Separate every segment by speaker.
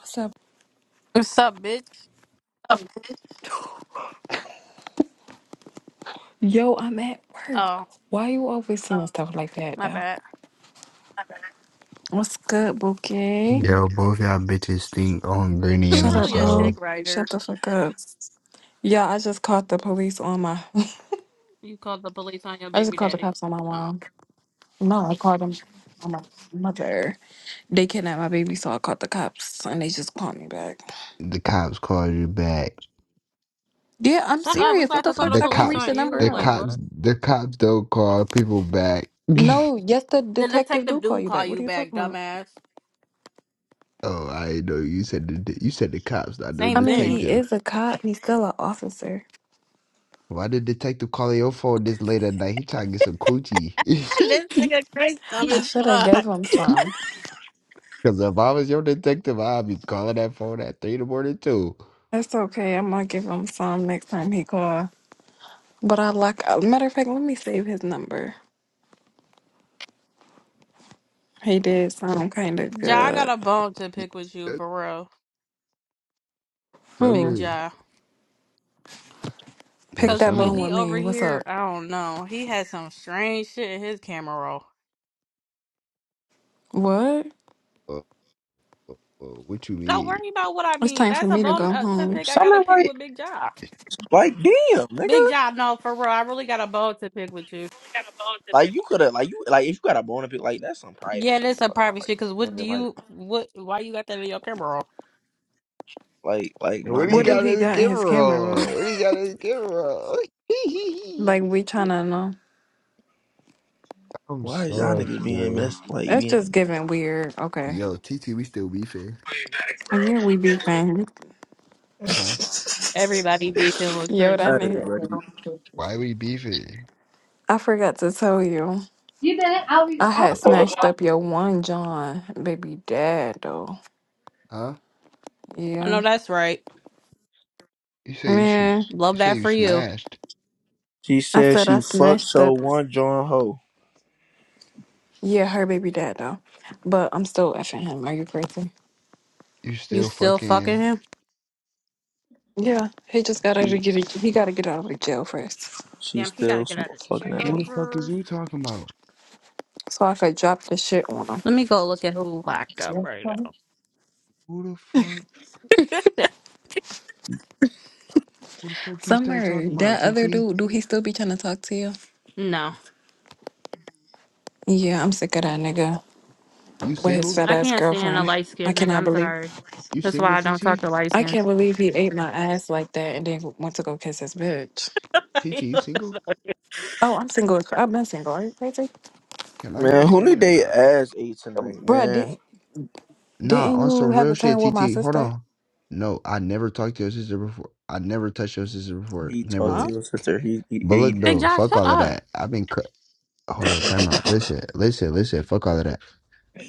Speaker 1: What's up?
Speaker 2: What's up, bitch?
Speaker 1: Yo, I'm at work.
Speaker 2: Oh,
Speaker 1: Why you always saying stuff like that
Speaker 2: my
Speaker 1: though?
Speaker 2: bad.
Speaker 1: What's good, Bookie?
Speaker 3: Yo, both y'all bitches think on Granny and
Speaker 2: you
Speaker 1: Shut up,
Speaker 2: really a
Speaker 1: ho.
Speaker 3: himself.
Speaker 2: dick rider.
Speaker 1: Shut the fuck up. Yeah, I just caught the police on my
Speaker 2: You called the police on your
Speaker 1: I just
Speaker 2: baby
Speaker 1: called the
Speaker 2: daddy.
Speaker 1: cops on my
Speaker 2: Oh,
Speaker 1: mom. No, I called them on my mother. They kidnapped my baby, so I called the cops and they just called me back.
Speaker 3: The cops call you back.
Speaker 1: Yeah, I'm
Speaker 2: shut up. We
Speaker 1: serious. What
Speaker 2: about
Speaker 1: the
Speaker 2: to call the
Speaker 3: The
Speaker 1: fuck? I can
Speaker 2: police
Speaker 1: read
Speaker 3: cops,
Speaker 2: on
Speaker 1: the number
Speaker 2: you.
Speaker 3: the
Speaker 2: Like
Speaker 1: out.
Speaker 2: what?
Speaker 3: cops, the cops don't call people back.
Speaker 1: No, yes, the
Speaker 2: The
Speaker 1: detective
Speaker 2: detective
Speaker 1: do call
Speaker 2: do
Speaker 1: you
Speaker 2: call
Speaker 1: back. What are
Speaker 2: you
Speaker 1: you
Speaker 2: back,
Speaker 1: talking about?
Speaker 2: dumbass.
Speaker 3: oh, I know you said the de- you said the cops, not no
Speaker 2: Same
Speaker 1: I mean,
Speaker 2: thing.
Speaker 1: he
Speaker 3: detective.
Speaker 1: is a cop. He's still an officer.
Speaker 3: Why did detective call your phone this late at night? He trying to get some coochie.
Speaker 2: this nigga Chris dumb
Speaker 1: I
Speaker 2: as
Speaker 1: should have gave
Speaker 2: fuck.
Speaker 1: him
Speaker 3: Because
Speaker 1: some.
Speaker 3: if I was your detective, I'd be calling that phone at three in the morning too.
Speaker 1: That's okay. I'm gonna give him some next time he call. But I like. uh, Matter of fact, let me save his number. He did sound kind of
Speaker 2: Ja, I got
Speaker 1: good.
Speaker 2: a bone to pick with you for real, Big
Speaker 1: Who
Speaker 3: Summer,
Speaker 2: Ja.
Speaker 3: yo,
Speaker 1: pick
Speaker 2: Cause
Speaker 1: that
Speaker 2: when
Speaker 1: bone
Speaker 3: summer.
Speaker 2: he
Speaker 1: with me?
Speaker 2: over
Speaker 1: What's
Speaker 2: here,
Speaker 1: up?
Speaker 2: I don't know. He has some strange shit in his camera roll.
Speaker 1: What?
Speaker 3: Uh, uh, uh, what you
Speaker 2: Don't
Speaker 3: mean?
Speaker 2: worry about what I
Speaker 1: It's
Speaker 2: mean.
Speaker 1: time for
Speaker 2: That's a
Speaker 1: me to
Speaker 2: bone
Speaker 1: go
Speaker 2: uh, to
Speaker 1: home.
Speaker 2: pick. I gotta
Speaker 4: Something
Speaker 2: pick with
Speaker 4: like
Speaker 2: Big Ja.
Speaker 4: like damn, nigga.
Speaker 2: Big John, no, for real. I really got a bone to pick with you.
Speaker 4: Like you could have like you like if you got a bone up, it, like that's some private
Speaker 2: Yeah,
Speaker 4: shit we
Speaker 2: that's
Speaker 4: can
Speaker 2: a
Speaker 4: talk about
Speaker 2: privacy.
Speaker 4: like
Speaker 2: Because what do
Speaker 4: nigga, like
Speaker 2: you what? Why you got that video camera
Speaker 4: like like my
Speaker 3: What he
Speaker 1: What do
Speaker 4: nigga.
Speaker 3: got
Speaker 1: he
Speaker 3: his
Speaker 1: got in his
Speaker 3: camera
Speaker 1: camera
Speaker 2: off?
Speaker 3: on?
Speaker 1: roll?
Speaker 3: What he got his camera on?
Speaker 1: Like we tryna know.
Speaker 3: I'm
Speaker 4: Why is y'all
Speaker 3: sorry,
Speaker 4: niggas being
Speaker 3: bro.
Speaker 4: messed like
Speaker 1: That's just
Speaker 4: being
Speaker 1: giving weird. Okay.
Speaker 3: Yo, TT, we still beefing,
Speaker 1: And yeah, we be friends.
Speaker 3: huh?
Speaker 2: Everybody beefing with
Speaker 1: Yo,
Speaker 2: Chris.
Speaker 1: that
Speaker 4: Hey
Speaker 1: nigga.
Speaker 4: buddy.
Speaker 3: Why we beefing?
Speaker 1: I forgot to tell you.
Speaker 5: You didn't? I was.
Speaker 1: I
Speaker 5: I,
Speaker 1: had
Speaker 3: What-
Speaker 5: was
Speaker 1: snatched up your one John, baby dad though.
Speaker 3: Huh?
Speaker 2: I know
Speaker 1: Yeah.
Speaker 2: that's right.
Speaker 3: You say you
Speaker 1: Man.
Speaker 3: shoot. You
Speaker 2: Love
Speaker 3: say
Speaker 2: that
Speaker 3: you
Speaker 2: for you.
Speaker 3: smashed.
Speaker 4: She
Speaker 1: I
Speaker 4: said
Speaker 1: said I
Speaker 4: she fucked
Speaker 1: snatched
Speaker 4: so
Speaker 1: up.
Speaker 4: one John Ho.
Speaker 1: Yeah, her baby dad though, but I'm still effing him. Are you crazy?
Speaker 3: You
Speaker 2: You
Speaker 3: still
Speaker 2: still fucking
Speaker 3: fucking.
Speaker 2: him?
Speaker 1: Yeah, he just got out
Speaker 4: She
Speaker 1: of get he got to get out of the jail first,
Speaker 4: she
Speaker 2: Damn, he gotta
Speaker 4: still
Speaker 2: get
Speaker 4: sm-
Speaker 2: out of
Speaker 4: fucking at
Speaker 3: Who
Speaker 4: it.
Speaker 2: jail
Speaker 3: the fuck is
Speaker 2: first.
Speaker 3: you talking about?
Speaker 1: so I could drop the shit on
Speaker 2: Let me go look at who locked up
Speaker 1: him.
Speaker 2: right
Speaker 3: Who the fuck?
Speaker 2: now.
Speaker 3: Who the fuck you start
Speaker 1: Summer,
Speaker 3: talking about?
Speaker 1: that other
Speaker 3: TT,
Speaker 1: dude, do he still be trying to talk to you?
Speaker 2: no,
Speaker 1: Yeah, I'm sick of that nigga
Speaker 3: you
Speaker 1: with his
Speaker 3: single?
Speaker 1: fat
Speaker 2: I
Speaker 1: ass
Speaker 2: can't stand a
Speaker 1: girlfriend.
Speaker 2: light
Speaker 1: I
Speaker 2: skinned nigga.
Speaker 1: cannot
Speaker 2: I'm
Speaker 1: believe
Speaker 2: sorry.
Speaker 3: You
Speaker 2: That's why
Speaker 3: single,
Speaker 2: I don't talk
Speaker 3: TT?
Speaker 2: to light
Speaker 1: I
Speaker 2: skins.
Speaker 1: can't believe he ate my ass like that and then went to go kiss his bitch.
Speaker 3: TT, you single?
Speaker 1: Oh, I'm single. as- I've been single. Are you crazy,
Speaker 3: Can I get a
Speaker 4: Man, who
Speaker 3: turn
Speaker 4: did
Speaker 3: or
Speaker 4: they
Speaker 3: not?
Speaker 4: ass ate tonight,
Speaker 1: Bruh,
Speaker 4: man?
Speaker 1: Didn't
Speaker 3: Nah,
Speaker 1: didn't
Speaker 3: on
Speaker 1: you
Speaker 3: some
Speaker 1: have
Speaker 3: real
Speaker 1: a turn
Speaker 3: shit,
Speaker 1: with my
Speaker 3: TT. Hold
Speaker 1: sister?
Speaker 3: on. No, I never talked to your sister before. I never touched your sister before.
Speaker 4: He
Speaker 3: Never
Speaker 4: talked
Speaker 1: Huh?
Speaker 3: like.
Speaker 4: to his sister, he he
Speaker 3: But look
Speaker 4: ate
Speaker 2: Big
Speaker 4: it.
Speaker 3: though,
Speaker 2: John,
Speaker 3: fuck
Speaker 2: shut
Speaker 3: all of
Speaker 2: up.
Speaker 3: that. I've been cr- hold on, time out. Listen, listen, listen. Fuck all of that.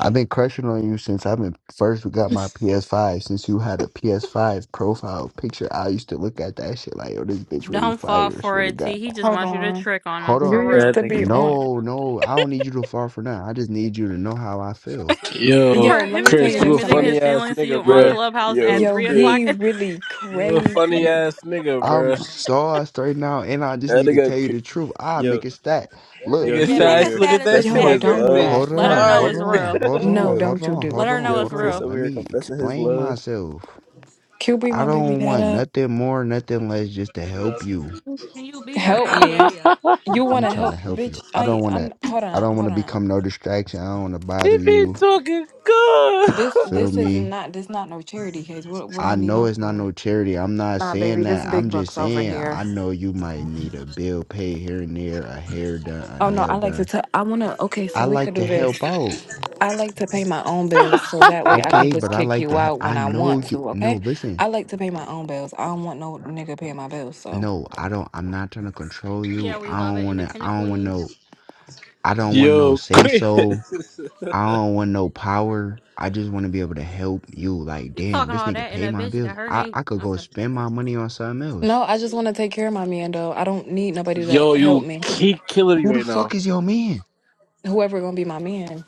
Speaker 3: I've been crushing on you since I've been first. We got my PS5. Since you had a PS5 profile picture, I used to look at that shit like, oh, this bitch really
Speaker 2: Don't fall
Speaker 3: fire.
Speaker 2: for
Speaker 3: Swear to
Speaker 2: it, T.
Speaker 3: God.
Speaker 2: He just
Speaker 1: Hold
Speaker 2: wants you to
Speaker 1: on.
Speaker 2: trick on him
Speaker 3: Hold
Speaker 1: You
Speaker 2: for
Speaker 3: on.
Speaker 2: real.
Speaker 1: used
Speaker 4: That
Speaker 1: to be
Speaker 4: nigga.
Speaker 1: on.
Speaker 3: No, no, I don't need you to fall for now. I just need you to know how I feel.
Speaker 6: Yo,
Speaker 1: Yo,
Speaker 2: For
Speaker 1: let
Speaker 2: him
Speaker 1: me
Speaker 2: to
Speaker 1: tell
Speaker 2: be
Speaker 6: Chris,
Speaker 1: you
Speaker 6: you a
Speaker 1: this,
Speaker 2: admitting
Speaker 1: Summer.
Speaker 6: funny
Speaker 2: his
Speaker 6: ass
Speaker 2: feelings to
Speaker 6: nigga,
Speaker 2: you on
Speaker 4: Bruh,
Speaker 6: bruh.
Speaker 2: Clubhouse
Speaker 4: yo,
Speaker 2: at
Speaker 1: Yo,
Speaker 2: three
Speaker 4: Chris.
Speaker 2: o'clock,
Speaker 1: he really
Speaker 6: You a funny
Speaker 1: crazy.
Speaker 6: ass nigga,
Speaker 3: I'm
Speaker 6: bruh.
Speaker 3: sauced right now, and I just
Speaker 4: That
Speaker 3: need to
Speaker 4: nigga,
Speaker 3: tell you
Speaker 4: c-
Speaker 3: the truth. I
Speaker 4: yo,
Speaker 3: make a stat.
Speaker 6: That
Speaker 3: Look,
Speaker 4: yo,
Speaker 6: nigga
Speaker 2: yeah,
Speaker 4: he over
Speaker 2: make
Speaker 6: shy.
Speaker 2: a
Speaker 4: here
Speaker 6: Look at
Speaker 2: status
Speaker 6: that
Speaker 2: and
Speaker 4: confessing
Speaker 6: shit
Speaker 1: Yo,
Speaker 6: like
Speaker 4: his
Speaker 2: tag
Speaker 6: this
Speaker 1: don't
Speaker 2: her.
Speaker 1: do
Speaker 4: love.
Speaker 1: that.
Speaker 6: bitch
Speaker 3: hold
Speaker 2: Let her
Speaker 3: on,
Speaker 1: Nuh-uh.
Speaker 2: know
Speaker 3: hold
Speaker 2: it's
Speaker 6: fired.
Speaker 3: on,
Speaker 2: real.
Speaker 3: hold
Speaker 1: No,
Speaker 3: on,
Speaker 4: Yo,
Speaker 3: hold
Speaker 1: don't you
Speaker 3: on,
Speaker 1: do.
Speaker 2: Let
Speaker 3: hold
Speaker 2: her
Speaker 3: on,
Speaker 2: know
Speaker 4: yo,
Speaker 2: it's
Speaker 3: hold
Speaker 4: Chris
Speaker 2: real.
Speaker 3: on.
Speaker 4: over
Speaker 3: Let
Speaker 4: here
Speaker 3: me
Speaker 4: confessing his
Speaker 3: explain
Speaker 4: love.
Speaker 3: myself.
Speaker 1: Q be
Speaker 3: I
Speaker 1: my baby
Speaker 3: don't
Speaker 1: dad
Speaker 3: want
Speaker 1: up.
Speaker 3: nothing more, nothing less, just to help you.
Speaker 2: Can you be her
Speaker 1: Help
Speaker 2: baby
Speaker 1: me.
Speaker 2: daddy up?
Speaker 1: You
Speaker 3: I'm
Speaker 1: wanna
Speaker 3: trying to
Speaker 1: help,
Speaker 3: help
Speaker 1: bitch?
Speaker 3: you. I
Speaker 1: I
Speaker 3: don't want to.
Speaker 1: I'm hold
Speaker 3: I
Speaker 1: on,
Speaker 3: don't want
Speaker 1: hold
Speaker 3: to
Speaker 1: on.
Speaker 3: become no distraction. I don't want to
Speaker 6: He
Speaker 3: bother
Speaker 6: be
Speaker 3: you.
Speaker 6: talking good.
Speaker 1: This
Speaker 3: Feel
Speaker 1: this is
Speaker 3: me?
Speaker 1: not this not no charity case. What what I
Speaker 3: I
Speaker 1: need
Speaker 3: know
Speaker 1: help
Speaker 3: it's not
Speaker 1: with?
Speaker 3: no charity. I'm not
Speaker 1: Nah,
Speaker 3: saying
Speaker 1: baby, this
Speaker 3: that. I'm
Speaker 1: big
Speaker 3: just
Speaker 1: bucks over
Speaker 3: saying I
Speaker 1: here.
Speaker 3: know you might need a bill paid here and there, a hair done, a
Speaker 1: Oh no,
Speaker 3: nail
Speaker 1: I like
Speaker 3: done.
Speaker 1: to tell I wanna okay, so
Speaker 3: I
Speaker 1: we could
Speaker 3: like to
Speaker 1: do this.
Speaker 3: help out.
Speaker 1: I like to pay my own bills so that way I could
Speaker 3: Okay,
Speaker 1: just
Speaker 3: but I
Speaker 1: kick
Speaker 3: like
Speaker 1: you
Speaker 3: to help.
Speaker 1: out when
Speaker 3: I
Speaker 1: I want
Speaker 3: know you.
Speaker 1: to,
Speaker 3: No,
Speaker 1: okay?
Speaker 3: listen.
Speaker 1: I like to pay my own bills. I don't want no nigga paying my bills, so.
Speaker 3: No, I don't. I'm not trying to control you.
Speaker 2: Yeah, we
Speaker 3: I
Speaker 2: love
Speaker 3: don't
Speaker 2: an
Speaker 3: want to. I
Speaker 2: independent
Speaker 3: don't want
Speaker 2: queen.
Speaker 3: no. I don't want no
Speaker 6: Yo,
Speaker 3: say so.
Speaker 6: Chris.
Speaker 3: I don't want no power. I just want to be able to help you. Like,
Speaker 2: You
Speaker 3: damn,
Speaker 2: talking
Speaker 3: this
Speaker 2: all
Speaker 3: nigga
Speaker 2: that and
Speaker 3: pay
Speaker 2: a
Speaker 3: my
Speaker 2: bitch
Speaker 3: bills.
Speaker 2: got her
Speaker 3: I,
Speaker 2: name?
Speaker 3: I could go
Speaker 2: Okay,
Speaker 3: spend my money on something else.
Speaker 1: No, I just want to take care of my man though. I don't need nobody to
Speaker 6: Yo,
Speaker 1: help
Speaker 6: you
Speaker 1: me.
Speaker 6: keep killing me
Speaker 3: Who the
Speaker 6: right
Speaker 3: fuck
Speaker 6: now.
Speaker 3: is your man?
Speaker 1: Whoever gonna be my man.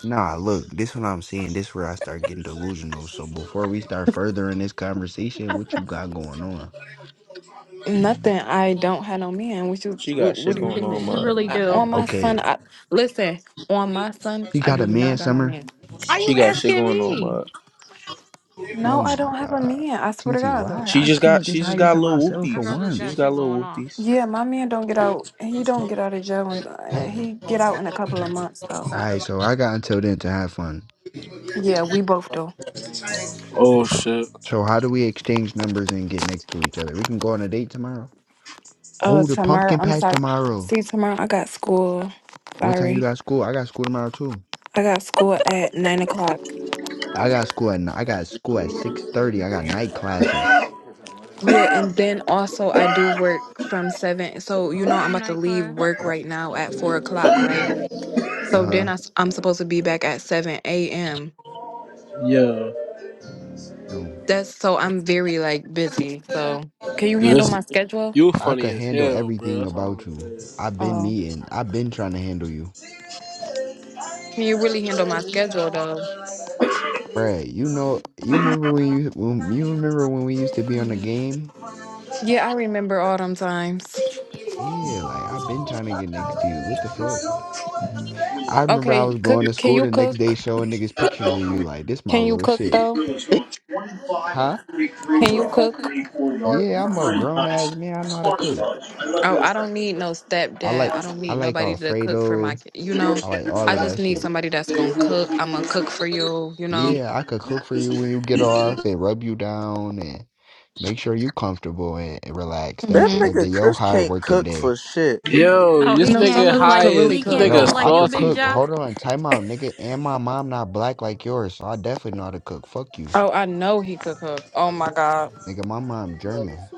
Speaker 3: Nah, look, this what I'm saying. This where I start getting delusional. So before we start furthering this conversation, what you got going on?
Speaker 1: Nothing. I don't have no man, which is
Speaker 4: She
Speaker 1: what,
Speaker 4: got
Speaker 1: what
Speaker 4: shit
Speaker 1: do you
Speaker 4: going
Speaker 1: mean?
Speaker 2: she,
Speaker 4: on,
Speaker 1: That?
Speaker 2: she
Speaker 4: mud.
Speaker 2: really
Speaker 1: I,
Speaker 2: do.
Speaker 1: on my
Speaker 3: Okay,
Speaker 1: son, I listen, on my son,
Speaker 3: you
Speaker 1: I
Speaker 3: got a
Speaker 1: do
Speaker 3: man,
Speaker 1: not got no
Speaker 3: Summer?
Speaker 1: man.
Speaker 2: Are
Speaker 4: She
Speaker 2: you
Speaker 4: got shit
Speaker 2: asking
Speaker 4: going on,
Speaker 2: me?
Speaker 4: mud.
Speaker 3: Oh
Speaker 1: No, I
Speaker 3: my
Speaker 1: don't have a
Speaker 3: God.
Speaker 1: man. I swear to
Speaker 3: TT,
Speaker 1: God though.
Speaker 3: why
Speaker 4: She
Speaker 3: I
Speaker 4: just
Speaker 3: couldn't
Speaker 4: got,
Speaker 3: just
Speaker 4: she just
Speaker 3: hire you
Speaker 4: got
Speaker 3: to
Speaker 4: little
Speaker 3: myself
Speaker 2: Our
Speaker 3: for
Speaker 2: girl
Speaker 4: whoopties.
Speaker 2: just
Speaker 4: She
Speaker 3: once?
Speaker 4: just
Speaker 2: got
Speaker 4: got
Speaker 2: shit going
Speaker 4: little
Speaker 2: on.
Speaker 4: whoopties.
Speaker 1: Yeah, my man don't get out. He don't get out of jail and he get out in a couple of months though.
Speaker 3: All right, so I got until then to have fun.
Speaker 1: Yeah, we both do.
Speaker 6: Oh shit.
Speaker 3: So how do we exchange numbers and get next to each other? We can go on a date tomorrow.
Speaker 1: Uh,
Speaker 3: Oh, the
Speaker 1: tomorrow.
Speaker 3: pumpkin
Speaker 1: I'm
Speaker 3: patch
Speaker 1: sorry.
Speaker 3: tomorrow.
Speaker 1: See, tomorrow I got school.
Speaker 3: What time you
Speaker 1: Sorry,
Speaker 3: got school? I got school tomorrow too.
Speaker 1: I got school at nine o'clock.
Speaker 3: I got school at n- I got school at six thirty. I got night classes.
Speaker 1: Yeah, and then also I do work from seven. So you know I'm
Speaker 2: Okay,
Speaker 1: about to leave
Speaker 2: nightclub.
Speaker 1: work right now at four o'clock, right?
Speaker 3: Uh
Speaker 1: So
Speaker 3: huh.
Speaker 1: then I, am supposed to be back at seven a.m.
Speaker 6: Yeah.
Speaker 3: No,
Speaker 1: That's so I'm very like busy. So can you handle
Speaker 6: this
Speaker 1: my schedule?
Speaker 6: you
Speaker 3: I
Speaker 6: funny
Speaker 3: could
Speaker 6: as
Speaker 3: handle
Speaker 6: hell, bruh.
Speaker 3: everything
Speaker 6: That's all I'm
Speaker 3: about you.
Speaker 6: gonna say.
Speaker 3: I've been
Speaker 1: Oh,
Speaker 3: needing. I've been trying to handle you,
Speaker 1: can you really handle my schedule though?
Speaker 3: Brad. You know. You remember when you when, you remember when we used to be on the game
Speaker 1: Yeah, I remember all them times.
Speaker 3: Yeah, like I've been trying to get next to you. What the fuck? I remember I
Speaker 1: Okay,
Speaker 3: was
Speaker 1: cook.
Speaker 3: going to
Speaker 1: Can
Speaker 3: school
Speaker 1: you
Speaker 3: the next day
Speaker 1: cook?
Speaker 3: showing niggas pictures of you. Like this, my
Speaker 1: Can you
Speaker 3: little
Speaker 1: cook
Speaker 3: shit.
Speaker 1: though?
Speaker 3: Huh?
Speaker 1: Can you cook?
Speaker 3: Yeah, I'm a grown ass man. I know how to cook.
Speaker 1: Oh, I don't need no
Speaker 3: I
Speaker 1: stepdad.
Speaker 3: like
Speaker 1: I don't
Speaker 3: I
Speaker 1: need
Speaker 3: like
Speaker 1: nobody to cook for my
Speaker 3: Alfredo.
Speaker 1: kid. You know,
Speaker 3: I like all
Speaker 1: I
Speaker 3: of
Speaker 1: just
Speaker 3: that
Speaker 1: need
Speaker 3: shit.
Speaker 1: somebody that's gonna cook. I'm gonna cook for you. You know.
Speaker 3: Yeah, I could cook for you when you get off and rub you down and make sure you comfortable and, and relaxed
Speaker 4: That
Speaker 3: at the
Speaker 1: hmm
Speaker 3: end
Speaker 4: nigga
Speaker 3: of your
Speaker 4: Chris
Speaker 3: hard
Speaker 4: can't
Speaker 3: working
Speaker 4: cook
Speaker 3: day.
Speaker 4: for shit.
Speaker 6: Yo,
Speaker 2: Oh,
Speaker 6: this
Speaker 2: he
Speaker 1: No,
Speaker 2: can't
Speaker 6: nigga
Speaker 1: some
Speaker 2: cook
Speaker 1: dudes
Speaker 2: like
Speaker 6: high
Speaker 1: could really
Speaker 6: as
Speaker 2: he
Speaker 6: this
Speaker 2: can't
Speaker 6: nigga
Speaker 2: cook
Speaker 3: No,
Speaker 1: cook.
Speaker 3: I
Speaker 2: like you,
Speaker 3: could
Speaker 6: saucy,
Speaker 2: Big
Speaker 3: cook.
Speaker 2: Ja.
Speaker 6: bruh.
Speaker 3: Hold on, time out, nigga. And my mom not black like yours, so I definitely know how to cook. Fuck you.
Speaker 1: Oh, I know he could cook. Oh my god.
Speaker 3: Nigga, my mom German.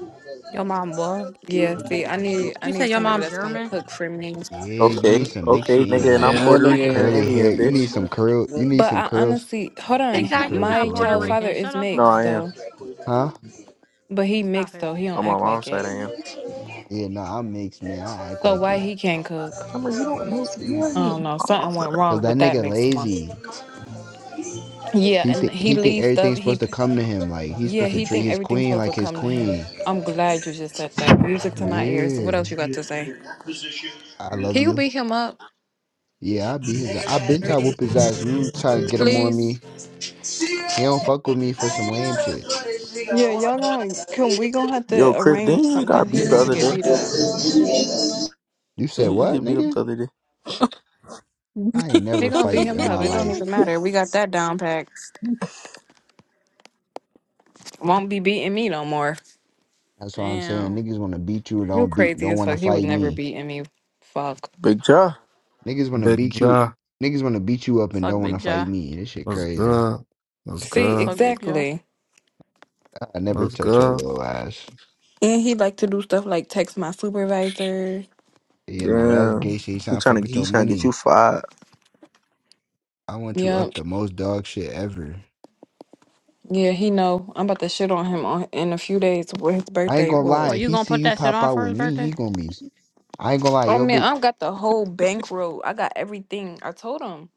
Speaker 2: Your mom what?
Speaker 1: Yeah. See, I need I
Speaker 2: You said
Speaker 1: need
Speaker 2: your
Speaker 1: somebody
Speaker 2: mom
Speaker 1: that's gonna
Speaker 2: German.
Speaker 1: cook for me.
Speaker 3: Yeah, you
Speaker 4: Okay,
Speaker 3: need some mix
Speaker 4: okay,
Speaker 3: shit in your
Speaker 4: nigga, and
Speaker 6: Yeah,
Speaker 4: I'm
Speaker 3: life.
Speaker 6: that
Speaker 4: Puerto
Speaker 6: nigga,
Speaker 4: Rican and
Speaker 6: ain't-
Speaker 3: Curly
Speaker 4: Indian,
Speaker 3: hair.
Speaker 6: that
Speaker 3: You
Speaker 6: nigga
Speaker 4: bitch.
Speaker 3: need some
Speaker 6: different.
Speaker 3: curl.
Speaker 6: We
Speaker 3: You need
Speaker 1: But
Speaker 3: some
Speaker 1: I
Speaker 3: curls.
Speaker 1: honestly, hold
Speaker 3: You
Speaker 2: Big
Speaker 3: need
Speaker 1: on.
Speaker 3: some
Speaker 2: Ja, you
Speaker 3: curls you can
Speaker 1: My
Speaker 2: not
Speaker 3: rub
Speaker 2: Puerto
Speaker 1: child
Speaker 3: on.
Speaker 1: father
Speaker 2: Rican. Shut
Speaker 1: is
Speaker 2: up,
Speaker 4: No,
Speaker 1: mixed
Speaker 4: I
Speaker 2: lying.
Speaker 4: am.
Speaker 1: though,
Speaker 3: Huh?
Speaker 1: but he
Speaker 2: Stop
Speaker 1: mixed
Speaker 2: it.
Speaker 1: though. He don't
Speaker 4: On my
Speaker 1: act like
Speaker 4: mom's side,
Speaker 1: it.
Speaker 4: I am.
Speaker 3: Yeah, no, I'm mixed, man. I act
Speaker 1: So
Speaker 3: like
Speaker 1: why
Speaker 3: it.
Speaker 1: he can't cook?
Speaker 4: Summer, you don't know. You
Speaker 1: I don't
Speaker 4: ain't.
Speaker 1: know. Something went
Speaker 3: Cause
Speaker 1: wrong
Speaker 3: that
Speaker 1: with that
Speaker 3: nigga
Speaker 1: mixed one.
Speaker 3: lazy.
Speaker 1: Yeah,
Speaker 3: He
Speaker 1: and
Speaker 3: think
Speaker 1: he
Speaker 3: he think
Speaker 1: leaves stuff.
Speaker 3: everything's supposed
Speaker 1: He
Speaker 3: to come to him. Like he's
Speaker 1: Yeah,
Speaker 3: supposed to
Speaker 1: he
Speaker 3: treat
Speaker 1: think
Speaker 3: his
Speaker 1: everything's
Speaker 3: queen
Speaker 1: supposed to
Speaker 3: like his
Speaker 1: come to him.
Speaker 3: queen.
Speaker 1: I'm glad you just said that. Music to my ears. What
Speaker 3: Yeah,
Speaker 1: else you got to say?
Speaker 3: I love
Speaker 1: Can you
Speaker 3: you.
Speaker 1: beat him up,
Speaker 3: Yeah, I be his. I been trying to whoop his ass. You try to get him on
Speaker 1: please?
Speaker 3: me. He don't fuck with me for some lame shit.
Speaker 1: Yeah, y'all gonna can we gonna have
Speaker 4: Yo,
Speaker 1: to
Speaker 4: Chris,
Speaker 1: arrange
Speaker 4: didn't you just
Speaker 1: something.
Speaker 4: got
Speaker 1: He
Speaker 4: beat the
Speaker 1: needs to
Speaker 4: other
Speaker 1: get
Speaker 4: day?
Speaker 1: beat up.
Speaker 3: You said
Speaker 4: Didn't you just
Speaker 3: what,
Speaker 4: get beat up
Speaker 3: nigga?
Speaker 4: the other day?
Speaker 3: I ain't
Speaker 1: He
Speaker 3: never
Speaker 1: gonna beat
Speaker 3: fight
Speaker 1: him
Speaker 3: in my
Speaker 1: up. It don't
Speaker 3: life.
Speaker 1: even matter. We got that down packed. Won't be beating me no more.
Speaker 3: That's what I'm saying.
Speaker 2: Damn.
Speaker 3: Niggas wanna beat you,
Speaker 1: You
Speaker 3: don't beat
Speaker 1: crazy
Speaker 3: don't
Speaker 1: as
Speaker 3: wanna
Speaker 1: fuck. He was
Speaker 3: fight
Speaker 1: never
Speaker 3: me.
Speaker 1: beating me. Fuck.
Speaker 4: Big job.
Speaker 3: Niggas wanna
Speaker 7: Big
Speaker 3: beat you
Speaker 7: Ja,
Speaker 3: niggas wanna beat you up and
Speaker 2: Fuck
Speaker 3: don't wanna
Speaker 2: Big
Speaker 3: fight
Speaker 2: Jaw.
Speaker 3: me. This shit
Speaker 7: what's
Speaker 3: crazy.
Speaker 7: good? What's
Speaker 1: See,
Speaker 7: good?
Speaker 2: Fuck Big Jaw.
Speaker 1: exactly.
Speaker 3: I never
Speaker 7: What's
Speaker 3: touch your
Speaker 7: good?
Speaker 3: little ass.
Speaker 1: And he like to do stuff like text my supervisor.
Speaker 3: Yeah, now that's gay
Speaker 4: Damn.
Speaker 3: shit. He
Speaker 4: He
Speaker 3: trying to fuck
Speaker 4: trying to
Speaker 3: with
Speaker 4: he
Speaker 3: your
Speaker 4: trying to get you
Speaker 3: money.
Speaker 4: fired.
Speaker 3: I want you up
Speaker 1: Yep.
Speaker 3: the most dog shit ever.
Speaker 1: Yeah, he know. I'm about to shit on him on in a few days. where his
Speaker 3: I ain't
Speaker 1: birthday
Speaker 3: gonna
Speaker 1: was.
Speaker 2: Oh,
Speaker 3: lie,
Speaker 2: you
Speaker 3: he
Speaker 2: gonna
Speaker 3: see
Speaker 2: put
Speaker 3: you
Speaker 2: that shit
Speaker 3: pop
Speaker 2: on
Speaker 3: out
Speaker 2: for
Speaker 3: with
Speaker 2: his
Speaker 3: me, he
Speaker 2: birthday?
Speaker 3: gonna be I ain't gonna lie,
Speaker 1: Oh
Speaker 3: yo
Speaker 1: man,
Speaker 3: big
Speaker 1: I've got the whole bankroll. I got everything. I told him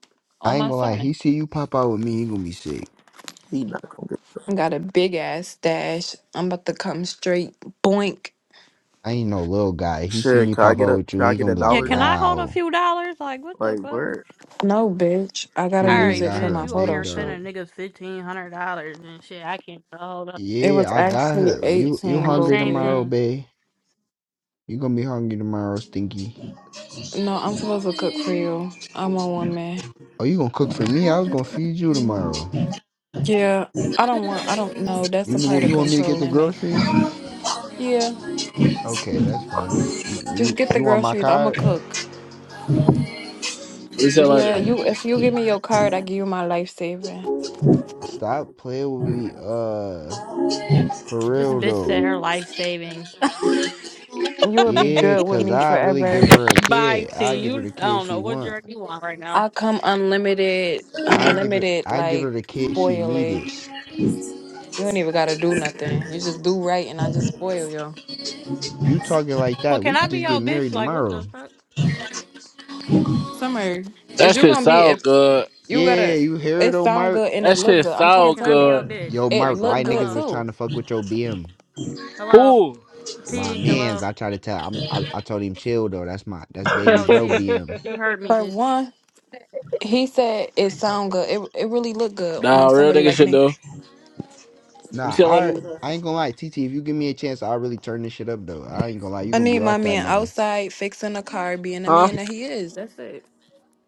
Speaker 3: I
Speaker 1: on
Speaker 3: ain't
Speaker 1: my
Speaker 3: gonna lie,
Speaker 1: son.
Speaker 3: he see you pop out with me, he gonna be sick.
Speaker 4: He not gonna get
Speaker 1: I got a big ass stash. I'm about to come straight boink.
Speaker 3: I ain't no little guy. He see
Speaker 4: shit.
Speaker 3: me
Speaker 4: Can I
Speaker 3: pop
Speaker 4: get
Speaker 3: out
Speaker 4: a
Speaker 3: with you,
Speaker 4: can I
Speaker 3: he
Speaker 4: get
Speaker 3: gonna
Speaker 4: a
Speaker 3: be
Speaker 2: Yeah,
Speaker 3: like,
Speaker 4: dollar
Speaker 2: can
Speaker 4: there?
Speaker 2: I hold a
Speaker 3: Wow.
Speaker 2: few dollars? Like, what the
Speaker 4: Like
Speaker 2: fuck?
Speaker 4: where?
Speaker 1: No, bitch. I
Speaker 3: She
Speaker 1: gotta
Speaker 3: went and
Speaker 1: use
Speaker 2: Alright,
Speaker 1: it
Speaker 3: got
Speaker 1: for
Speaker 3: her
Speaker 2: bitch,
Speaker 3: a
Speaker 1: my
Speaker 2: you over
Speaker 3: big
Speaker 1: photo
Speaker 2: here
Speaker 3: dog.
Speaker 1: shoot.
Speaker 2: sending niggas fifteen hundred dollars and shit. I can't hold up.
Speaker 1: It
Speaker 3: Yeah,
Speaker 1: was
Speaker 3: I got
Speaker 1: actually
Speaker 3: her. You you
Speaker 1: 18,
Speaker 2: Well,
Speaker 3: hungry
Speaker 2: same
Speaker 1: Bookie.
Speaker 3: tomorrow,
Speaker 2: thing.
Speaker 3: babe? You gonna be hungry tomorrow, Stinky.
Speaker 1: No, I'm supposed to cook for you. I'm a woman.
Speaker 3: Oh, you gonna cook for me? I was gonna feed you tomorrow.
Speaker 1: Yeah, I don't want, I don't know. That's
Speaker 3: You
Speaker 1: the
Speaker 3: know
Speaker 1: part of
Speaker 3: you want me to get the
Speaker 1: controlling me.
Speaker 3: groceries?
Speaker 1: Yeah,
Speaker 3: Okay, that's fine. We you
Speaker 1: just
Speaker 3: you,
Speaker 1: get the
Speaker 3: you want my
Speaker 1: groceries. I'm a
Speaker 3: card?
Speaker 1: cook.
Speaker 6: talking about
Speaker 1: Yeah,
Speaker 3: I,
Speaker 1: you. if
Speaker 6: it.
Speaker 1: you give me your card, I give you my life savings.
Speaker 3: stop playing with me, uh, for
Speaker 2: This
Speaker 3: real
Speaker 2: bitch said
Speaker 3: though.
Speaker 2: her life savings.
Speaker 1: You will be
Speaker 3: Yeah,
Speaker 1: good with
Speaker 3: cause
Speaker 1: me
Speaker 3: I really
Speaker 1: forever.
Speaker 3: give her a
Speaker 2: Bye,
Speaker 3: kid. I
Speaker 2: T.
Speaker 3: give her
Speaker 2: You,
Speaker 3: the
Speaker 2: I
Speaker 3: kid
Speaker 2: don't
Speaker 3: she
Speaker 2: know what
Speaker 3: want.
Speaker 2: drug you want right now.
Speaker 1: I come unlimited,
Speaker 3: I give her
Speaker 1: unlimited
Speaker 3: I give her
Speaker 1: like
Speaker 3: the kid she needed.
Speaker 1: spoilage. You don't even gotta do nothing. You just do right, and I just spoil you.
Speaker 3: You talking like
Speaker 2: Well,
Speaker 3: that?
Speaker 2: can
Speaker 3: We
Speaker 2: I
Speaker 3: could
Speaker 2: be
Speaker 3: just get
Speaker 2: your bitch?
Speaker 3: married
Speaker 2: Like, what the
Speaker 3: tomorrow.
Speaker 2: fuck?
Speaker 1: Summer, is
Speaker 6: that
Speaker 1: you
Speaker 6: shit
Speaker 1: gonna be
Speaker 6: sound
Speaker 1: if
Speaker 6: good.
Speaker 1: you
Speaker 3: Yeah,
Speaker 1: gotta?
Speaker 3: you hear it,
Speaker 1: It sound
Speaker 3: Omar?
Speaker 1: good and
Speaker 6: That
Speaker 1: it look
Speaker 6: shit
Speaker 1: good. I'm trying
Speaker 2: Yeah,
Speaker 1: to
Speaker 6: sound
Speaker 2: can
Speaker 1: tell
Speaker 2: I be your
Speaker 1: y'all,
Speaker 6: good.
Speaker 2: bitch?
Speaker 3: Yo,
Speaker 1: it
Speaker 2: Like,
Speaker 3: Mark,
Speaker 2: what?
Speaker 1: look
Speaker 3: why
Speaker 1: good
Speaker 3: niggas
Speaker 2: Hello?
Speaker 3: was trying
Speaker 1: too.
Speaker 3: to fuck with your BM?
Speaker 2: Hello?
Speaker 6: Ooh,
Speaker 3: My
Speaker 2: T,
Speaker 3: man's,
Speaker 2: hello?
Speaker 3: I try to tell. I'm, I, I told him chill though. That's my, that's baby
Speaker 2: Yo,
Speaker 3: bro
Speaker 2: T.
Speaker 3: BM.
Speaker 2: You heard me,
Speaker 1: For
Speaker 2: bitch.
Speaker 1: one, he said it sound good. It it really look good
Speaker 6: nah,
Speaker 1: on
Speaker 6: real
Speaker 1: somebody
Speaker 6: nigga
Speaker 1: like
Speaker 6: shit
Speaker 1: me.
Speaker 6: though. Let me
Speaker 3: Nah,
Speaker 6: see how
Speaker 3: I,
Speaker 6: long it
Speaker 3: I
Speaker 6: is.
Speaker 3: ain't gonna lie, TT. If you give me a chance, I'll really turn this shit up though. I ain't gonna lie, you
Speaker 1: I
Speaker 3: gonna
Speaker 1: need
Speaker 3: be
Speaker 1: my
Speaker 3: off that
Speaker 1: man
Speaker 3: nigga. You
Speaker 1: outside fixing a car, being the
Speaker 6: Huh?
Speaker 1: man that he is. That's it.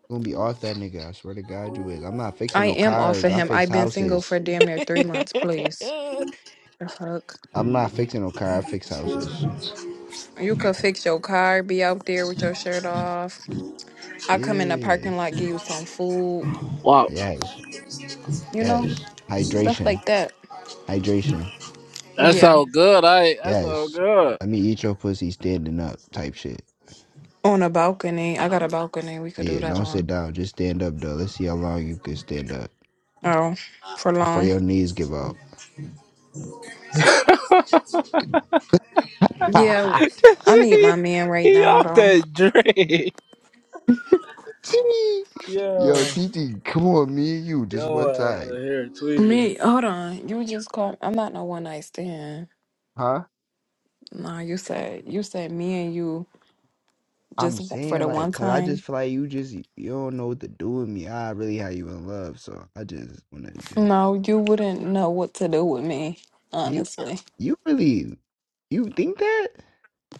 Speaker 3: gonna be off that nigga. I swear to God, you is. I'm not fixing
Speaker 1: I
Speaker 3: no
Speaker 1: am off
Speaker 3: cars.
Speaker 1: of
Speaker 3: I
Speaker 1: him.
Speaker 3: fix
Speaker 1: I've been single
Speaker 3: houses.
Speaker 1: for damn near three months. Please, the fuck.
Speaker 3: I'm not fixing no car. I fix houses.
Speaker 1: You could fix your car, be out there with your shirt off. I come in the
Speaker 3: Yeah.
Speaker 1: parking lot, give you some food,
Speaker 6: Wow,
Speaker 3: Yes.
Speaker 1: you know,
Speaker 3: Yes.
Speaker 1: stuff
Speaker 3: Hydration.
Speaker 1: like that.
Speaker 3: Hydration.
Speaker 6: that
Speaker 1: Yeah.
Speaker 6: sound good. I that sound
Speaker 3: Yes.
Speaker 6: good.
Speaker 3: Let me eat your pussy standing up. Type shit.
Speaker 1: On a balcony. I got a balcony we could do
Speaker 3: Yeah,
Speaker 1: that
Speaker 3: don't sit
Speaker 1: on.
Speaker 3: down. Just stand up, though. Let's see how long you can stand up
Speaker 1: Oh, for
Speaker 3: before
Speaker 1: long.
Speaker 3: your knees give out.
Speaker 1: Yeah. I need my
Speaker 6: he,
Speaker 1: man right
Speaker 6: he
Speaker 1: now,
Speaker 6: off
Speaker 1: though.
Speaker 6: that drink.
Speaker 3: Tee. Yo,
Speaker 6: Yo,
Speaker 3: TT, come on, me and you, just
Speaker 6: yo,
Speaker 3: one
Speaker 6: ass out
Speaker 3: time.
Speaker 6: here tweaking.
Speaker 1: Me, hold on. You just called. I'm not no one night stand.
Speaker 3: Huh?
Speaker 1: Nah, you said you said me and you
Speaker 3: I'm
Speaker 1: just w- for
Speaker 3: saying,
Speaker 1: the
Speaker 3: like,
Speaker 1: one
Speaker 3: cause I just
Speaker 1: time.
Speaker 3: feel like you just, you don't know what to do with me. I really have you in love, so I just wanna just,
Speaker 1: No, you wouldn't know what to do with me,
Speaker 3: you,
Speaker 1: honestly.
Speaker 3: you really, you think that?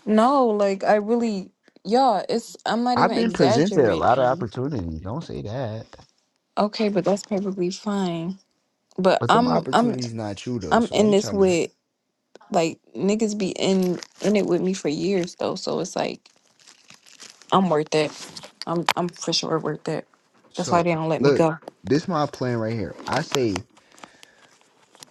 Speaker 1: No, like I really, y'all, it's I'm not
Speaker 3: I've
Speaker 1: even
Speaker 3: been presented a lot of
Speaker 1: exaggerating.
Speaker 3: opportunities. Don't say that.
Speaker 1: Okay, but that's perfectly fine. But
Speaker 3: But them
Speaker 1: I'm I'm
Speaker 3: opportunities not true, though,
Speaker 1: I'm
Speaker 3: so
Speaker 1: in
Speaker 3: I'm
Speaker 1: this
Speaker 3: trying to,
Speaker 1: with like niggas be in in it with me for years though, so it's like I'm worth it. I'm I'm for sure worth it. That's why
Speaker 3: so
Speaker 1: they don't let me
Speaker 3: look,
Speaker 1: go.
Speaker 3: this my plan right here. I say,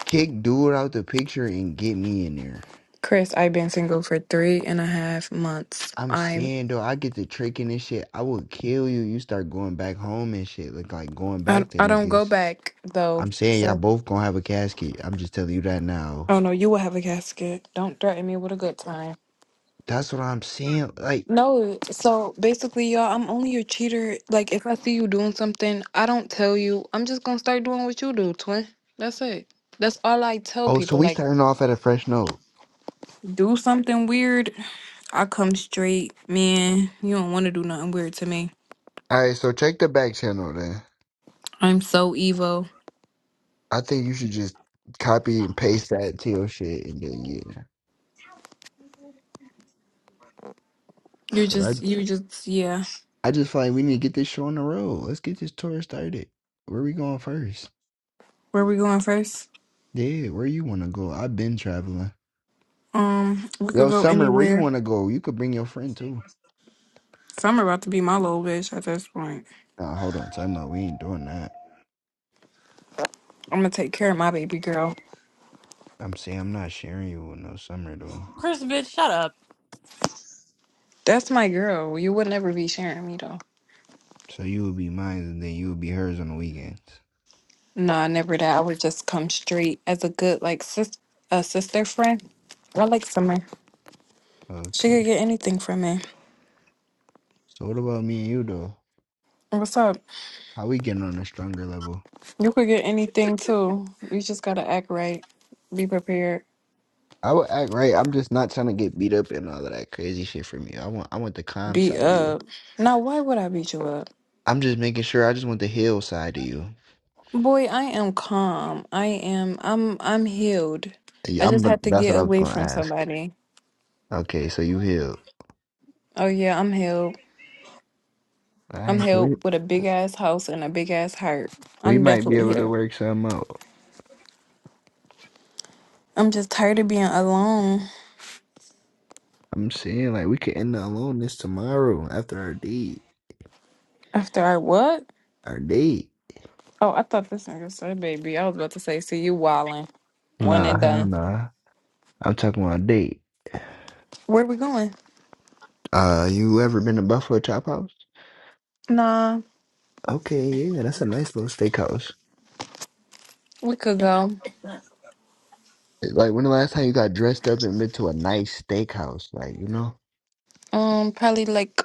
Speaker 3: kick dude out the picture and get me in there.
Speaker 1: Chris, I've been single for three and a half months.
Speaker 3: I'm
Speaker 1: I'm
Speaker 3: saying though, I get to tricking and shit. I would kill you. You start going back home and shit. Look like going
Speaker 1: I
Speaker 3: back to
Speaker 1: I don't go
Speaker 3: niggas.
Speaker 1: back though.
Speaker 3: I'm saying y'all
Speaker 1: So
Speaker 3: both gonna have a casket. I'm just telling you that now.
Speaker 1: oh no, you will have a casket. Don't threaten me with a good time.
Speaker 3: That's what I'm saying. Like,
Speaker 1: No, so basically, y'all, I'm only a cheater. Like, if I see you doing something, I don't tell you. I'm just gonna start doing what you do, twin. That's it. That's all I tell
Speaker 3: oh, so
Speaker 1: people.
Speaker 3: we
Speaker 1: Like,
Speaker 3: starting off at a fresh note.
Speaker 1: do something weird, I come straight. Man, you don't want to do nothing weird to me.
Speaker 3: All right, so check the back channel then.
Speaker 1: I'm so evil.
Speaker 3: I think you should just copy and paste that to your shit and then yeah.
Speaker 1: You're
Speaker 3: 'Cause I
Speaker 1: just, you just, yeah.
Speaker 3: I just feel like we need to get this show on the road. Let's get this tour started. Where we going first?
Speaker 1: Where we going first?
Speaker 3: Yeah, where you want to go? I've been traveling.
Speaker 1: Um, we could
Speaker 3: Yo,
Speaker 1: go
Speaker 3: Summer, where you
Speaker 1: anywhere.
Speaker 3: want to go? You could bring your friend too.
Speaker 1: So I'm about to be my little bitch at this point.
Speaker 3: Nah, hold on. Time out. We ain't doing that.
Speaker 1: I'm gonna take care of my baby girl.
Speaker 3: I'm saying I'm not sharing you with no Summer though.
Speaker 2: Chris, bitch, shut up.
Speaker 1: That's my girl. You would never be sharing me though.
Speaker 3: So you would be mine and then you would be hers on the weekends.
Speaker 1: No, never that. I would just come straight as a good like sis a sister friend. I like Summer. She
Speaker 3: Okay.
Speaker 1: could get anything from me.
Speaker 3: So what about me and you though?
Speaker 1: What's up?
Speaker 3: How we getting on a stronger level?
Speaker 1: You could get anything too. You just gotta act right. Be prepared.
Speaker 3: I would act right. I'm just not trying to get beat up and all of that crazy shit from you. I want I want the calm
Speaker 1: Be
Speaker 3: side of you.
Speaker 1: up. Now why would I beat you up?
Speaker 3: I'm just making sure I just want the heal side of you.
Speaker 1: Boy, I am calm. I am I'm I'm healed. I
Speaker 3: Yeah, I'm
Speaker 1: just had to
Speaker 3: that's what
Speaker 1: get
Speaker 3: I was
Speaker 1: away
Speaker 3: gonna
Speaker 1: from
Speaker 3: ask.
Speaker 1: somebody.
Speaker 3: Okay, so you healed.
Speaker 1: Oh yeah, I'm healed.
Speaker 3: All
Speaker 1: I'm
Speaker 3: right, so we
Speaker 1: healed with a big ass house and a big ass heart.
Speaker 3: We
Speaker 1: I'm
Speaker 3: might be
Speaker 1: definitely
Speaker 3: able to
Speaker 1: healed.
Speaker 3: work something out.
Speaker 1: I'm just tired of being alone.
Speaker 3: I'm saying like we could end the aloneness tomorrow after our date.
Speaker 1: After I what?
Speaker 3: Our date?
Speaker 1: Oh, I thought this nigga said baby. I was about to say, see you wildin'. One
Speaker 3: Nah,
Speaker 1: and
Speaker 3: hell
Speaker 1: done.
Speaker 3: nah. I'm talking about a date.
Speaker 1: Where we going?
Speaker 3: Uh, you ever been to Buffalo Chop House?
Speaker 1: Nah,
Speaker 3: Okay, yeah, that's a nice little steakhouse.
Speaker 1: we could go.
Speaker 3: Like when the last time you got dressed up and been to a nice steakhouse, like you know?
Speaker 1: Um, probably like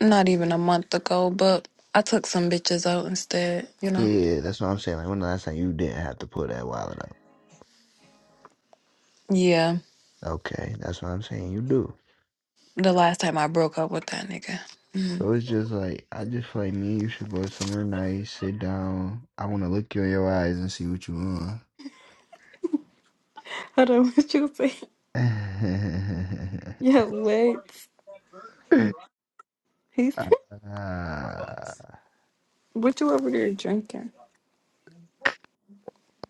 Speaker 1: not even a
Speaker 3: Mm.
Speaker 1: month ago, but I took some bitches out instead, you know?
Speaker 3: Yeah, that's what I'm saying. Like when the last time you didn't have to pull that wallet out?
Speaker 1: Yeah,
Speaker 3: Okay, that's what I'm saying. You do.
Speaker 1: the last time I broke up with that nigga. Mhm.
Speaker 3: So it's just like I just feel like me and you should go somewhere nice, sit down. I want to look you in your eyes and see what you want.
Speaker 1: Hold on, what you say? Yeah, wait. He's
Speaker 3: Ah,
Speaker 1: what you over there drinking?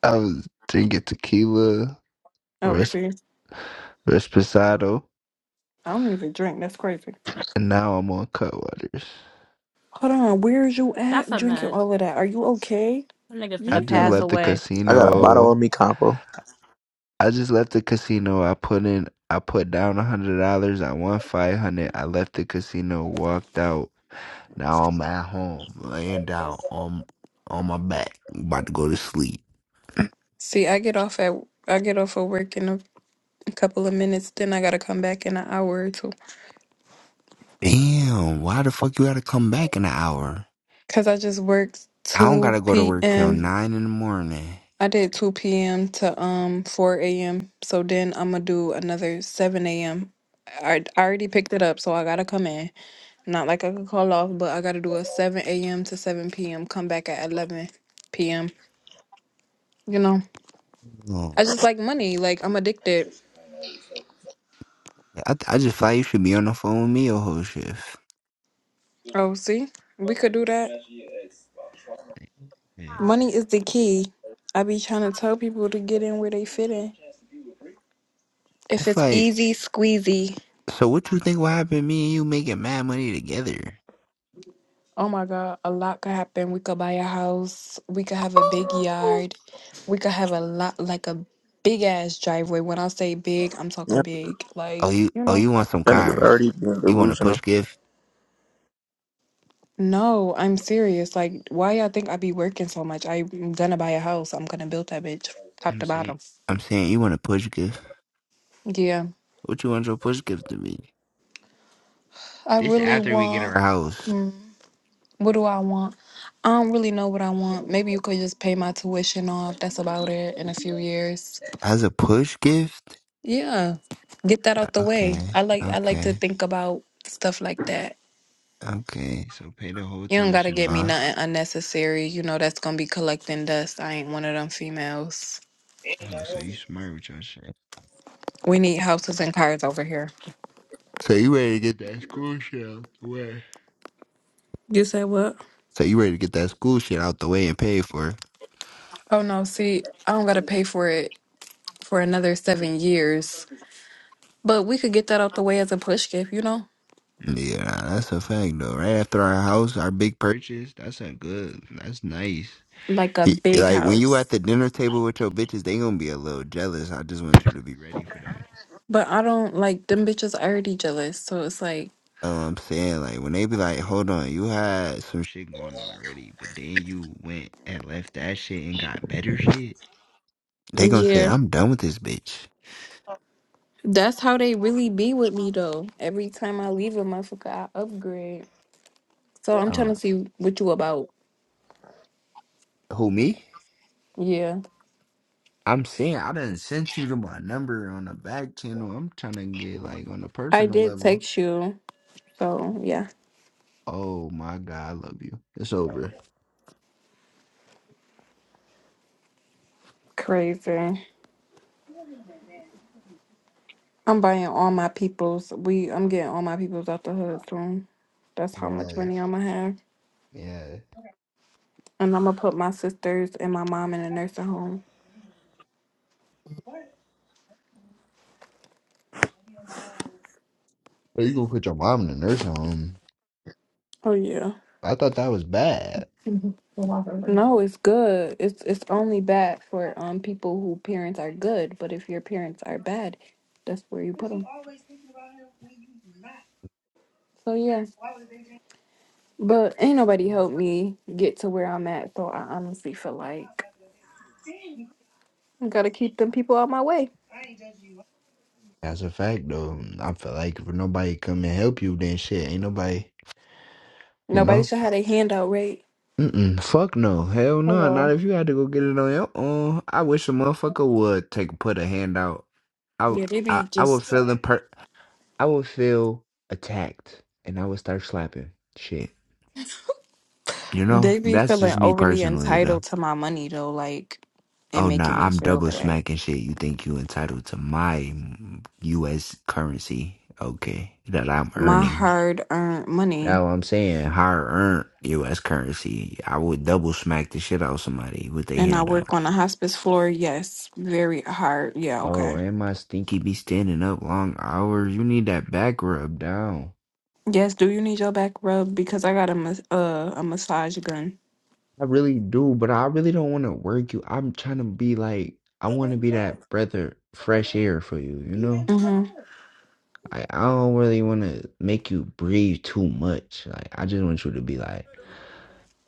Speaker 3: I was drinking tequila,
Speaker 1: Oh,
Speaker 3: res-
Speaker 1: see,
Speaker 3: Resposado,
Speaker 1: I don't even drink. That's crazy.
Speaker 3: and now I'm on Cutwaters.
Speaker 1: Hold on, where's you
Speaker 2: That's
Speaker 1: at
Speaker 2: a
Speaker 1: drinking
Speaker 2: mess.
Speaker 1: all of that? Are you okay?
Speaker 2: That nigga's
Speaker 3: I
Speaker 2: gonna
Speaker 3: just
Speaker 1: Yeah.
Speaker 2: pass
Speaker 3: left the
Speaker 2: away.
Speaker 4: I got a bottle
Speaker 3: casino.
Speaker 4: of me compo.
Speaker 3: I just left the casino. I put in, I put down a hundred dollars. I won five hundred. I left the casino, walked out. Now I'm at home, laying down on on my back, about to go to sleep.
Speaker 1: See, I get off at I get off of work in a, a couple of minutes. Then I gotta come back in an hour or two.
Speaker 3: Damn, why the fuck you gotta come back in an hour?
Speaker 1: Cause I just worked
Speaker 3: I don't
Speaker 1: two
Speaker 3: gotta go to work till
Speaker 1: p.m.
Speaker 3: nine in the morning.
Speaker 1: I did two p.m. to um four a.m. So then I'm gonna do another seven a.m. I, I already picked it up, so I gotta come in. Not like I could call off, but I gotta do a seven a.m. to seven p.m. Come back at eleven p.m. You know,
Speaker 3: Oh,
Speaker 1: I just like money. Like I'm addicted.
Speaker 3: I I just feel like you should be on the phone with me your whole shift.
Speaker 1: Oh, see, we could do that.
Speaker 3: Yeah.
Speaker 1: Money is the key. I be trying to tell people to get in where they fit in.
Speaker 3: I
Speaker 1: If
Speaker 3: feel
Speaker 1: it's
Speaker 3: like,
Speaker 1: easy, squeezy.
Speaker 3: so what you think will happen? Me and you making mad money together?
Speaker 1: Oh my God, a lot could happen. We could buy a house. We could have a big
Speaker 3: Ooh.
Speaker 1: yard. We could have a lot, like a big ass driveway. When I say big, I'm
Speaker 4: Yeah,
Speaker 1: talking big.
Speaker 3: Oh,
Speaker 1: Like,
Speaker 3: you
Speaker 1: you
Speaker 3: oh
Speaker 1: know.
Speaker 3: you want some
Speaker 4: that nigga's
Speaker 3: cars?
Speaker 4: already being
Speaker 3: You want a push
Speaker 4: delusional.
Speaker 3: gift?
Speaker 1: No, I'm serious. Like, why y'all think I be working so much? I'm gonna buy a house. I'm gonna build that bitch top
Speaker 3: I'm
Speaker 1: to
Speaker 3: saying
Speaker 1: bottom.
Speaker 3: I'm saying you want a push gift.
Speaker 1: Yeah.
Speaker 3: What you want your push gift to be?
Speaker 1: I
Speaker 3: This
Speaker 1: really
Speaker 3: after we get
Speaker 1: want.
Speaker 3: our house
Speaker 1: hmm. What do I want? I don't really know what I want. Maybe you could just pay my tuition off. That's about it in a few years.
Speaker 3: as a push gift.
Speaker 1: Yeah. Get that out the way.
Speaker 3: Okay,
Speaker 1: I like I like to
Speaker 3: okay,
Speaker 1: think about stuff like that.
Speaker 3: okay. So pay the whole
Speaker 1: You don't gotta
Speaker 3: tuition
Speaker 1: get me
Speaker 3: off.
Speaker 1: nothing unnecessary. You know that's gonna be collecting dust. I ain't one of them females.
Speaker 3: Oh, so you smart with your shit.
Speaker 1: We need houses and cars over here.
Speaker 3: So you ready to get that school shit out the way?
Speaker 1: You said what?
Speaker 3: So you ready to get that school shit out the way and pay for it?
Speaker 1: Oh no, see, I don't gotta pay for it for another seven years. But we could get that out the way as a push gift, you know?
Speaker 3: Yeah, nah, that's a fact though. Right after our house, our big purchase, that's a good. That's nice.
Speaker 1: Like a
Speaker 3: Y-
Speaker 1: big
Speaker 3: Like when you
Speaker 1: house.
Speaker 3: at the dinner table with your bitches, they gonna be a little jealous. I just want you to be ready for that.
Speaker 1: But I don't like them bitches already jealous. So it's like,
Speaker 3: Uh, I'm saying like when they be like, hold on, you had some shit going on already, but then you went and left that shit and got better shit. They gonna say,
Speaker 1: yeah,
Speaker 3: I'm done with this bitch.
Speaker 1: that's how they really be with me though. Every time I leave a motherfucker, I upgrade. So I'm trying
Speaker 3: Uh,
Speaker 1: to see what you about.
Speaker 3: who me?
Speaker 1: Yeah,
Speaker 3: I'm saying I done sent you to my number on the back channel. I'm trying to get like on the
Speaker 1: I
Speaker 3: personal
Speaker 1: did
Speaker 3: level.
Speaker 1: text you. So yeah,
Speaker 3: Oh my god, I love you. It's over.
Speaker 1: crazy. I'm buying all my peoples. We, I'm getting all my peoples out the hood soon. That's how much
Speaker 3: Yes,
Speaker 1: money I'm gonna have,
Speaker 3: yeah.
Speaker 1: and I'm gonna put my sisters and my mom in a nursing home.
Speaker 3: Or you gonna put your mom in the nursing home?
Speaker 1: Oh yeah.
Speaker 3: I thought that was bad.
Speaker 1: Mhm. No, it's good. It's it's only bad for um people who parents are good, but if your parents are bad, that's where you put them. So yeah, but ain't nobody helped me get to where I'm at. So I honestly feel like I gotta keep them people out my way.
Speaker 3: That's a fact, though. mm, I feel like if nobody come and help you, then shit, ain't nobody, you
Speaker 1: Nobody
Speaker 3: know.
Speaker 1: should have their hand out, right?
Speaker 3: Mm-mm, fuck no, hell no. Not
Speaker 1: Hello.
Speaker 3: if you had to go get it on your own. I wish a motherfucker would take put a hand out. I w-
Speaker 1: Yeah, they
Speaker 3: I,
Speaker 1: be
Speaker 3: I would
Speaker 1: just
Speaker 3: feel imper- I would feel attacked, and I would start slapping shit. You know,
Speaker 1: they be
Speaker 3: that's
Speaker 1: feeling
Speaker 3: just me
Speaker 1: overly
Speaker 3: personally, though.
Speaker 1: entitled to my money though, like and
Speaker 3: Oh
Speaker 1: making
Speaker 3: nah,
Speaker 1: me
Speaker 3: I'm
Speaker 1: feel
Speaker 3: double
Speaker 1: bad.
Speaker 3: smacking shit. You think you entitled to my mm, U.S. currency? Okay, that I'm
Speaker 1: My
Speaker 3: earning.
Speaker 1: hard earned money.
Speaker 3: That's what I'm saying. Higher earned U.S. currency. I would double smack the shit out of somebody with their
Speaker 1: And I
Speaker 3: hand out.
Speaker 1: work on a hospice floor. Yes, very hard. Yeah,
Speaker 3: Oh,
Speaker 1: okay.
Speaker 3: and my stinky be standing up long hours. You need that back rub down.
Speaker 1: Yes, do you need your back rubbed? Because I got a mas- uh, a massage gun.
Speaker 3: I really do, but I really don't want to work you. I'm trying to be like, I want to be that breath of fresh air for you, you know?
Speaker 1: Mm-hmm.
Speaker 3: I, I don't really want to make you breathe too much. Like, I just want you to be like,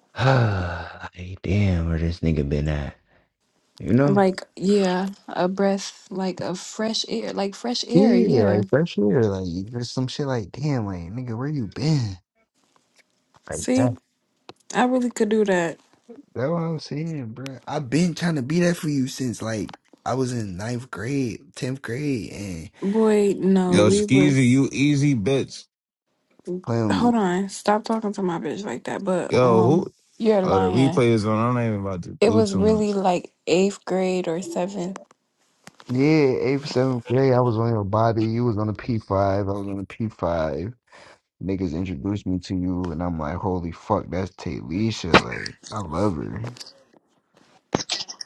Speaker 3: ah, like, damn, where this nigga been at, you know?
Speaker 1: Like, yeah, a breath, like a fresh air, like fresh air.
Speaker 3: Yeah,
Speaker 1: Yeah.
Speaker 3: like that shit, like there's some shit like, damn, like nigga, where you been? Like
Speaker 1: See,
Speaker 3: that.
Speaker 1: I really could do that.
Speaker 3: That's what I'm saying, bro. I've been trying to be that for you since like I was in ninth grade, tenth grade, and
Speaker 1: Boy, no,
Speaker 8: Yo,
Speaker 3: you
Speaker 1: we
Speaker 3: was p-
Speaker 8: Skeezy,
Speaker 1: was.
Speaker 8: you easy bitch.
Speaker 3: playing with me.
Speaker 1: Hold on, stop talking to my bitch like that. But
Speaker 8: Yo,
Speaker 1: um,
Speaker 8: who?
Speaker 1: you're
Speaker 8: Oh, the
Speaker 1: lying.
Speaker 8: replay is on. I'm not even about to
Speaker 1: It
Speaker 8: do
Speaker 1: was
Speaker 8: too much.
Speaker 1: really like eighth grade or seventh.
Speaker 3: Yeah, eighth, seventh grade, I was on your body. You was on the P five. I was on the P five. Niggas introduced me to you, and I'm like, holy fuck, that's Taylisha. Like, I love her.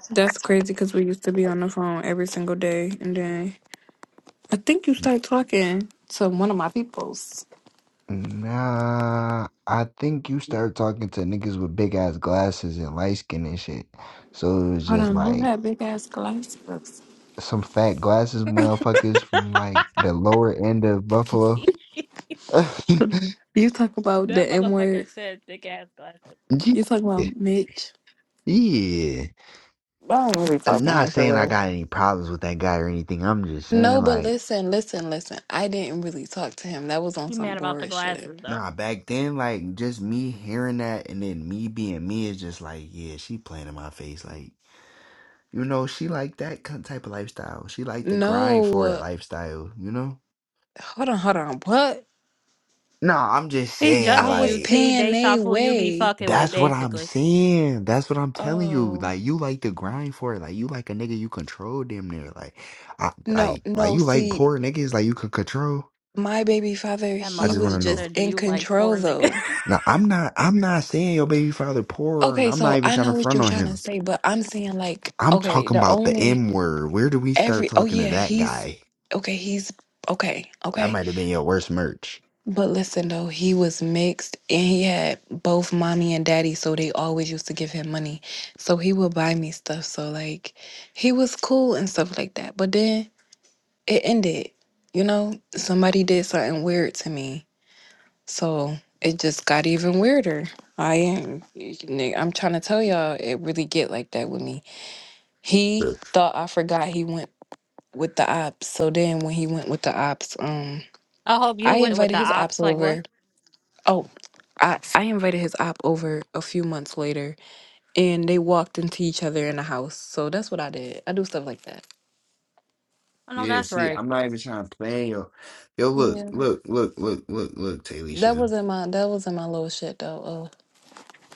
Speaker 1: That's crazy because we used to be on the phone every single day, and then I think you start talking to one of my peoples.
Speaker 3: Nah, I think you start talking to niggas with big ass glasses and light skin and shit. So it was
Speaker 1: Hold
Speaker 3: just
Speaker 1: on, who
Speaker 3: like
Speaker 1: had big ass glasses?
Speaker 3: some fat glasses
Speaker 2: that
Speaker 3: motherfuckers from like the lower end of Buffalo.
Speaker 1: You talk about the M word.
Speaker 2: motherfucker said thick ass glasses.
Speaker 1: You talk
Speaker 3: Yeah.
Speaker 1: about Mitch.
Speaker 3: Yeah.
Speaker 1: I don't really talk
Speaker 3: I'm
Speaker 1: to
Speaker 3: Not
Speaker 1: him for
Speaker 3: saying I
Speaker 1: real.
Speaker 3: got any problems with that guy or anything. I'm just saying
Speaker 1: No, but
Speaker 3: like
Speaker 1: listen, listen, listen. I didn't really talk to him. That was on
Speaker 2: You
Speaker 1: some
Speaker 2: mad about the
Speaker 1: bored shit.
Speaker 2: glasses though?
Speaker 3: nah back then like just me hearing that and then me being me is just like, yeah, she playing in my face like You know, she like that kin- type of lifestyle. She like the grind
Speaker 1: No,
Speaker 3: for it
Speaker 1: uh,
Speaker 3: lifestyle, you know?
Speaker 1: hold on, hold on. What?
Speaker 3: No, I'm just
Speaker 2: He
Speaker 3: saying,
Speaker 1: I
Speaker 2: judging
Speaker 1: was
Speaker 2: you,
Speaker 3: like,
Speaker 2: T,
Speaker 1: paying
Speaker 2: based
Speaker 1: a
Speaker 2: off who you be
Speaker 1: way.
Speaker 2: fucking with,
Speaker 3: that's what I'm
Speaker 2: basically.
Speaker 3: saying. That's what I'm telling you.
Speaker 1: Oh
Speaker 3: Like, you like the grind for it. Like, you like a nigga you control damn near. Like, I,
Speaker 1: no,
Speaker 3: like, like
Speaker 1: no.
Speaker 3: you like
Speaker 1: See,
Speaker 3: poor niggas, like you could control.
Speaker 1: my baby father,
Speaker 2: That
Speaker 3: I
Speaker 1: he
Speaker 3: just want
Speaker 1: was
Speaker 3: to
Speaker 2: motherfucker
Speaker 3: know.
Speaker 1: just
Speaker 2: said, "Do
Speaker 1: in
Speaker 2: you like
Speaker 1: control
Speaker 2: poor
Speaker 1: though.
Speaker 2: niggas?"
Speaker 3: Now, I'm not, I'm not saying your baby father poor, and
Speaker 1: Okay,
Speaker 3: I'm not
Speaker 1: so
Speaker 3: even
Speaker 1: I
Speaker 3: trying to
Speaker 1: know what
Speaker 3: front
Speaker 1: you're
Speaker 3: on
Speaker 1: trying to
Speaker 3: him.
Speaker 1: say, but I'm saying like,
Speaker 3: I'm
Speaker 1: okay,
Speaker 3: talking
Speaker 1: the
Speaker 3: about the
Speaker 1: only
Speaker 3: M word. Where do we start
Speaker 1: every oh
Speaker 3: talking to
Speaker 1: yeah,
Speaker 3: that
Speaker 1: he's
Speaker 3: guy?
Speaker 1: okay, he's okay,
Speaker 3: That
Speaker 1: okay.
Speaker 3: might have been your worst merch.
Speaker 1: But listen though, he was mixed and he had both mommy and daddy, so they always used to give him money. So he would buy me stuff. So like he was cool and stuff like that. But then it ended. You know, somebody did something weird to me. So it just got even weirder. I am I'm trying to tell y'all it really get like that with me. He
Speaker 3: Look,
Speaker 1: thought I forgot he went with the ops. So then when he went with the ops, um
Speaker 2: I hope you
Speaker 1: I
Speaker 2: went with
Speaker 1: invited
Speaker 2: the
Speaker 1: his ops
Speaker 2: ops. Like what?
Speaker 1: over. Oh, I, I invited his op over a few months later and they walked into each other in the house. So that's what I did. I do stuff like that.
Speaker 2: I know
Speaker 3: Yeah,
Speaker 2: that's
Speaker 3: see,
Speaker 2: right,
Speaker 3: I'm not even trying to play yo. Yo, look,
Speaker 1: Yeah.
Speaker 3: look, look, look, look, look,
Speaker 1: That
Speaker 3: Taylisha.
Speaker 1: wasn't my that wasn't my little shit though. Uh,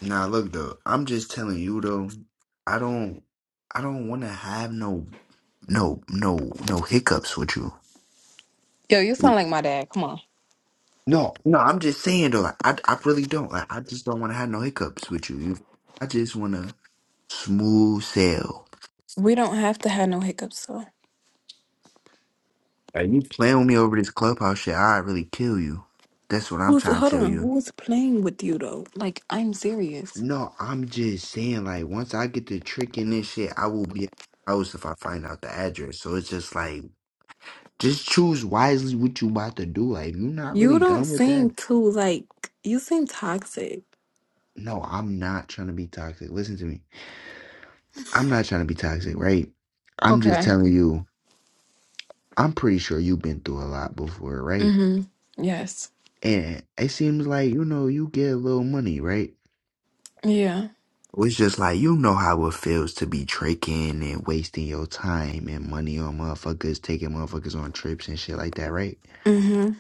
Speaker 3: Nah, look though. I'm just telling you though. I don't, I don't want to have no, no, no, no hiccups with you.
Speaker 1: yo, you sound like my dad. Come on.
Speaker 3: No, no, I'm just saying though. Like, I, I really don't. Like, I just don't want to have no hiccups with you. you I just want to smooth sail.
Speaker 1: We don't have to have no hiccups though.
Speaker 3: Are you playing with me over this clubhouse shit? I really kill you. That's what I'm
Speaker 1: Who's
Speaker 3: trying to
Speaker 1: hold
Speaker 3: tell
Speaker 1: on,
Speaker 3: you.
Speaker 1: who was playing with you though? Like I'm serious.
Speaker 3: No, I'm just saying, like, once I get the trick in this shit, I will be at the house if I find out the address. So it's just like, just choose wisely what you about to do. Like, if you're not
Speaker 1: You
Speaker 3: really
Speaker 1: don't
Speaker 3: done with
Speaker 1: seem
Speaker 3: that,
Speaker 1: too like you seem toxic.
Speaker 3: no, I'm not trying to be toxic. Listen to me. I'm not trying to be toxic, right? I'm just
Speaker 1: Okay.
Speaker 3: telling you, I'm pretty sure you've been through a lot before, right?
Speaker 1: hmm Yes.
Speaker 3: And it seems like, you know, you get a little money, right?
Speaker 1: Yeah.
Speaker 3: Well, It's just like you know how it feels to be tricking and wasting your time and money on motherfuckers, taking motherfuckers on trips and shit like that, right?
Speaker 1: hmm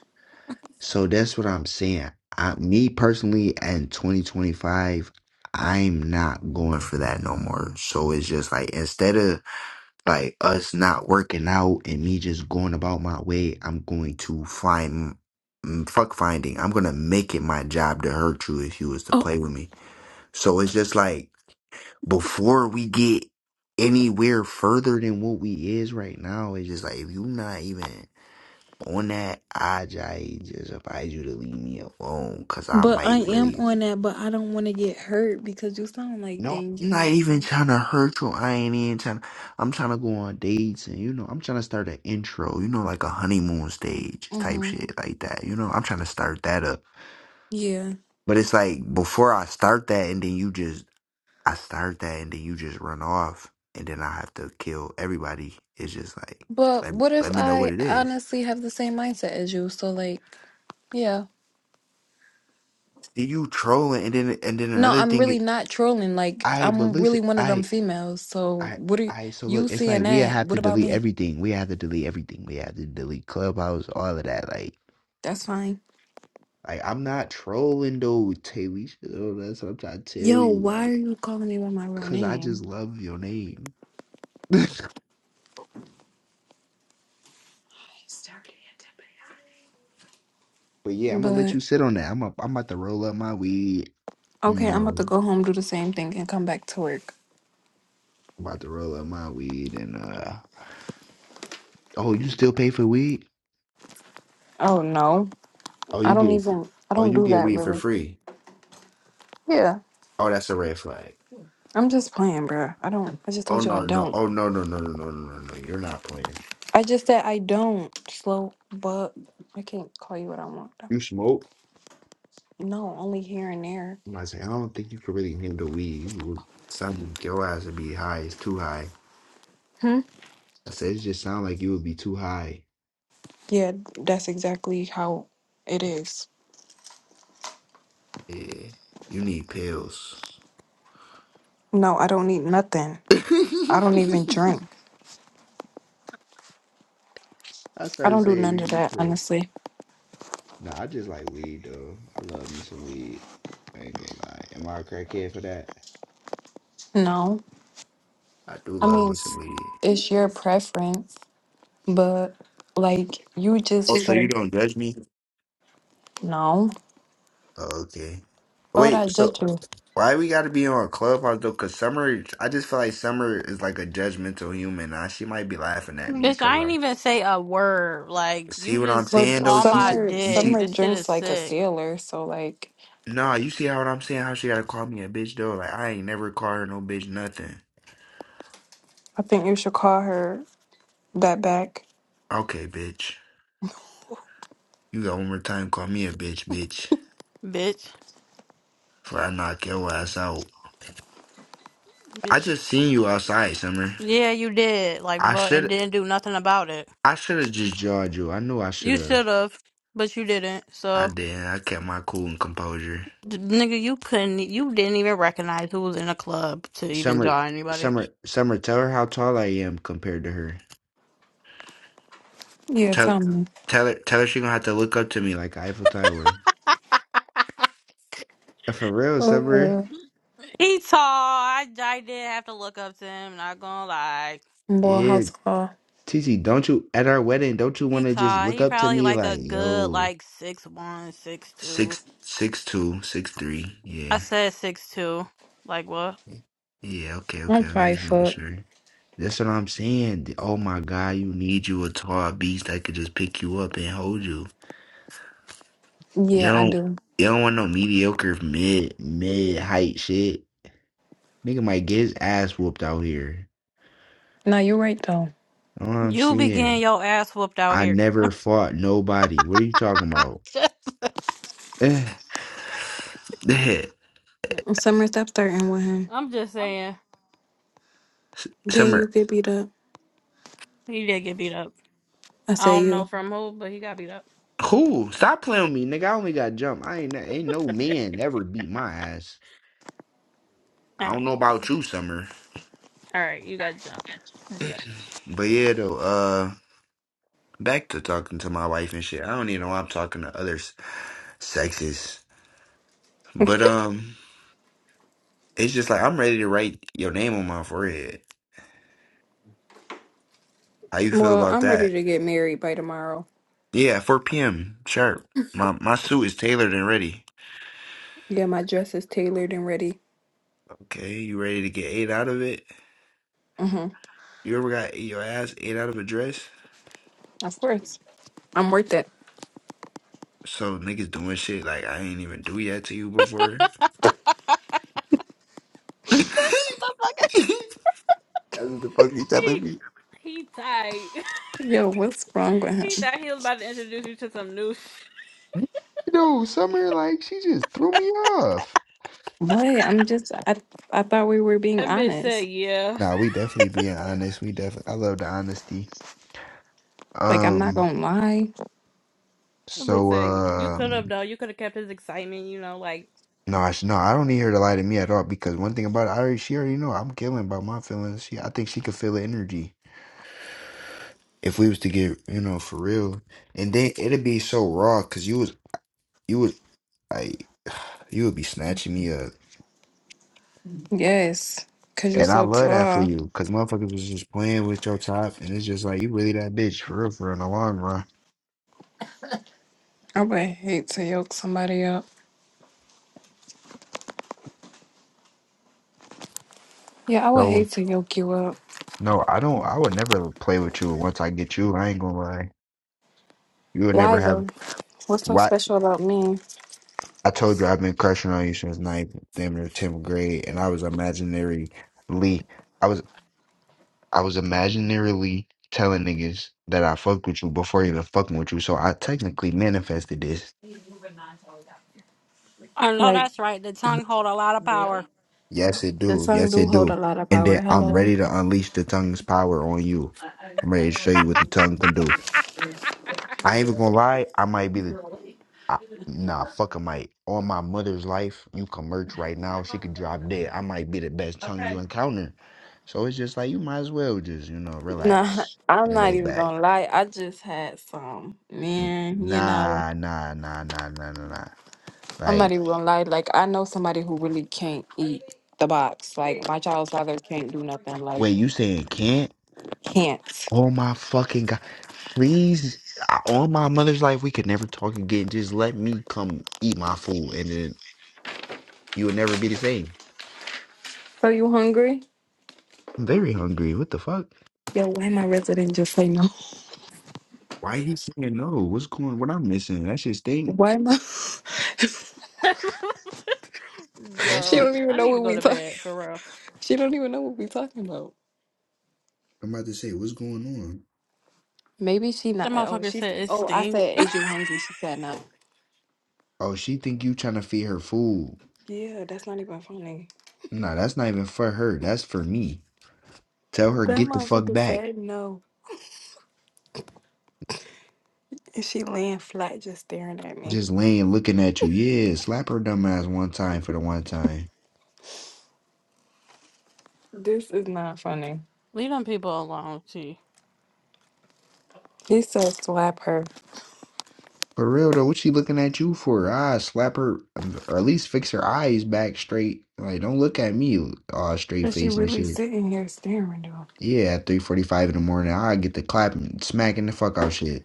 Speaker 3: So that's what I'm saying. I, me personally, in 2025, I'm not going for that no more. So it's just like instead of like us not working out and me just going about my way, I'm going to find mm, fuck finding. I'm gonna make it my job to hurt you if you was to
Speaker 1: Oh,
Speaker 3: play with me. So it's just like before we get anywhere further than what we is right now, it's just like if you not even on that, I just just advise you to leave me alone because I
Speaker 1: but I
Speaker 3: might
Speaker 1: am
Speaker 3: really
Speaker 1: on that, but I don't want to get hurt because you sound like
Speaker 3: no, I'm not
Speaker 1: dangerous.
Speaker 3: even trying to hurt you. I ain't even trying. I'm trying to go on dates and you know I'm trying to start an intro, you know, like a honeymoon stage type
Speaker 1: Mm-hmm.
Speaker 3: shit like that. You know, I'm trying to start that up.
Speaker 1: Yeah.
Speaker 3: But it's like before I start that, and then you just I start that and then you just run off and then I have to kill everybody. It's just like
Speaker 1: But
Speaker 3: let,
Speaker 1: what
Speaker 3: let
Speaker 1: if
Speaker 3: me know what
Speaker 1: I
Speaker 3: it is.
Speaker 1: honestly have the same mindset as you? So like, yeah.
Speaker 3: See you trolling and then and then
Speaker 1: No,
Speaker 3: another
Speaker 1: I'm really
Speaker 3: thing
Speaker 1: not trolling. Like,
Speaker 3: I but
Speaker 1: I'm
Speaker 3: listen
Speaker 1: really one of them
Speaker 3: I
Speaker 1: females. So
Speaker 3: I
Speaker 1: what are
Speaker 3: I so look
Speaker 1: you
Speaker 3: it's like
Speaker 1: seeing
Speaker 3: we
Speaker 1: that?
Speaker 3: have to
Speaker 1: What about
Speaker 3: delete
Speaker 1: me?
Speaker 3: everything. We have to delete everything. We have to delete clubhouse, all of that. Like
Speaker 1: That's fine.
Speaker 3: like I'm not trolling though, Tay. We should oh, that's what I'm trying to tell
Speaker 1: Yo,
Speaker 3: you,
Speaker 1: why are
Speaker 3: like,
Speaker 1: you calling me by my real
Speaker 3: cause I
Speaker 1: name?
Speaker 3: just love your name. but yeah, I'm gonna let
Speaker 1: But
Speaker 3: you sit on that. I'm a, I'm about to roll up my weed. You
Speaker 1: okay, I'm about
Speaker 3: know.
Speaker 1: to go home, do the same thing, and come back to work.
Speaker 3: I'm about to roll up my weed and uh oh, you still pay for weed?
Speaker 1: Oh no,
Speaker 3: Oh, you
Speaker 1: I don't
Speaker 3: get
Speaker 1: even. I
Speaker 3: oh,
Speaker 1: don't
Speaker 3: you
Speaker 1: do
Speaker 3: get
Speaker 1: that
Speaker 3: weed for
Speaker 1: really.
Speaker 3: free.
Speaker 1: Yeah,
Speaker 3: Oh, that's a red flag.
Speaker 1: I'm just playing, bro. I don't. I just
Speaker 3: Oh
Speaker 1: told you I
Speaker 3: no, no,
Speaker 1: don't.
Speaker 3: oh no, no, no, no, no, no, no, no. You're not playing.
Speaker 1: I just said I don't. Slow, but I can't call you what I want.
Speaker 3: You smoke?
Speaker 1: No, only here and there.
Speaker 3: I'm not saying I don't think you can really handle weed. You would, some your ass would be high. It's too high.
Speaker 1: Hmm.
Speaker 3: I said it just sound like you would be too high.
Speaker 1: Yeah, that's exactly how it is.
Speaker 3: Yeah, you need pills.
Speaker 1: No, I don't need nothing. I don't even drink.
Speaker 3: I
Speaker 1: I
Speaker 3: started
Speaker 1: don't do
Speaker 3: saying you
Speaker 1: none of
Speaker 3: need
Speaker 1: that,
Speaker 3: pills.
Speaker 1: honestly.
Speaker 3: Nah, I just like weed though. I love me some weed. I ain't gonna lie. Am I a crackhead for that?
Speaker 1: No,
Speaker 3: I do
Speaker 1: I
Speaker 3: love
Speaker 1: mean
Speaker 3: me some
Speaker 1: it's,
Speaker 3: weed.
Speaker 1: it's your preference, but like you just
Speaker 3: Oh, so you
Speaker 1: said,
Speaker 3: don't judge me?
Speaker 1: no.
Speaker 3: Oh, okay.
Speaker 1: Why would I
Speaker 3: Wait, so
Speaker 1: judge you?
Speaker 3: why we gotta be on a clubhouse though? Cause Summer, I just feel like Summer is like a judgmental human. Now she might be laughing at me.
Speaker 2: bitch.
Speaker 3: Cause
Speaker 2: I ain't
Speaker 3: I'm
Speaker 2: even say a word. Like
Speaker 3: see
Speaker 2: you
Speaker 3: what I'm
Speaker 2: just
Speaker 3: saying
Speaker 1: But
Speaker 3: though.
Speaker 2: on
Speaker 3: She
Speaker 2: my
Speaker 3: see,
Speaker 1: Summer
Speaker 3: you
Speaker 2: dick.
Speaker 3: see,
Speaker 1: Summer
Speaker 2: This shit
Speaker 1: drinks
Speaker 2: is
Speaker 1: like a
Speaker 2: sick,
Speaker 1: sailor, so like
Speaker 3: nah, you see how what I'm saying? How she gotta call me a bitch though? Like I ain't never called her no bitch nothing.
Speaker 1: I think you should call her that back.
Speaker 3: Okay, bitch, you got one more time. Call me a bitch, bitch,
Speaker 2: bitch.
Speaker 3: for I knock your ass out. I
Speaker 2: Bitch.
Speaker 3: just seen you outside, Summer.
Speaker 2: Yeah, you did. Like,
Speaker 3: I
Speaker 2: but and
Speaker 3: should
Speaker 2: didn't do nothing about it.
Speaker 3: I should have just jawed you. I knew I should
Speaker 2: You
Speaker 3: have.
Speaker 2: should have, but you didn't.
Speaker 3: I
Speaker 2: So,
Speaker 3: did. I kept my cool and composure.
Speaker 2: d- nigga, you couldn't. e, You didn't even recognize who was in the club to even
Speaker 3: Summer,
Speaker 2: draw anybody.
Speaker 3: Summer, Summer. Tell her how tall I am compared to her.
Speaker 1: Yeah,
Speaker 3: Tell,
Speaker 1: tell me.
Speaker 3: tell her, tell her she gonna have to look up to me like Eiffel Tower. For real, Summer.
Speaker 1: Uh,
Speaker 2: he tall. I I did have to look up to him. Not gonna lie.
Speaker 1: boy,
Speaker 3: Yeah,
Speaker 1: house call.
Speaker 3: TC. Don't you at our wedding? Don't you want
Speaker 2: He
Speaker 3: to just
Speaker 2: tall.
Speaker 3: look
Speaker 2: He
Speaker 3: up to
Speaker 2: probably
Speaker 3: me
Speaker 2: like a
Speaker 3: like
Speaker 2: good
Speaker 3: yo?
Speaker 2: like six one, six two.
Speaker 3: Six, six two, six three. Yeah.
Speaker 2: I said six two. Like what?
Speaker 3: Yeah, okay,
Speaker 1: I'm
Speaker 3: okay. I
Speaker 1: probably
Speaker 3: just making
Speaker 1: fucked.
Speaker 3: sure. That's what I'm saying. The- Oh my God, you need you a tall beast that could just pick you up and hold you. You
Speaker 1: Yeah, I
Speaker 3: don't,
Speaker 1: do.
Speaker 3: you don't want no mediocre mid mid height shit. Nigga might get his ass whooped out here.
Speaker 1: No, you're right though.
Speaker 3: That's what I'm
Speaker 2: You be getting
Speaker 3: saying.
Speaker 2: your ass whooped out
Speaker 3: I
Speaker 2: here.
Speaker 3: never fought nobody. What are you talking about?
Speaker 2: Just-
Speaker 3: Eh. Eh.
Speaker 1: Summer, stop starting with him.
Speaker 2: I'm just saying.
Speaker 3: S-
Speaker 1: Then you
Speaker 3: Summer,
Speaker 1: get beat up.
Speaker 2: He did get beat up.
Speaker 1: I
Speaker 2: I
Speaker 1: say
Speaker 2: don't know
Speaker 1: you.
Speaker 2: from who, but he got beat up.
Speaker 3: who? Stop playing with me, nigga. I only got jump. I ain't ain't no man ever beat my ass.
Speaker 2: All
Speaker 3: I don't
Speaker 2: right,
Speaker 3: know about you, Summer.
Speaker 2: all right, you got jump. Okay,
Speaker 3: But yeah, though, uh, back to talking to my wife and shit. I don't even know why I'm talking to other s- sexes. But, um, it's just like I'm ready to write your name on my forehead. How you feel
Speaker 1: Well,
Speaker 3: about
Speaker 1: I'm ready
Speaker 3: that?
Speaker 1: to get married by tomorrow.
Speaker 3: Yeah, 4 p.m. sharp. My my suit is tailored and ready.
Speaker 1: Yeah, my dress is tailored and ready.
Speaker 3: Okay, you ready to get ate out of it?
Speaker 1: Mm-hmm.
Speaker 3: You ever got your ass ate out of a dress?
Speaker 1: Of course. I'm worth it.
Speaker 3: So niggas doing shit like I ain't even do that to you before.
Speaker 2: I'm like,
Speaker 3: That's what the fuck you telling
Speaker 2: he
Speaker 3: me?
Speaker 2: he tight.
Speaker 1: Yo, what's wrong with
Speaker 2: he
Speaker 1: him?
Speaker 2: thought he was about to introduce you to some new. Sh-
Speaker 3: No, Summer, like, she just threw me off.
Speaker 1: What? I'm just I I thought we were being
Speaker 2: that bitch
Speaker 1: honest.
Speaker 2: said, "Yeah."
Speaker 3: Nah, we definitely being honest. We definitely, I love the honesty.
Speaker 1: Like, I'm not
Speaker 3: Um,
Speaker 1: gonna lie.
Speaker 2: That bitch
Speaker 3: so
Speaker 2: said, "You could have
Speaker 3: um,
Speaker 2: though. You could have kept his excitement. You know, like."
Speaker 3: no, I sh- no, I don't need her to lie to me at all because one thing about it, I already, she already know I'm killing about my feelings. She, I think she could feel the energy if we was to get, you know, for real. And then it'd be so raw because you was, you was like, you would be snatching me up,
Speaker 1: Yes, because you're
Speaker 3: and I
Speaker 1: so
Speaker 3: love that for
Speaker 1: tall.
Speaker 3: you because motherfuckers was just playing with your top, and it's just like you really that bitch for real, for real in the long run.
Speaker 1: I would hate to yoke somebody up. Yeah, I would
Speaker 3: So.
Speaker 1: hate to yoke you up.
Speaker 3: No, I don't. I would never play with you once I get you. I ain't gonna lie. You would never
Speaker 1: Why
Speaker 3: have.
Speaker 1: though? What's so
Speaker 3: what
Speaker 1: special about me?
Speaker 3: I told you I've been crushing on you since ninth, damn near tenth grade, and I was imaginarily, I was I was imaginarily telling niggas that I fucked with you before even fucking with you. So I technically manifested this.
Speaker 2: I know
Speaker 1: Like,
Speaker 2: that's right. The tongue hold a lot of power.
Speaker 3: Yes, it
Speaker 1: the
Speaker 3: do.
Speaker 1: tongue
Speaker 3: Yes,
Speaker 1: do
Speaker 3: it
Speaker 1: hold a
Speaker 3: do.
Speaker 1: lot of
Speaker 3: And
Speaker 1: power.
Speaker 3: then I'm
Speaker 1: Hello.
Speaker 3: ready to unleash the tongue's power on you. I'm ready to show you what the tongue can do. I ain't even gonna lie. I might be the I, nah, fuck a mic. On my mother's life, you can merch right now. She could drop dead. I might be the best tongue you encounter. So it's just like you might as well just you know
Speaker 1: Nah,
Speaker 3: relax
Speaker 1: I'm
Speaker 3: and
Speaker 1: not
Speaker 3: lay
Speaker 1: even
Speaker 3: back.
Speaker 1: gonna lie. I just had some,
Speaker 3: N-
Speaker 1: man, you know.
Speaker 3: Nah, nah, nah, nah, nah, nah, nah.
Speaker 1: I'm not
Speaker 3: Like,
Speaker 1: even gonna lie. Like, I know somebody who really can't eat the box. Like, my child's father can't do nothing. Like,
Speaker 3: wait, you saying can't?
Speaker 1: can't.
Speaker 3: Oh my fucking god! Please, I- on my mother's life, we could never talk again. Just let me come eat my food, and then you would never be the same.
Speaker 1: So, you hungry?
Speaker 3: I'm very hungry. What the fuck?
Speaker 1: Yo, why my resident just say no?
Speaker 3: Why he saying no? What's going? What I'm missing? That shit stink.
Speaker 1: Why my
Speaker 3: That
Speaker 1: She
Speaker 3: shit.
Speaker 2: Yo,
Speaker 1: don't even
Speaker 2: I
Speaker 1: know
Speaker 2: need to
Speaker 1: what
Speaker 2: go
Speaker 1: we
Speaker 2: to
Speaker 1: talk.
Speaker 2: bed for real.
Speaker 1: She don't even know what we talking about.
Speaker 3: I'm about to say, what's going on?
Speaker 1: Maybe she
Speaker 2: The
Speaker 1: not. Oh,
Speaker 2: motherfucker
Speaker 1: she. s-
Speaker 2: said it
Speaker 1: Oh, I
Speaker 2: stink.
Speaker 1: said, "Is you hungry?" She said no.
Speaker 3: Oh, she think you trying to feed her food.
Speaker 1: Yeah, that's not even funny.
Speaker 3: Nah, that's not even for her. That's for me. Tell her
Speaker 1: That
Speaker 3: get the fuck
Speaker 1: motherfucker
Speaker 3: back.
Speaker 1: said no, and she laying flat, just staring at me.
Speaker 3: Just laying looking at you. Yeah, slap her dumb ass one time for the one time.
Speaker 1: This is not funny.
Speaker 2: Leave them people alone, T.
Speaker 1: He said, "Slap her,"
Speaker 3: For real though, what she looking at you for? Ah, slap her um, or at least fix her eyes back straight. Like, don't look at me all straight
Speaker 1: and she
Speaker 3: face and
Speaker 1: really
Speaker 3: shit.
Speaker 1: sitting here staring though.
Speaker 3: Yeah, at three forty five in the morning, I get the clapping, smacking the fuck out shit.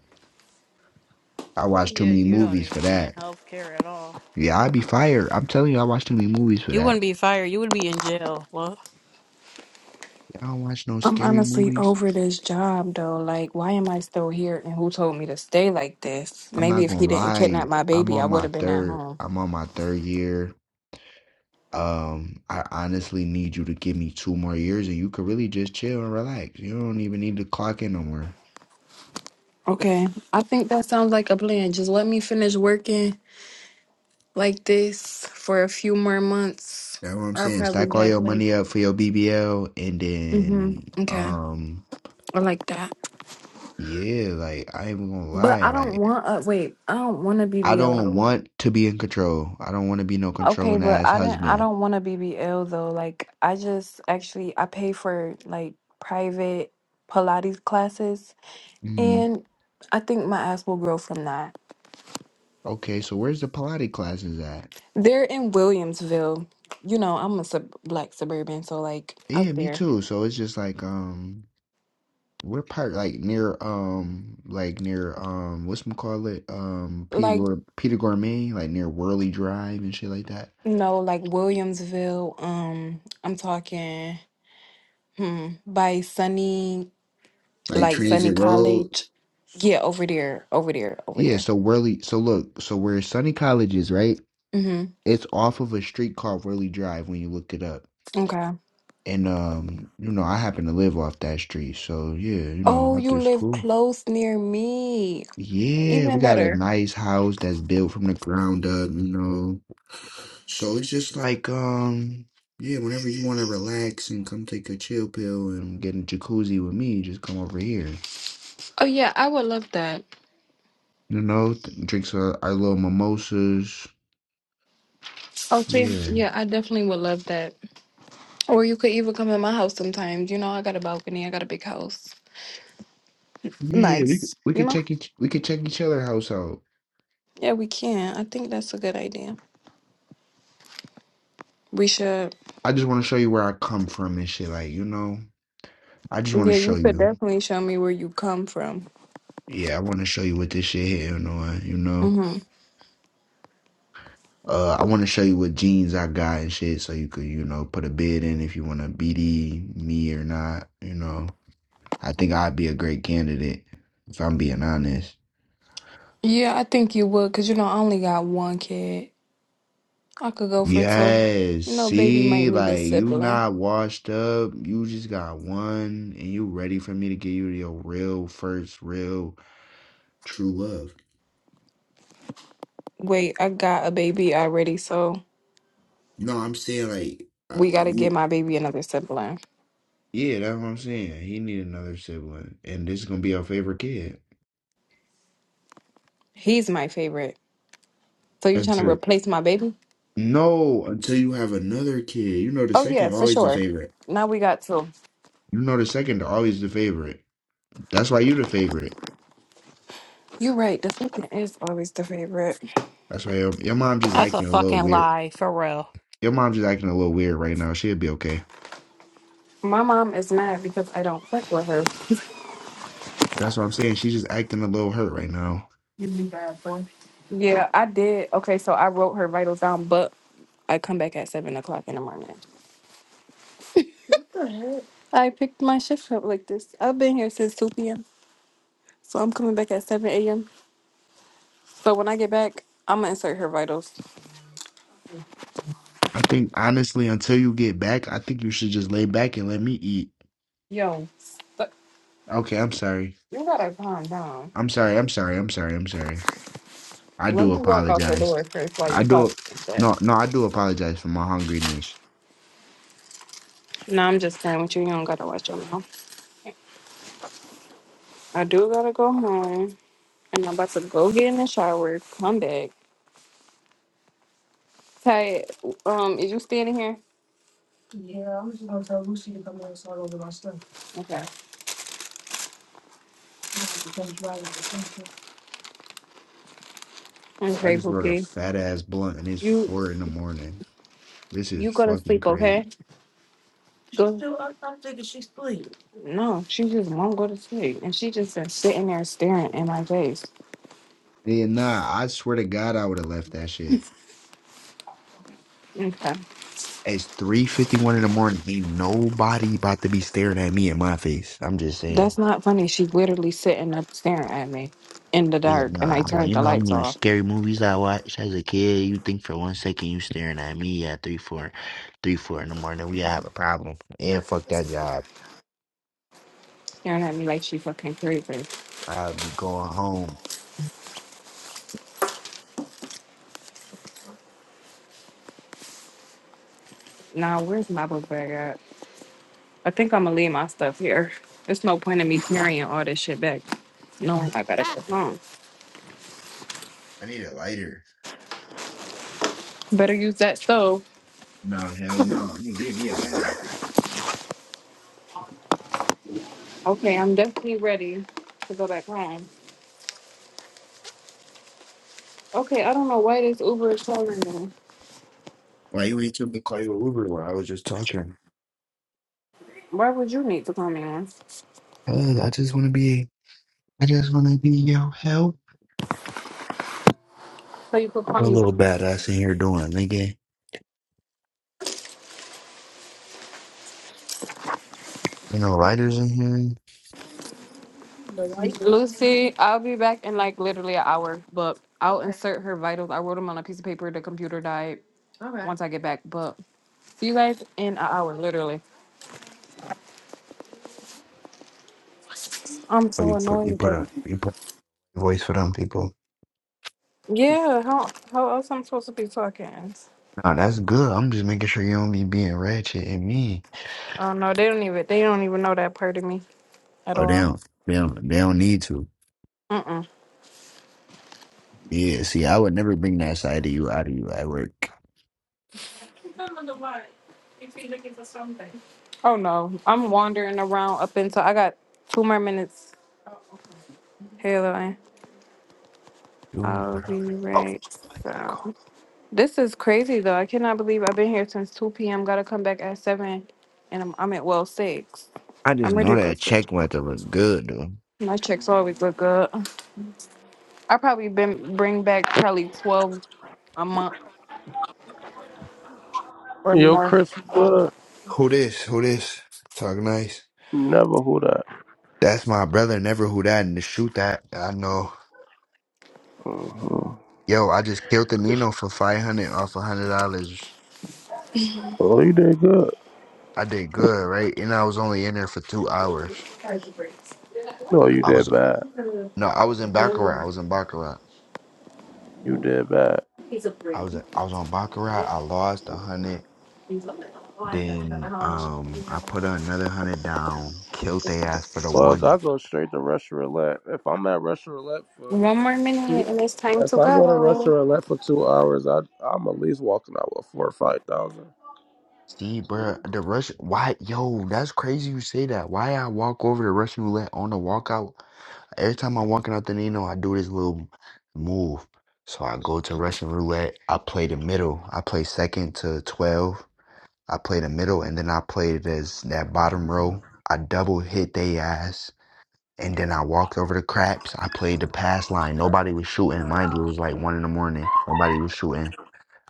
Speaker 3: I watch too
Speaker 2: Yeah,
Speaker 3: many
Speaker 2: you don't
Speaker 3: movies
Speaker 2: need
Speaker 3: for
Speaker 2: to be in
Speaker 3: that.
Speaker 2: healthcare at all.
Speaker 3: Yeah, I'd be fired. I'm telling you, I watch too many movies for
Speaker 2: You
Speaker 3: that.
Speaker 2: wouldn't be fired. You would be in jail. Well,
Speaker 3: I don't watch no
Speaker 1: I'm
Speaker 3: scary
Speaker 1: honestly
Speaker 3: movies.
Speaker 1: over this job though. Like, why am I still here? And who told me to stay like this?
Speaker 3: I'm
Speaker 1: Maybe
Speaker 3: not
Speaker 1: if he
Speaker 3: gonna
Speaker 1: didn't kidnap
Speaker 3: lie.
Speaker 1: my
Speaker 3: I'm
Speaker 1: baby, I
Speaker 3: on
Speaker 1: would
Speaker 3: my
Speaker 1: have been at
Speaker 3: third.
Speaker 1: home.
Speaker 3: I'm on my third year. Um, I honestly need you to give me two more years, and you could really just chill and relax. You don't even need to clock in no more.
Speaker 1: Okay, I think that sounds like a plan. Just let me finish working like this for a few more months.
Speaker 3: That's what I'm
Speaker 1: I'll
Speaker 3: saying.
Speaker 1: probably
Speaker 3: Stack all
Speaker 1: have
Speaker 3: your
Speaker 1: like,
Speaker 3: money up for your BBL, and
Speaker 1: mm-hmm.
Speaker 3: then,
Speaker 1: Okay,
Speaker 3: um,
Speaker 1: I like that.
Speaker 3: yeah, like I ain't even gonna
Speaker 1: But
Speaker 3: lie.
Speaker 1: I don't
Speaker 3: Like
Speaker 1: want. Uh, wait, I don't want to
Speaker 3: I don't
Speaker 1: BBL.
Speaker 3: want to be in control. I don't want to be no
Speaker 1: Okay,
Speaker 3: controlling
Speaker 1: but
Speaker 3: ass
Speaker 1: I didn't. I
Speaker 3: husband.
Speaker 1: don't want to BBL though. Like, I just actually I pay for like private Pilates classes,
Speaker 3: hmm
Speaker 1: and I think my ass will grow from that.
Speaker 3: Okay, so where's the Pilates classes at?
Speaker 1: They're in Williamsville. You know, I'm a sub- black suburban, so like
Speaker 3: Yeah,
Speaker 1: out
Speaker 3: me
Speaker 1: there.
Speaker 3: too. So it's just like um we're part like near um like near um what's call it um Peter
Speaker 1: Like
Speaker 3: Gour- Peter Gourmet like near Whirly Drive and shit like that.
Speaker 1: no, like Williamsville. Um, I'm talking hmm, by Sunny,
Speaker 3: Like
Speaker 1: like Sunny
Speaker 3: Transit Road.
Speaker 1: College. Yeah, over there, over there, over
Speaker 3: Yeah,
Speaker 1: there.
Speaker 3: so Whirly so look, so where Sunny College is, right?
Speaker 1: Mm-hmm.
Speaker 3: It's off of a street called Whirly Drive when you look it up.
Speaker 1: Okay.
Speaker 3: And um, you know, I happen to live off that street. So yeah, you know,
Speaker 1: Oh,
Speaker 3: like
Speaker 1: you
Speaker 3: it's
Speaker 1: live
Speaker 3: cool.
Speaker 1: close near me.
Speaker 3: Yeah, we
Speaker 1: Even
Speaker 3: got a
Speaker 1: better.
Speaker 3: nice house that's built from the ground up, you know. So it's just like, um, yeah, whenever you want to relax and come take a chill pill and get in jacuzzi with me, just come over here.
Speaker 1: Oh yeah, I would love that.
Speaker 3: You know, th- drinks our, our little mimosas.
Speaker 1: Oh see,
Speaker 3: Yeah,
Speaker 1: yeah, I definitely would love that. Or you could even come in my house sometimes. You know, I got a balcony. I got a big house.
Speaker 3: yeah, we could
Speaker 1: Nice.
Speaker 3: we
Speaker 1: You
Speaker 3: could
Speaker 1: know.
Speaker 3: check each we could check each other house out.
Speaker 1: Yeah, we can. I think that's a good idea. We should.
Speaker 3: I just want to show you where I come from and shit. Like, you know, I just want to
Speaker 1: Yeah,
Speaker 3: show
Speaker 1: you could
Speaker 3: you.
Speaker 1: definitely show me where you come from.
Speaker 3: Yeah, I want to show you what this shit hitting on. You know,
Speaker 1: hmm
Speaker 3: uh, I want to show you what jeans I got and shit, so you could you know put a bid in if you want to BD me or not. You know. I think I'd be a great candidate if I'm being honest.
Speaker 1: Yeah, I think you would, because, you know, I only got one kid. I could go for two.
Speaker 3: Yes,
Speaker 1: You know, baby might
Speaker 3: see,
Speaker 1: need a
Speaker 3: like you
Speaker 1: sibling.
Speaker 3: not washed up, you just got one, and you ready for me to give you your real first, real, true love.
Speaker 1: Wait, I got a baby already, so
Speaker 3: No, I'm saying like, uh,
Speaker 1: we got to get
Speaker 3: you,
Speaker 1: my baby another sibling.
Speaker 3: yeah, that's what I'm saying. He need another sibling, and this is gonna be your favorite kid
Speaker 1: He's my favorite. So you trying to
Speaker 3: until
Speaker 1: replace my baby?
Speaker 3: no, until you have another kid. You know, the
Speaker 1: Oh, yeah,
Speaker 3: second
Speaker 1: for
Speaker 3: always the
Speaker 1: sure.
Speaker 3: favorite.
Speaker 1: Now we got two.
Speaker 3: You know, the second always the favorite. That's why you the favorite.
Speaker 1: You're right. The sibling is always the favorite.
Speaker 3: That's right. Your, your mom just
Speaker 2: that's a
Speaker 3: acting a little
Speaker 2: fucking
Speaker 3: weird.
Speaker 2: lie, for real.
Speaker 3: Your mom just acting a little weird right now. She'll be okay.
Speaker 1: My mom is mad because I don't fuck with her.
Speaker 3: That's what I'm saying. She's just acting a little hurt right now.
Speaker 1: Yeah, I did. Okay, so I wrote her vitals down, but I come back at seven o'clock in the morning. I picked my shift up like this. I've been here since two p.m., so I'm coming back at seven a.m. So when I get back, I'm gonna insert her vitals.
Speaker 3: I think honestly, until you get back, I think you should just lay back and let me eat.
Speaker 1: Yo, st-
Speaker 3: Okay, I'm sorry.
Speaker 1: you gotta calm down.
Speaker 3: I'm sorry. I'm sorry. I'm sorry. I'm sorry. I
Speaker 1: Let
Speaker 3: do
Speaker 1: me walk out the
Speaker 3: apologize.
Speaker 1: door first while
Speaker 3: I
Speaker 1: you talk.
Speaker 3: do.
Speaker 1: like
Speaker 3: No,
Speaker 1: that.
Speaker 3: no, I do apologize for my hungriness.
Speaker 1: No, I'm just saying with you. You don't gotta watch your mouth. I do gotta go home, and I'm about to go get in the shower, come back. Ty, um, is you standing here? Yeah, I'm just gonna tell Lucy to come in and start over my stuff. Okay. I'm gonna be done
Speaker 3: I
Speaker 1: Okay,
Speaker 3: just wrote a
Speaker 1: Pookie.
Speaker 3: fat ass blunt and it's
Speaker 1: You
Speaker 3: four in the morning. This is
Speaker 1: you go to
Speaker 3: fucking
Speaker 1: sleep,
Speaker 3: crazy.
Speaker 1: okay? Go. No, she just won't go to sleep, and she just been sitting there staring in my face.
Speaker 3: Yeah, nah, I swear to God, I would have left that shit.
Speaker 1: Okay.
Speaker 3: It's three fifty one in the morning. Ain't nobody about to be staring at me in my face. I'm just
Speaker 1: That's
Speaker 3: saying.
Speaker 1: not funny. She's literally sitting up staring at me in the
Speaker 3: Yeah,
Speaker 1: dark, and I
Speaker 3: nah, boy.
Speaker 1: turned
Speaker 3: You
Speaker 1: the
Speaker 3: know how
Speaker 1: lights
Speaker 3: many
Speaker 1: off,
Speaker 3: scary movies I watched as a kid? You think for one second you staring at me at three four, three four in the morning? We have a problem. And fuck that job.
Speaker 1: staring at me like she fucking crazy.
Speaker 3: I'll be going home.
Speaker 1: Now, where's my book bag at? I think I'm gonna leave my stuff here. There's no point in me carrying all this shit back. No, I gotta go home.
Speaker 3: I need a lighter.
Speaker 1: Better use that stove.
Speaker 3: No hell no. You can give me a lighter.
Speaker 1: Okay, I'm definitely ready to go back home. Okay, I don't know why this Uber is calling me.
Speaker 3: Why you ain't took me to call you an Uber when I was just talking?
Speaker 1: Why would you need to call me on?
Speaker 3: Uh, I just want to be. I just want to be your help.
Speaker 1: So you could call
Speaker 3: What a
Speaker 1: me back.
Speaker 3: little badass in here doing, nigga. You know, writers in here.
Speaker 1: Lucy, I'll be back in like literally an hour, but I'll Okay. insert her vitals. I wrote them on a piece of paper. The computer died. Okay. Once I get back, but see you guys in an hour, literally. I'm
Speaker 3: Oh,
Speaker 1: so
Speaker 3: you put you
Speaker 1: annoyed
Speaker 3: put
Speaker 1: that.
Speaker 3: a you put a voice for them people.
Speaker 1: Yeah, how how else I'm supposed to be talking?
Speaker 3: Nah, that's good. I'm just making sure you don't be being ratchet and mean.
Speaker 1: Oh no, They don't even they don't even know that part of me at
Speaker 3: Oh, they
Speaker 1: all.
Speaker 3: don't, they don't, they don't need to.
Speaker 1: Mm mm.
Speaker 3: Yeah, see, I would never bring that side of you out of you at work.
Speaker 1: Oh no, I'm wandering around up until I got two more minutes. Hello, and
Speaker 3: Dude,
Speaker 1: I'll
Speaker 3: bro.
Speaker 1: be
Speaker 3: Oh,
Speaker 1: right. So this is crazy though. I cannot believe I've been here since two p.m. Got to come back at seven, and I'm I'm at well six.
Speaker 3: I
Speaker 1: I'm
Speaker 3: just
Speaker 1: ready
Speaker 3: know
Speaker 1: to go
Speaker 3: that
Speaker 1: switch.
Speaker 3: check went to look good, dude.
Speaker 1: My checks always look good. I probably been bring back probably twelve a month or
Speaker 5: Yo,
Speaker 1: more.
Speaker 5: Chris, good.
Speaker 3: Who this? Who this? Talk nice.
Speaker 5: Never who that.
Speaker 3: That's my brother. Never who that and to shoot that. I know.
Speaker 5: hmm
Speaker 3: Yo, I just killed the Nino for five hundred off a hundred dollars.
Speaker 5: Oh, you did good.
Speaker 3: I did good, right? And I was only in there for two hours.
Speaker 5: No, you
Speaker 3: I was
Speaker 5: did bad.
Speaker 3: no, I was in Baccarat. I was in Baccarat.
Speaker 5: You did bad.
Speaker 3: I was I was on Baccarat. I lost a hundred. Then um, I put another hundred down. Killed their ass for the
Speaker 5: Cause I
Speaker 3: one.
Speaker 5: go straight to Russia Roulette. If I'm at Russia Roulette for,
Speaker 1: One more minute, and it's time
Speaker 5: if
Speaker 1: to
Speaker 5: I go to Russia
Speaker 1: go.
Speaker 5: Roulette for two hours, I I'm at least walking out with four or five thousand.
Speaker 3: See, bruh, the Russian. Why, yo? That's crazy. You say that. Why I walk over the Russian roulette on the walkout? Every time I'm walking out the Nino, I do this little move. So I go to Russian roulette. I play the middle. I play second to twelve. I played a middle and then I played as that bottom row. I double hit they ass and then I walked over the craps. I played the pass line. Nobody was shooting. Mind you, it was like one in the morning. Nobody was shooting.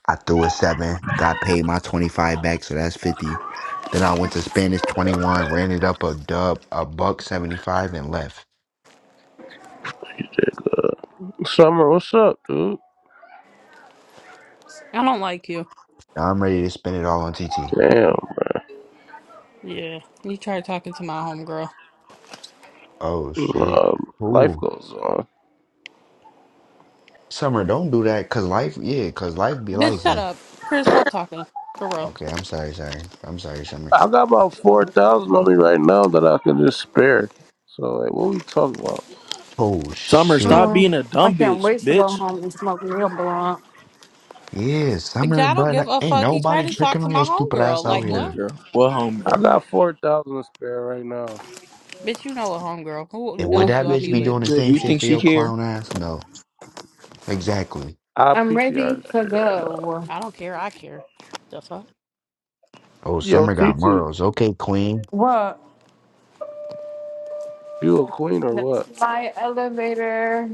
Speaker 3: I threw a seven, got paid my 25 back, so that's 50. Then I went to Spanish 21, ran it up a dub, a buck 75, and left.
Speaker 5: Summer, what's up, dude?
Speaker 2: I don't like you.
Speaker 3: Now I'm ready to spend it all on TT.
Speaker 5: Damn.
Speaker 2: Yeah, you tried talking to my homegirl.
Speaker 3: Oh, shit.
Speaker 5: Um, life
Speaker 3: Ooh.
Speaker 5: goes on.
Speaker 3: Summer, don't do that, cause life, yeah, cause life be
Speaker 2: Bitch,
Speaker 3: life,
Speaker 2: shut
Speaker 3: man.
Speaker 2: up. Chris, stop talking. For real.
Speaker 3: Okay, I'm sorry, sorry. I'm sorry, Summer.
Speaker 5: I got about four thousand on me right now that I can just spare. So like, what we talking about?
Speaker 3: Oh
Speaker 4: Summer, stop
Speaker 3: shit.
Speaker 1: Oh,
Speaker 4: being a
Speaker 1: I
Speaker 4: dumb
Speaker 1: can't
Speaker 4: bitch,
Speaker 1: wait to go
Speaker 4: bitch.
Speaker 1: home and smoke real blunt.
Speaker 3: Yeah,
Speaker 2: Bitch,
Speaker 3: summer,
Speaker 2: I don't give
Speaker 3: but
Speaker 2: a
Speaker 3: Ain't
Speaker 2: fuck. He
Speaker 3: nobody
Speaker 2: tried to talk
Speaker 3: tricking
Speaker 2: to
Speaker 3: on
Speaker 2: my
Speaker 3: your stupid ass
Speaker 2: homegirl.
Speaker 3: out
Speaker 4: What
Speaker 2: Like, what?
Speaker 3: here.
Speaker 4: homegirl? What
Speaker 5: I
Speaker 4: homegirl?
Speaker 5: got four thousand to spare right now.
Speaker 2: Bitch, you know a homegirl. Who
Speaker 3: And would
Speaker 2: else
Speaker 3: that
Speaker 2: do I
Speaker 3: bitch
Speaker 2: be
Speaker 3: be
Speaker 5: Whoopie
Speaker 2: with?
Speaker 3: doing the same
Speaker 4: You
Speaker 3: shit
Speaker 5: doo.
Speaker 4: think
Speaker 3: for
Speaker 4: she
Speaker 3: your
Speaker 4: care?
Speaker 3: clown ass? No. Exactly.
Speaker 5: I
Speaker 1: I'm
Speaker 5: P T R
Speaker 1: ready
Speaker 5: that
Speaker 1: to
Speaker 5: shit right now.
Speaker 1: go.
Speaker 2: I don't care. I care. The fuck?
Speaker 3: Oh,
Speaker 5: Yo,
Speaker 3: summer
Speaker 5: T
Speaker 3: got
Speaker 5: T,
Speaker 3: morals. Okay, queen.
Speaker 1: Well,
Speaker 5: you a queen or what?
Speaker 1: my elevator.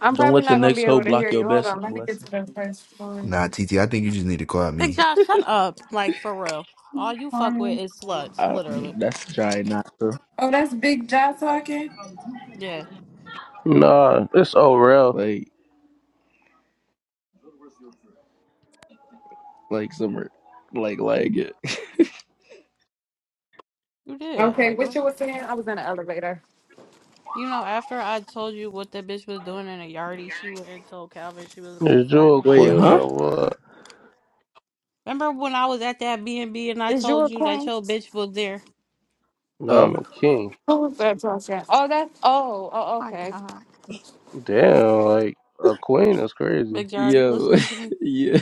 Speaker 1: I'm
Speaker 4: Don't
Speaker 1: probably
Speaker 4: let the
Speaker 1: not gonna
Speaker 4: next
Speaker 1: be
Speaker 4: hoe
Speaker 1: able to
Speaker 4: block
Speaker 1: hear
Speaker 4: your
Speaker 1: you. Hold
Speaker 4: best
Speaker 1: on, let me get
Speaker 4: blessing.
Speaker 1: to the first story.
Speaker 3: Nah, TT, I think you just need to call out
Speaker 2: Big
Speaker 3: me.
Speaker 2: Josh, shut up. Like, for real. All you fuck with
Speaker 1: Um,
Speaker 2: is sluts,
Speaker 4: I,
Speaker 2: literally.
Speaker 4: that's dry not true.
Speaker 1: oh, that's Big Jaw talking.
Speaker 2: Yeah,
Speaker 5: Nah, it's Orel.
Speaker 4: Like like summer, like like it.
Speaker 2: you did.
Speaker 1: Okay,
Speaker 2: Like,
Speaker 1: what
Speaker 2: what?
Speaker 1: you were saying? I was in the elevator.
Speaker 2: You know, after I told you what that bitch was doing in a yardie, she went and told Calvin she was gonna
Speaker 5: Is you
Speaker 2: slap
Speaker 5: a
Speaker 2: me.
Speaker 4: Wait,
Speaker 5: queen
Speaker 4: huh?
Speaker 5: or what?
Speaker 2: Remember when I was at that B and B and I
Speaker 1: Is you
Speaker 2: told
Speaker 1: a
Speaker 2: you that
Speaker 1: queen?
Speaker 2: your bitch was there?
Speaker 5: Nah, I'm
Speaker 4: Oh,
Speaker 5: a king.
Speaker 1: Who was that talking? Oh, that's oh, oh,
Speaker 2: My
Speaker 1: okay.
Speaker 2: God,
Speaker 5: Damn, like a queen is crazy.
Speaker 2: Big Jar, you
Speaker 4: yo,
Speaker 2: listening to me?
Speaker 4: yeah.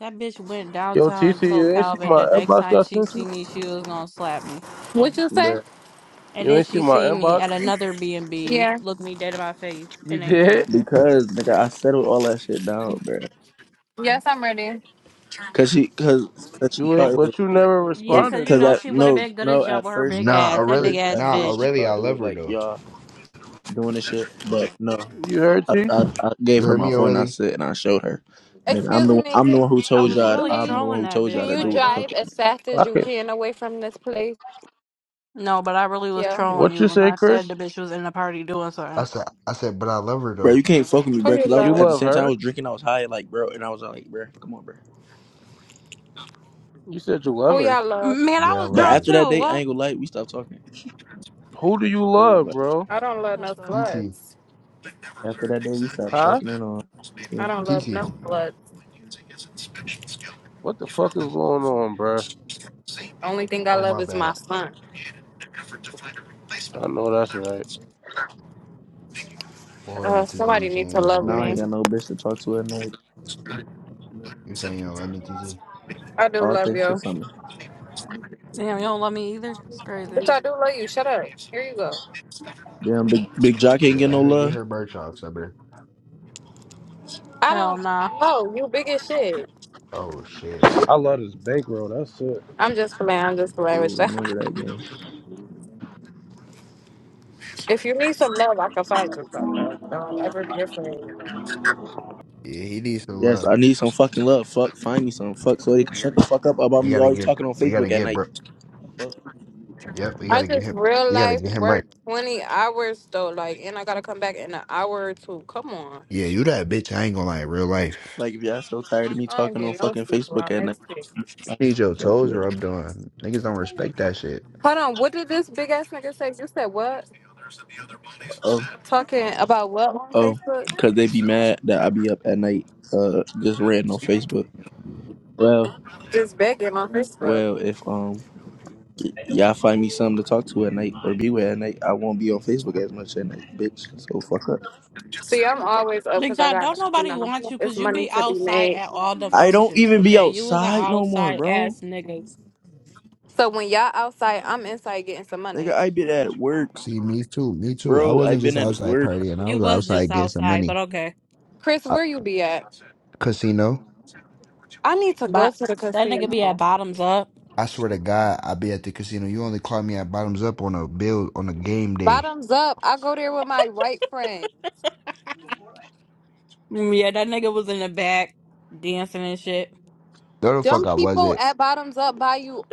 Speaker 2: That bitch went
Speaker 5: Yo,
Speaker 2: downtown
Speaker 5: T
Speaker 2: and
Speaker 5: T,
Speaker 2: told
Speaker 5: you ain't see
Speaker 2: Calvin the
Speaker 5: my
Speaker 2: next
Speaker 5: inbox that
Speaker 2: time
Speaker 5: I
Speaker 2: she
Speaker 5: sent you?
Speaker 2: see me, she was gonna slap me.
Speaker 1: What you say?
Speaker 2: And
Speaker 5: You
Speaker 2: then
Speaker 5: ain't see
Speaker 2: she
Speaker 5: my
Speaker 2: see me
Speaker 5: inbox?
Speaker 2: at another B and B,
Speaker 1: Yeah.
Speaker 2: look me dead in my face,
Speaker 5: You
Speaker 2: and ain't do
Speaker 5: did?
Speaker 2: nothing.
Speaker 4: Because nigga, I settled all that shit down, bro.
Speaker 1: Yes, I'm ready.
Speaker 4: Cause she, cause, cause she
Speaker 5: You ain't,
Speaker 4: thought it was,
Speaker 5: but you never
Speaker 2: Yeah,
Speaker 4: cause,
Speaker 2: 'cause
Speaker 5: responded
Speaker 2: you
Speaker 4: cause
Speaker 2: know
Speaker 5: though.
Speaker 4: at
Speaker 2: she would have
Speaker 4: no,
Speaker 2: been good
Speaker 4: no,
Speaker 2: as jump
Speaker 4: at
Speaker 2: with her
Speaker 4: first,
Speaker 2: big
Speaker 4: no,
Speaker 3: Nah,
Speaker 2: ass,
Speaker 4: at
Speaker 2: that
Speaker 3: Aurelia.
Speaker 2: big
Speaker 4: first,
Speaker 2: ass
Speaker 4: at
Speaker 3: Nah,
Speaker 4: first she
Speaker 2: bitch.
Speaker 3: Aurelia, I
Speaker 4: thought it
Speaker 3: love
Speaker 4: was
Speaker 3: her
Speaker 4: like
Speaker 3: though.
Speaker 4: y'all doing this shit, but no,
Speaker 5: You heard
Speaker 4: I,
Speaker 5: T?
Speaker 4: I, I gave
Speaker 3: You
Speaker 4: her
Speaker 3: heard
Speaker 4: my
Speaker 3: me,
Speaker 1: Oh.
Speaker 4: phone. I
Speaker 3: Aurelia?
Speaker 4: said and I showed her, nigga, I'm
Speaker 1: Excuse
Speaker 4: the one,
Speaker 1: me.
Speaker 4: I'm the
Speaker 1: Can
Speaker 4: one who
Speaker 2: I
Speaker 5: You
Speaker 4: told
Speaker 5: s-
Speaker 2: was
Speaker 1: you
Speaker 4: y'all,
Speaker 2: really
Speaker 4: I'm
Speaker 1: please?
Speaker 4: the one
Speaker 2: trolling
Speaker 4: who
Speaker 2: that
Speaker 4: told
Speaker 1: Can
Speaker 4: y'all
Speaker 2: bitch,
Speaker 4: to
Speaker 1: you
Speaker 4: do
Speaker 2: like
Speaker 4: what the
Speaker 2: what?
Speaker 4: fuck,
Speaker 1: drive
Speaker 4: y'all do.
Speaker 1: as fast as you
Speaker 5: okay?
Speaker 1: can away from this place?
Speaker 2: No, but I really was
Speaker 1: Yeah.
Speaker 2: trolling
Speaker 5: What
Speaker 2: you
Speaker 5: you
Speaker 2: when
Speaker 5: say,
Speaker 2: I
Speaker 5: Chris?
Speaker 2: said the bitch was in the party doing
Speaker 3: I
Speaker 2: something.
Speaker 3: said, I said, but I love her
Speaker 4: bro.
Speaker 3: though.
Speaker 4: You can't fuck with me,
Speaker 1: Who
Speaker 4: bro.
Speaker 1: you
Speaker 4: Cause I was
Speaker 5: You
Speaker 4: at
Speaker 1: love?
Speaker 4: the
Speaker 5: love
Speaker 4: same time I
Speaker 5: her?
Speaker 4: was drinking, I was high, like bro, and I was like, bro, come on, bro.
Speaker 5: You said you love
Speaker 1: Who
Speaker 5: her.
Speaker 1: y'all love?
Speaker 2: Man, I
Speaker 3: Yeah, I
Speaker 2: was
Speaker 4: But
Speaker 3: love
Speaker 2: drunk
Speaker 3: her.
Speaker 4: after that
Speaker 2: too.
Speaker 4: day, I
Speaker 2: What?
Speaker 4: ain't gonna lie, we stopped talking.
Speaker 5: Who do you
Speaker 4: It was
Speaker 5: love,
Speaker 4: like
Speaker 5: bro?
Speaker 1: I don't love
Speaker 2: That
Speaker 1: no
Speaker 2: sucks.
Speaker 3: TT,
Speaker 1: slugs.
Speaker 4: after that day, we stopped
Speaker 5: Huh?
Speaker 4: talking and all.
Speaker 1: I don't love
Speaker 3: TT.
Speaker 1: no blood.
Speaker 5: What the fuck is going on, bro?
Speaker 1: Only thing I
Speaker 3: Oh
Speaker 1: love
Speaker 3: my
Speaker 1: is
Speaker 3: bad.
Speaker 1: my son.
Speaker 5: I know that's right.
Speaker 3: Well, hold
Speaker 1: Uh,
Speaker 3: on, TT. You
Speaker 1: somebody needs to
Speaker 3: saying you
Speaker 1: love
Speaker 3: don't
Speaker 4: Now
Speaker 3: love
Speaker 4: I
Speaker 1: me.
Speaker 4: ain't
Speaker 3: me?
Speaker 4: got no bitch to talk to at night.
Speaker 3: You saying you don't love me, TT?
Speaker 1: I do
Speaker 4: All
Speaker 1: love
Speaker 4: thanks to
Speaker 1: you.
Speaker 4: summer.
Speaker 2: Damn, you don't love me either? It's crazy.
Speaker 1: Bitch, I do love you. Shut up. Here you go.
Speaker 4: Damn, big big jock ain't
Speaker 3: Yeah,
Speaker 4: get
Speaker 3: let
Speaker 4: no
Speaker 3: her get
Speaker 4: love.
Speaker 3: her bird off, summer.
Speaker 1: I
Speaker 2: Hell
Speaker 1: don't
Speaker 2: nah.
Speaker 1: know. You big as shit.
Speaker 3: Oh shit.
Speaker 5: I love this bankroll. That's it.
Speaker 1: I'm just playing. I'm just playing with
Speaker 4: Ooh,
Speaker 1: you.
Speaker 4: remember that game?
Speaker 1: if you need some love, I can find you some, though. Don't ever be afraid.
Speaker 3: Yeah, he needs some
Speaker 4: Yes,
Speaker 3: love.
Speaker 4: I need some fucking love. Fuck, find me some. Fuck, so they can shut the fuck up about
Speaker 3: We
Speaker 4: me
Speaker 3: gotta
Speaker 4: always
Speaker 3: get,
Speaker 4: talking on
Speaker 3: we gotta
Speaker 4: Facebook at
Speaker 3: get,
Speaker 4: night.
Speaker 3: bro.
Speaker 4: Fuck.
Speaker 3: Yep, we
Speaker 1: I
Speaker 3: gotta get
Speaker 1: just
Speaker 3: him.
Speaker 1: real
Speaker 3: We gotta
Speaker 1: life
Speaker 3: get him right.
Speaker 1: work 20 hours, though. Like, and I got to come back in an hour or two. Come on.
Speaker 3: Yeah, you that bitch. I ain't gonna lie. Real life.
Speaker 4: Like if y'all so tired of me
Speaker 1: I don't
Speaker 4: talking on
Speaker 1: get no
Speaker 4: fucking
Speaker 1: sleep
Speaker 4: Facebook
Speaker 1: around
Speaker 4: at night,
Speaker 1: this shit.
Speaker 4: find me
Speaker 3: Need your
Speaker 4: something to talk to
Speaker 3: toes
Speaker 4: at night.
Speaker 3: rubbed on. Niggas don't respect that shit.
Speaker 1: Hold on, what did this big ass nigga say? You said what?
Speaker 4: Oh,
Speaker 1: Talking about what on
Speaker 4: oh,
Speaker 1: Facebook?
Speaker 4: cause they be mad that I be up at night, uh, just ranting on Facebook. Well,
Speaker 1: Just begging on Facebook.
Speaker 4: well, if um. y- Y'all find me something to talk to at night or be with at night. I won't be on Facebook as much at night, bitch. So fuck up.
Speaker 1: See, I'm always up
Speaker 2: Big
Speaker 1: because I
Speaker 2: John, don't
Speaker 1: got, you
Speaker 2: nobody
Speaker 1: know,
Speaker 2: want you
Speaker 1: it's
Speaker 2: because you
Speaker 1: money
Speaker 2: be
Speaker 1: to be
Speaker 2: outside
Speaker 1: made.
Speaker 2: at all the
Speaker 4: I don't
Speaker 2: functions,
Speaker 4: even be
Speaker 2: okay? You was an
Speaker 4: outside no more,
Speaker 2: outside
Speaker 4: bro.
Speaker 2: ass nigga.
Speaker 1: So when y'all outside, I'm inside getting some
Speaker 4: Nigga,
Speaker 1: money.
Speaker 4: I been at work,
Speaker 3: See, me too. Me too. I
Speaker 4: bro. I
Speaker 3: wasn't
Speaker 4: been
Speaker 3: just
Speaker 4: at
Speaker 3: outside
Speaker 4: work.
Speaker 3: partying. I
Speaker 2: You
Speaker 3: was
Speaker 2: was just
Speaker 3: outside getting some
Speaker 2: outside, but
Speaker 3: money.
Speaker 2: okay.
Speaker 1: Chris,
Speaker 3: I,
Speaker 1: where you be at?
Speaker 3: casino.
Speaker 1: I need to go
Speaker 2: But
Speaker 1: to the
Speaker 2: that nigga be at
Speaker 1: casino.
Speaker 2: bottoms up.
Speaker 3: I swear to God, I be at the casino. You only call me at bottoms up on a bill on a game day.
Speaker 1: Bottoms up. I go there with my white friend.
Speaker 2: Mm, Yeah, that nigga was in the back dancing and shit.
Speaker 3: No, the fuck
Speaker 1: Them
Speaker 3: I
Speaker 1: people
Speaker 3: wasn't.
Speaker 1: at Bottoms Up buy you.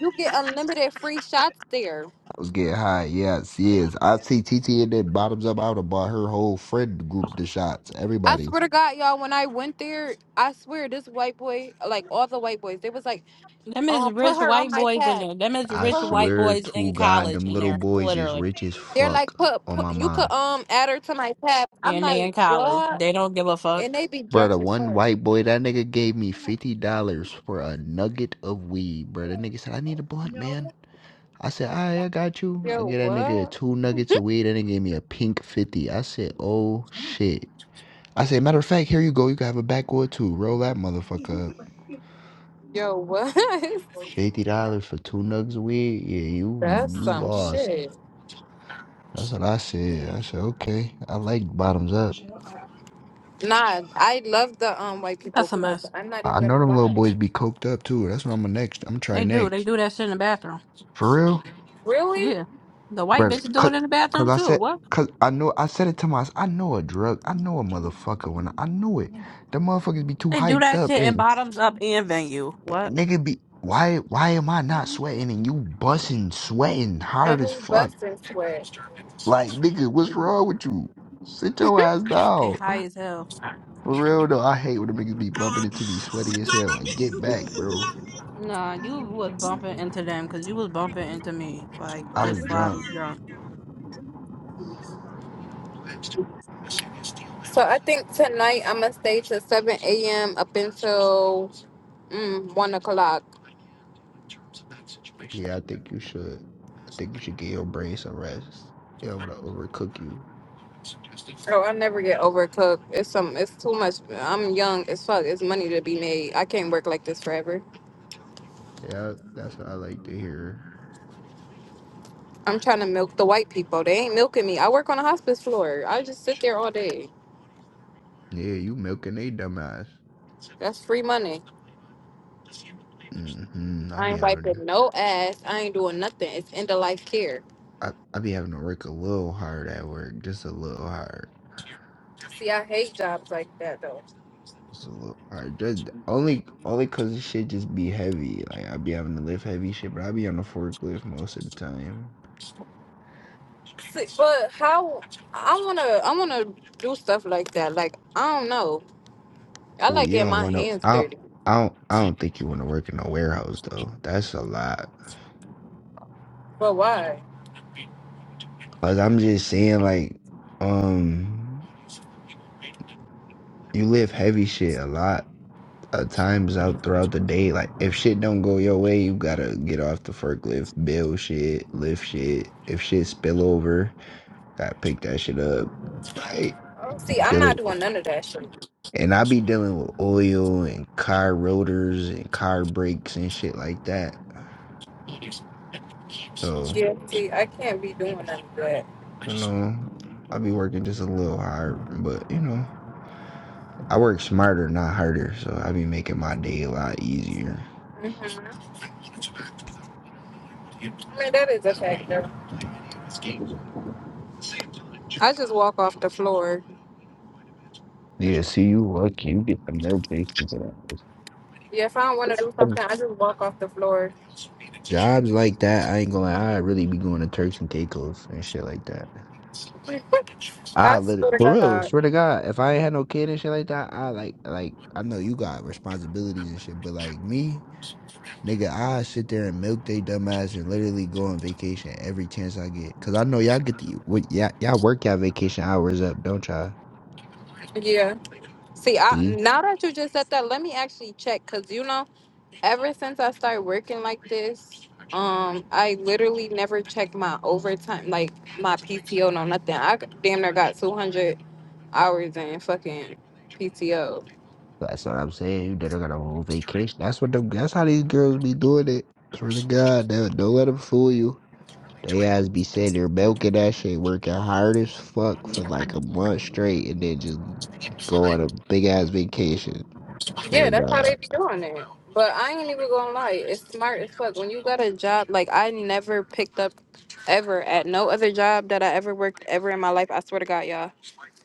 Speaker 1: You get unlimited free shots there.
Speaker 3: I was getting high. Yes, yes. I see TT in there bottoms up. I would have bought her whole friend group the shots.
Speaker 1: I
Speaker 3: Everybody.
Speaker 1: swear to God, y'all, when I went there, I swear this white boy, like all the white boys, they was like,
Speaker 2: Them is
Speaker 1: um, put
Speaker 2: rich
Speaker 1: her on
Speaker 2: white
Speaker 1: my
Speaker 2: boys in
Speaker 1: tab.
Speaker 2: there. Them is
Speaker 3: I
Speaker 1: Put
Speaker 2: rich
Speaker 1: her.
Speaker 2: white
Speaker 3: swear
Speaker 2: boys
Speaker 3: to
Speaker 2: in
Speaker 3: God,
Speaker 2: college
Speaker 3: them
Speaker 2: in
Speaker 3: little
Speaker 2: there,
Speaker 3: boys is
Speaker 2: literally.
Speaker 3: rich as
Speaker 1: They're
Speaker 3: fuck
Speaker 1: like, put,
Speaker 3: on my
Speaker 1: put, you could
Speaker 3: mom.
Speaker 1: um add her to my tab. I'm
Speaker 2: and they in
Speaker 1: like,
Speaker 2: college.
Speaker 1: what?
Speaker 2: They don't give a fuck.
Speaker 1: And they be
Speaker 3: Bro,
Speaker 1: drunk
Speaker 3: the
Speaker 1: at
Speaker 3: one
Speaker 1: first.
Speaker 3: white boy, that nigga gave me $50 for a nugget of weed, bro. That nigga said, I need a blunt, man. I said, all right, I got you. I
Speaker 1: Yo,
Speaker 3: get that nigga
Speaker 1: what?
Speaker 3: two nuggets of weed, and he gave me a pink 50. I said, oh shit. I said, matter of fact, here you go. You can have a backwood too. Roll that motherfucker up.
Speaker 1: Yo, what?
Speaker 3: $50 for two nugs of weed? Yeah, you
Speaker 1: That's
Speaker 3: you
Speaker 1: some
Speaker 3: lost.
Speaker 1: shit.
Speaker 3: That's what I said. I said, okay. I like bottoms up.
Speaker 1: Nah, I love the um white people
Speaker 2: That's a
Speaker 1: club.
Speaker 2: mess.
Speaker 1: I'm not
Speaker 3: I
Speaker 1: even gonna
Speaker 3: know them little
Speaker 1: lie.
Speaker 3: boys be coked up too. That's what I'm gonna next. I'm gonna try
Speaker 2: They do. They
Speaker 3: next.
Speaker 2: do that shit in the bathroom.
Speaker 3: For real,
Speaker 1: Really?
Speaker 2: Yeah. The white
Speaker 3: brother.
Speaker 2: bitches do
Speaker 3: Cause,
Speaker 2: it in the
Speaker 3: cause
Speaker 2: bathroom
Speaker 3: I
Speaker 2: too.
Speaker 3: said,
Speaker 2: What?
Speaker 3: cause I know I said it to myself. I know a drug. I know a motherfucker when I, I know it. The motherfuckers be too
Speaker 2: They do
Speaker 3: hyped
Speaker 2: that
Speaker 3: up
Speaker 2: shit in
Speaker 3: and
Speaker 2: bottoms up and venue. What?
Speaker 3: nigga be why why am I not sweating and you busting sweating hard
Speaker 1: And
Speaker 3: as
Speaker 1: who
Speaker 3: fuck?
Speaker 1: busting sweat?
Speaker 3: Like nigga, what's wrong with you? Sit your ass
Speaker 2: They
Speaker 3: down.
Speaker 2: high as hell.
Speaker 3: For real though, I hate when the niggas be bumping into me sweaty as hell. Like get back, bro.
Speaker 2: Nah, you was bumping into them because you was bumping into me. Like,
Speaker 3: I was
Speaker 2: just sloppy
Speaker 3: drunk.
Speaker 2: drunk.
Speaker 1: So I think tonight I'm gonna stay till seven a.m. up until mm, one o'clock.
Speaker 3: Yeah, I think you should. I think you should get your brain some rest. They don't want to overcook you.
Speaker 1: Oh, I never get overcooked. It's some. It's too much. I'm young as fuck. It's money to be made. I can't work like this forever.
Speaker 3: Yeah, that's what I like to hear.
Speaker 1: I'm trying to milk the white people. They ain't milking me. I work on a hospice floor. I just sit there all day.
Speaker 3: Yeah, you milking they dumbass.
Speaker 1: That's free money.
Speaker 3: Mm-hmm. I
Speaker 1: I
Speaker 3: be
Speaker 1: ain't
Speaker 3: having,
Speaker 1: wiping no ass. I ain't doing nothing. It's end of life care.
Speaker 3: I, I be having to work a little hard at work, just a little hard,
Speaker 1: See, I hate jobs like that though.
Speaker 3: just a little hard. Just only, only cause the shit just be heavy. Like I be having to lift heavy shit, but I be on the forklift most of the time.
Speaker 1: See, but how I wanna I wanna do stuff like that. Like I don't know. I
Speaker 3: Oh,
Speaker 1: like
Speaker 3: you
Speaker 1: getting
Speaker 3: don't
Speaker 1: my
Speaker 3: want to.
Speaker 1: hands
Speaker 3: I, don't-
Speaker 1: dirty.
Speaker 3: I don't. I don't think you want to work in a warehouse though. That's a lot.
Speaker 1: But why?
Speaker 3: Cause I'm just saying, like, um, you live heavy shit a lot of times out throughout the day. Like, if shit don't go your way, you gotta get off the forklift, bill shit, lift shit. If shit spill over, gotta pick that shit up. Like,
Speaker 1: See, I'm not
Speaker 3: dealing,
Speaker 1: doing none of that shit.
Speaker 3: and I be dealing with oil and car rotors and car brakes and shit like that. So,
Speaker 1: Yeah, see, I can't be doing none of that.
Speaker 3: you know, I be working just a little hard, but you know. I work smarter, not harder, so I be making my day a lot easier.
Speaker 1: hmm I mean, that is a factor. I just walk off the floor.
Speaker 3: Yeah, see, you lucky. You get the notifications and all this.
Speaker 1: Yeah, if I don't want to do
Speaker 3: i
Speaker 1: something, I just walk off the floor.
Speaker 3: Jobs like that, I ain't gonna lie, I really be going to Turks and Caicos and shit like that. I
Speaker 1: I
Speaker 3: literally,
Speaker 1: swear
Speaker 3: for
Speaker 1: to
Speaker 3: real,
Speaker 1: God.
Speaker 3: swear to God, if I ain't had no kid and shit like that, I like, like, I know you got responsibilities and shit, but like me, nigga, I sit there and milk they dumb ass and literally go on vacation every chance I get. Cause I know y'all get the, what, y'all, y'all work y'all vacation hours up, don't y'all?
Speaker 1: Yeah. See,
Speaker 3: See?
Speaker 1: I, now that you just said that, let me actually check because you know, ever since I started working like this, um, I literally never checked my overtime, like my PTO, no nothing. I damn near got two hundred hours in fucking PTO.
Speaker 3: That's what I'm saying. You done got a whole vacation. That's what them. That's how these girls be doing it. Swear to God, they, don't let them fool you. They ass be saying they're milking that shit, working hard as fuck for like a month straight, and then just go on a big ass vacation. Swear
Speaker 1: Yeah,
Speaker 3: to
Speaker 1: that's how
Speaker 3: God.
Speaker 1: they be doing it. But I ain't even gonna lie, it's smart as fuck. When you got a job, like I never picked up ever at no other job that I ever worked ever in my life. I swear to God, y'all.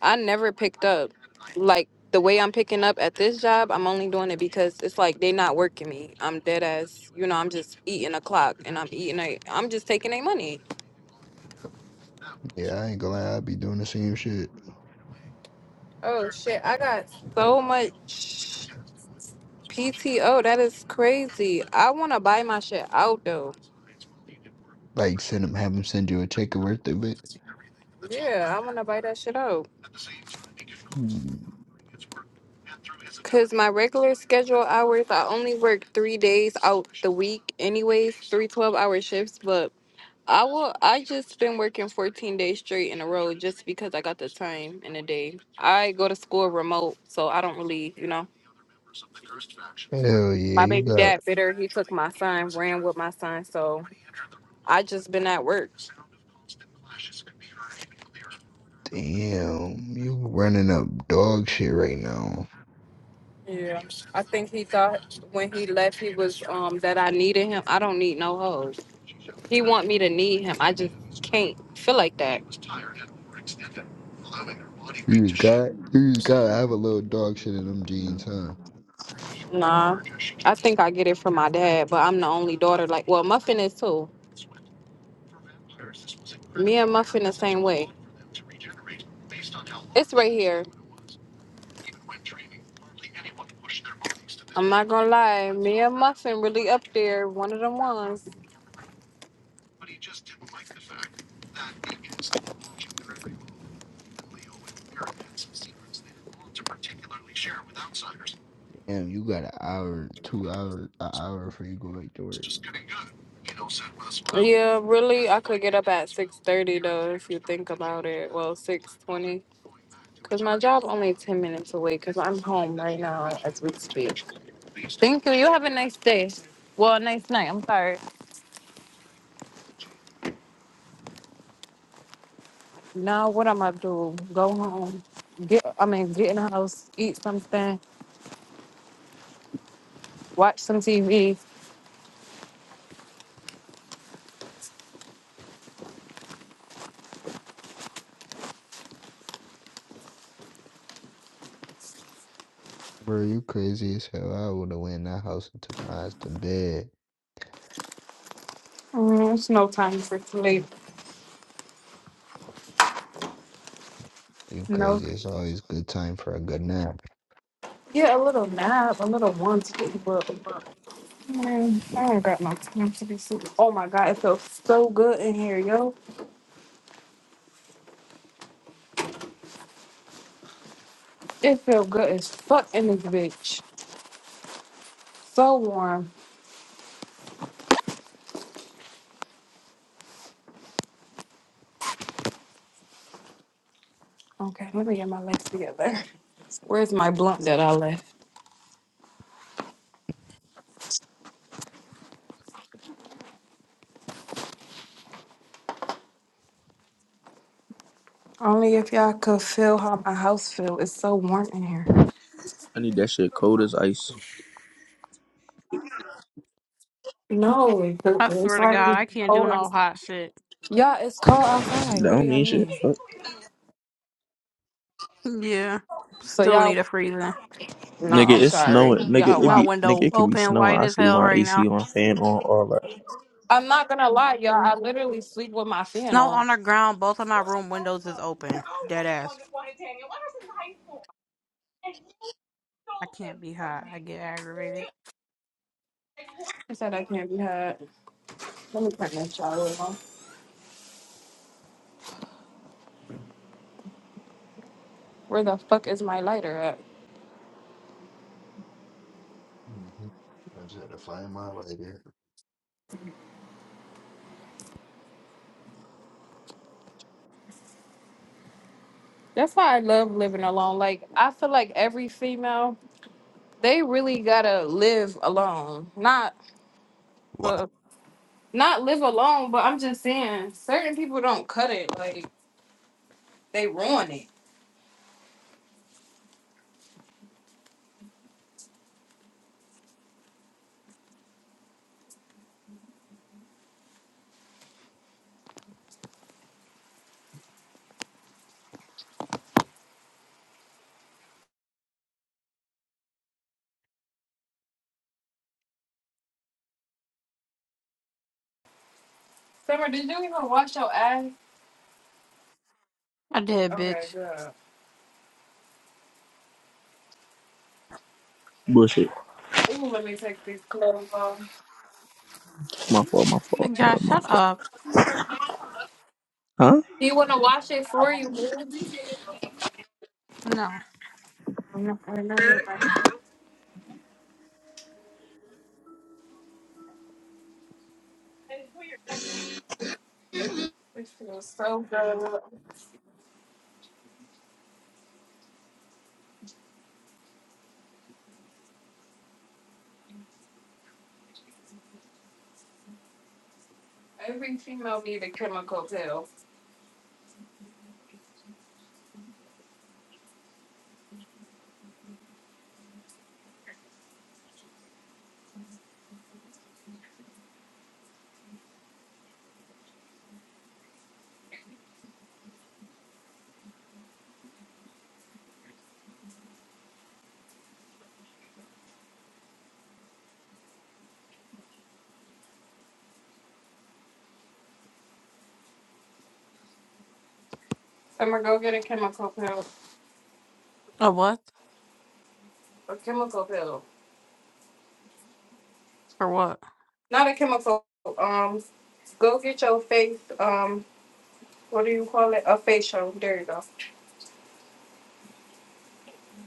Speaker 1: I never picked up. Like the way I'm picking up at this job, I'm only doing it because it's like they not working me. I'm dead ass. You know, I'm just eating a clock and I'm eating a. I'm just taking their money.
Speaker 3: Yeah, I ain't gonna lie, I be doing the same shit.
Speaker 1: Oh shit, I got So much PTO. That is crazy. I want to buy my shit out though.
Speaker 3: Like send them, have them send you a check worth of it.
Speaker 1: Yeah, I want to buy that shit out.
Speaker 3: Mm,
Speaker 1: Cause my regular schedule hours, I only work three days out the week, anyways, three twelve hour shifts. but. I will. I just been working 14 days straight in a row just because I got the time in a day. I go to school remote, so I don't really, you know.
Speaker 3: Hell yeah,
Speaker 1: My
Speaker 3: you
Speaker 1: baby
Speaker 3: got
Speaker 1: dad bitter. He took my son, ran with my son, so I just been at work.
Speaker 3: damn, you running up dog shit right now.
Speaker 1: Yeah, I think he thought when he left, he was um that I needed him. I don't need no hoes. He want me to need him. I just can't feel like that.
Speaker 3: You just got you just gotta have a little dog shit in them jeans, huh?
Speaker 1: Nah, I think I get it from my dad, but I'm the only daughter. Like, well, Muffin is too. Me and Muffin the same way. It's right here. I'm not gonna lie, me and Muffin really up there. One of them ones.
Speaker 3: Damn, you got an hour, two hours, an hour before you go back to work.
Speaker 1: Yeah, really, I could get up at six thirty though, if you think about it. Well, six twenty. Cause my job only ten minutes away. Cause I'm home right now as we speak. Thank you. You have a nice day. Well, a nice night. I'm sorry. Now what I'm gonna do? Go home. Get. I mean, get in the house. Eat something. Watch some TV.
Speaker 3: Bro, you crazy as hell. I would have went in that house and took my ass to bed.
Speaker 1: Mm, it's no time for sleep.
Speaker 3: You
Speaker 1: No.
Speaker 3: crazy. It's always good time for a good nap.
Speaker 1: Yeah, a little nap, a little one sleep. but man, I ain't got no time to be sleeping. Oh my god, it feels so good in here, yo. It feels good as fuck in this bitch. So warm. Okay, let me get my legs together. Where's my blunt that I left? Only if y'all could feel how my house feel. It's so warm in here.
Speaker 4: I need that shit cold as ice.
Speaker 1: No, it's
Speaker 2: I swear
Speaker 1: it's
Speaker 2: to God,
Speaker 1: already
Speaker 2: I can't do
Speaker 1: cold.
Speaker 2: no
Speaker 1: outside.
Speaker 2: hot shit.
Speaker 1: Yeah, it's cold
Speaker 4: That
Speaker 1: outside. What do
Speaker 4: don't
Speaker 1: y'all
Speaker 4: mean shit.
Speaker 1: mean?
Speaker 4: Fuck.
Speaker 2: Yeah.
Speaker 1: So
Speaker 2: Still
Speaker 1: y'all,
Speaker 2: need a freezer.
Speaker 1: no,
Speaker 4: Nigga,
Speaker 1: I'm
Speaker 4: it's
Speaker 1: sorry.
Speaker 4: snowing. Nigga,
Speaker 1: Y'all
Speaker 4: it
Speaker 2: My
Speaker 1: wild.
Speaker 4: be nigga,
Speaker 2: window
Speaker 4: it could be
Speaker 2: open
Speaker 4: snowing.
Speaker 2: wide
Speaker 4: I
Speaker 2: as
Speaker 4: sleep with
Speaker 2: hell
Speaker 4: my
Speaker 2: right
Speaker 4: AC
Speaker 2: now.
Speaker 4: on, fan on, all that
Speaker 1: I'm not gonna lie, y'all. I literally sleep with my fan
Speaker 2: Snow
Speaker 1: on.
Speaker 2: on the ground. Both of my room windows is open. Dead ass. I can't be hot. I get aggravated.
Speaker 1: He said I can't be had. Let me turn this shower on. Where the fuck is my lighter at?
Speaker 3: hmm I just had to find my way there.
Speaker 1: That's why I love living alone. Like I feel like every female. they really gotta live alone. Not
Speaker 3: What?
Speaker 1: but not live alone, but I'm just saying certain people don't cut it, like they ruin it. Summer, did you even wash your ass?
Speaker 2: I did,
Speaker 1: Okay,
Speaker 2: bitch.
Speaker 1: good.
Speaker 4: bullshit.
Speaker 1: Ooh, let me take these clothes off.
Speaker 4: My fault, my fault,
Speaker 2: Big
Speaker 4: uh,
Speaker 2: Josh,
Speaker 4: my
Speaker 2: shut
Speaker 4: fault.
Speaker 2: up.
Speaker 4: Huh?
Speaker 1: You wanna wash it for you, boo?
Speaker 2: No.
Speaker 1: No, I never mind. This feels so good. Every female need a chemical pill. Summer, go get a chemical pill.
Speaker 2: A what?
Speaker 1: A chemical pill.
Speaker 2: For what?
Speaker 1: Not a chemical um go get your face um what do you call it? A facial. There you go.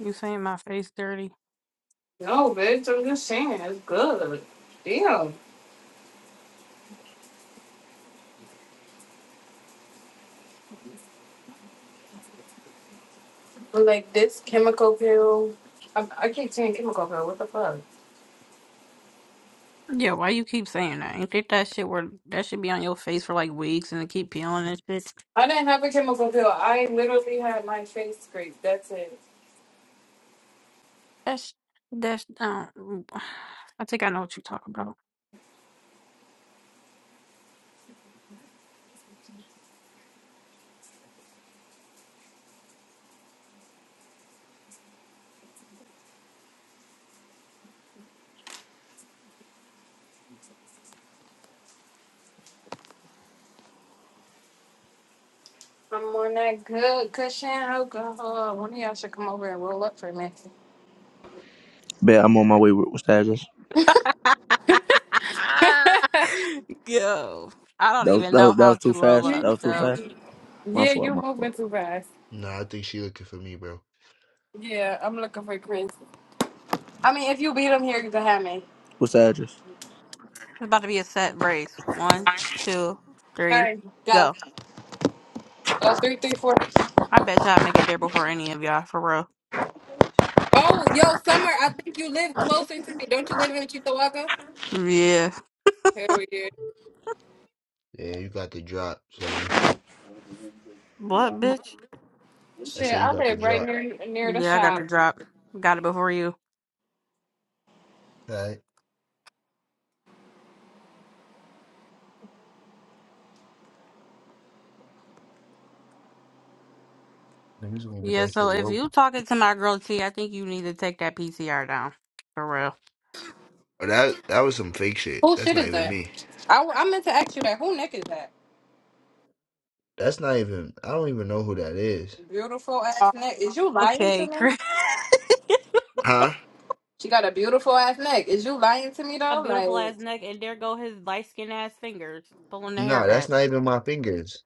Speaker 2: You saying my face dirty?
Speaker 1: No, bitch, I'm just saying it's good. Damn. But like this chemical peel. I, I keep saying chemical peel. What the fuck?
Speaker 2: Yeah, why you keep saying that? Ain't think that shit where that should be on your face for like weeks and it keep peeling and shit?
Speaker 1: I didn't have a chemical peel. I literally had my face scraped. That's it.
Speaker 2: That's that's um I think I know what you talk about.
Speaker 1: I'm on that good cushion alcohol. One of y'all should come over and roll up for a minute.
Speaker 4: Bet I'm on my way. What's the address?
Speaker 2: Yo, I don't
Speaker 4: That was,
Speaker 2: even
Speaker 4: that
Speaker 2: know
Speaker 4: was that
Speaker 2: how
Speaker 4: was too
Speaker 2: to roll
Speaker 4: fast.
Speaker 2: up.
Speaker 4: That was too
Speaker 2: So
Speaker 1: yeah,
Speaker 4: fast. My fault,
Speaker 1: you're
Speaker 4: my
Speaker 1: moving
Speaker 4: fault.
Speaker 1: too fast.
Speaker 3: Nah, I think she looking for me, bro.
Speaker 1: Yeah, I'm looking for Chris. I mean, if you beat him here, you can have me.
Speaker 4: What's the address?
Speaker 2: it's about to be a set brace. One, two,
Speaker 1: All
Speaker 2: three,
Speaker 1: right, go.
Speaker 2: go.
Speaker 1: Uh, three, three, four.
Speaker 2: I bet you all make it there before any of y'all for real.
Speaker 1: Oh, yo, Summer, I think you live closer to me. Don't you live in Chitawaka?
Speaker 2: Yeah.
Speaker 1: Hell yeah.
Speaker 3: Yeah, you got the drop, Summer.
Speaker 2: What, bitch?
Speaker 3: I said
Speaker 1: Shit,
Speaker 3: you
Speaker 1: I
Speaker 3: got the
Speaker 1: live right
Speaker 3: drop.
Speaker 1: near near the
Speaker 2: Yeah, I got
Speaker 1: shop.
Speaker 2: the drop. Got it before you.
Speaker 3: All right. Niggas gonna get
Speaker 2: Yeah.
Speaker 3: that
Speaker 2: So
Speaker 3: shit
Speaker 2: if
Speaker 3: woke.
Speaker 2: you talking to my girl T, I think you need to take that PCR down for real.
Speaker 3: Oh, that that was some fake shit.
Speaker 1: Who
Speaker 3: That's
Speaker 1: shit
Speaker 3: not
Speaker 1: is
Speaker 3: even
Speaker 1: that?
Speaker 3: me.
Speaker 1: I, I meant to ask you that. Who neck is that?
Speaker 3: That's not even. I don't even know who that is.
Speaker 1: Beautiful ass
Speaker 2: Oh,
Speaker 1: neck. Is you lying to
Speaker 2: okay.
Speaker 1: me?
Speaker 3: Huh?
Speaker 1: She got a beautiful ass neck. Is you lying to me
Speaker 2: a
Speaker 1: though?
Speaker 2: beautiful
Speaker 1: Like,
Speaker 2: ass neck, and there go his light skin ass fingers pulling the hair
Speaker 3: No, that's
Speaker 2: back.
Speaker 3: not even my fingers.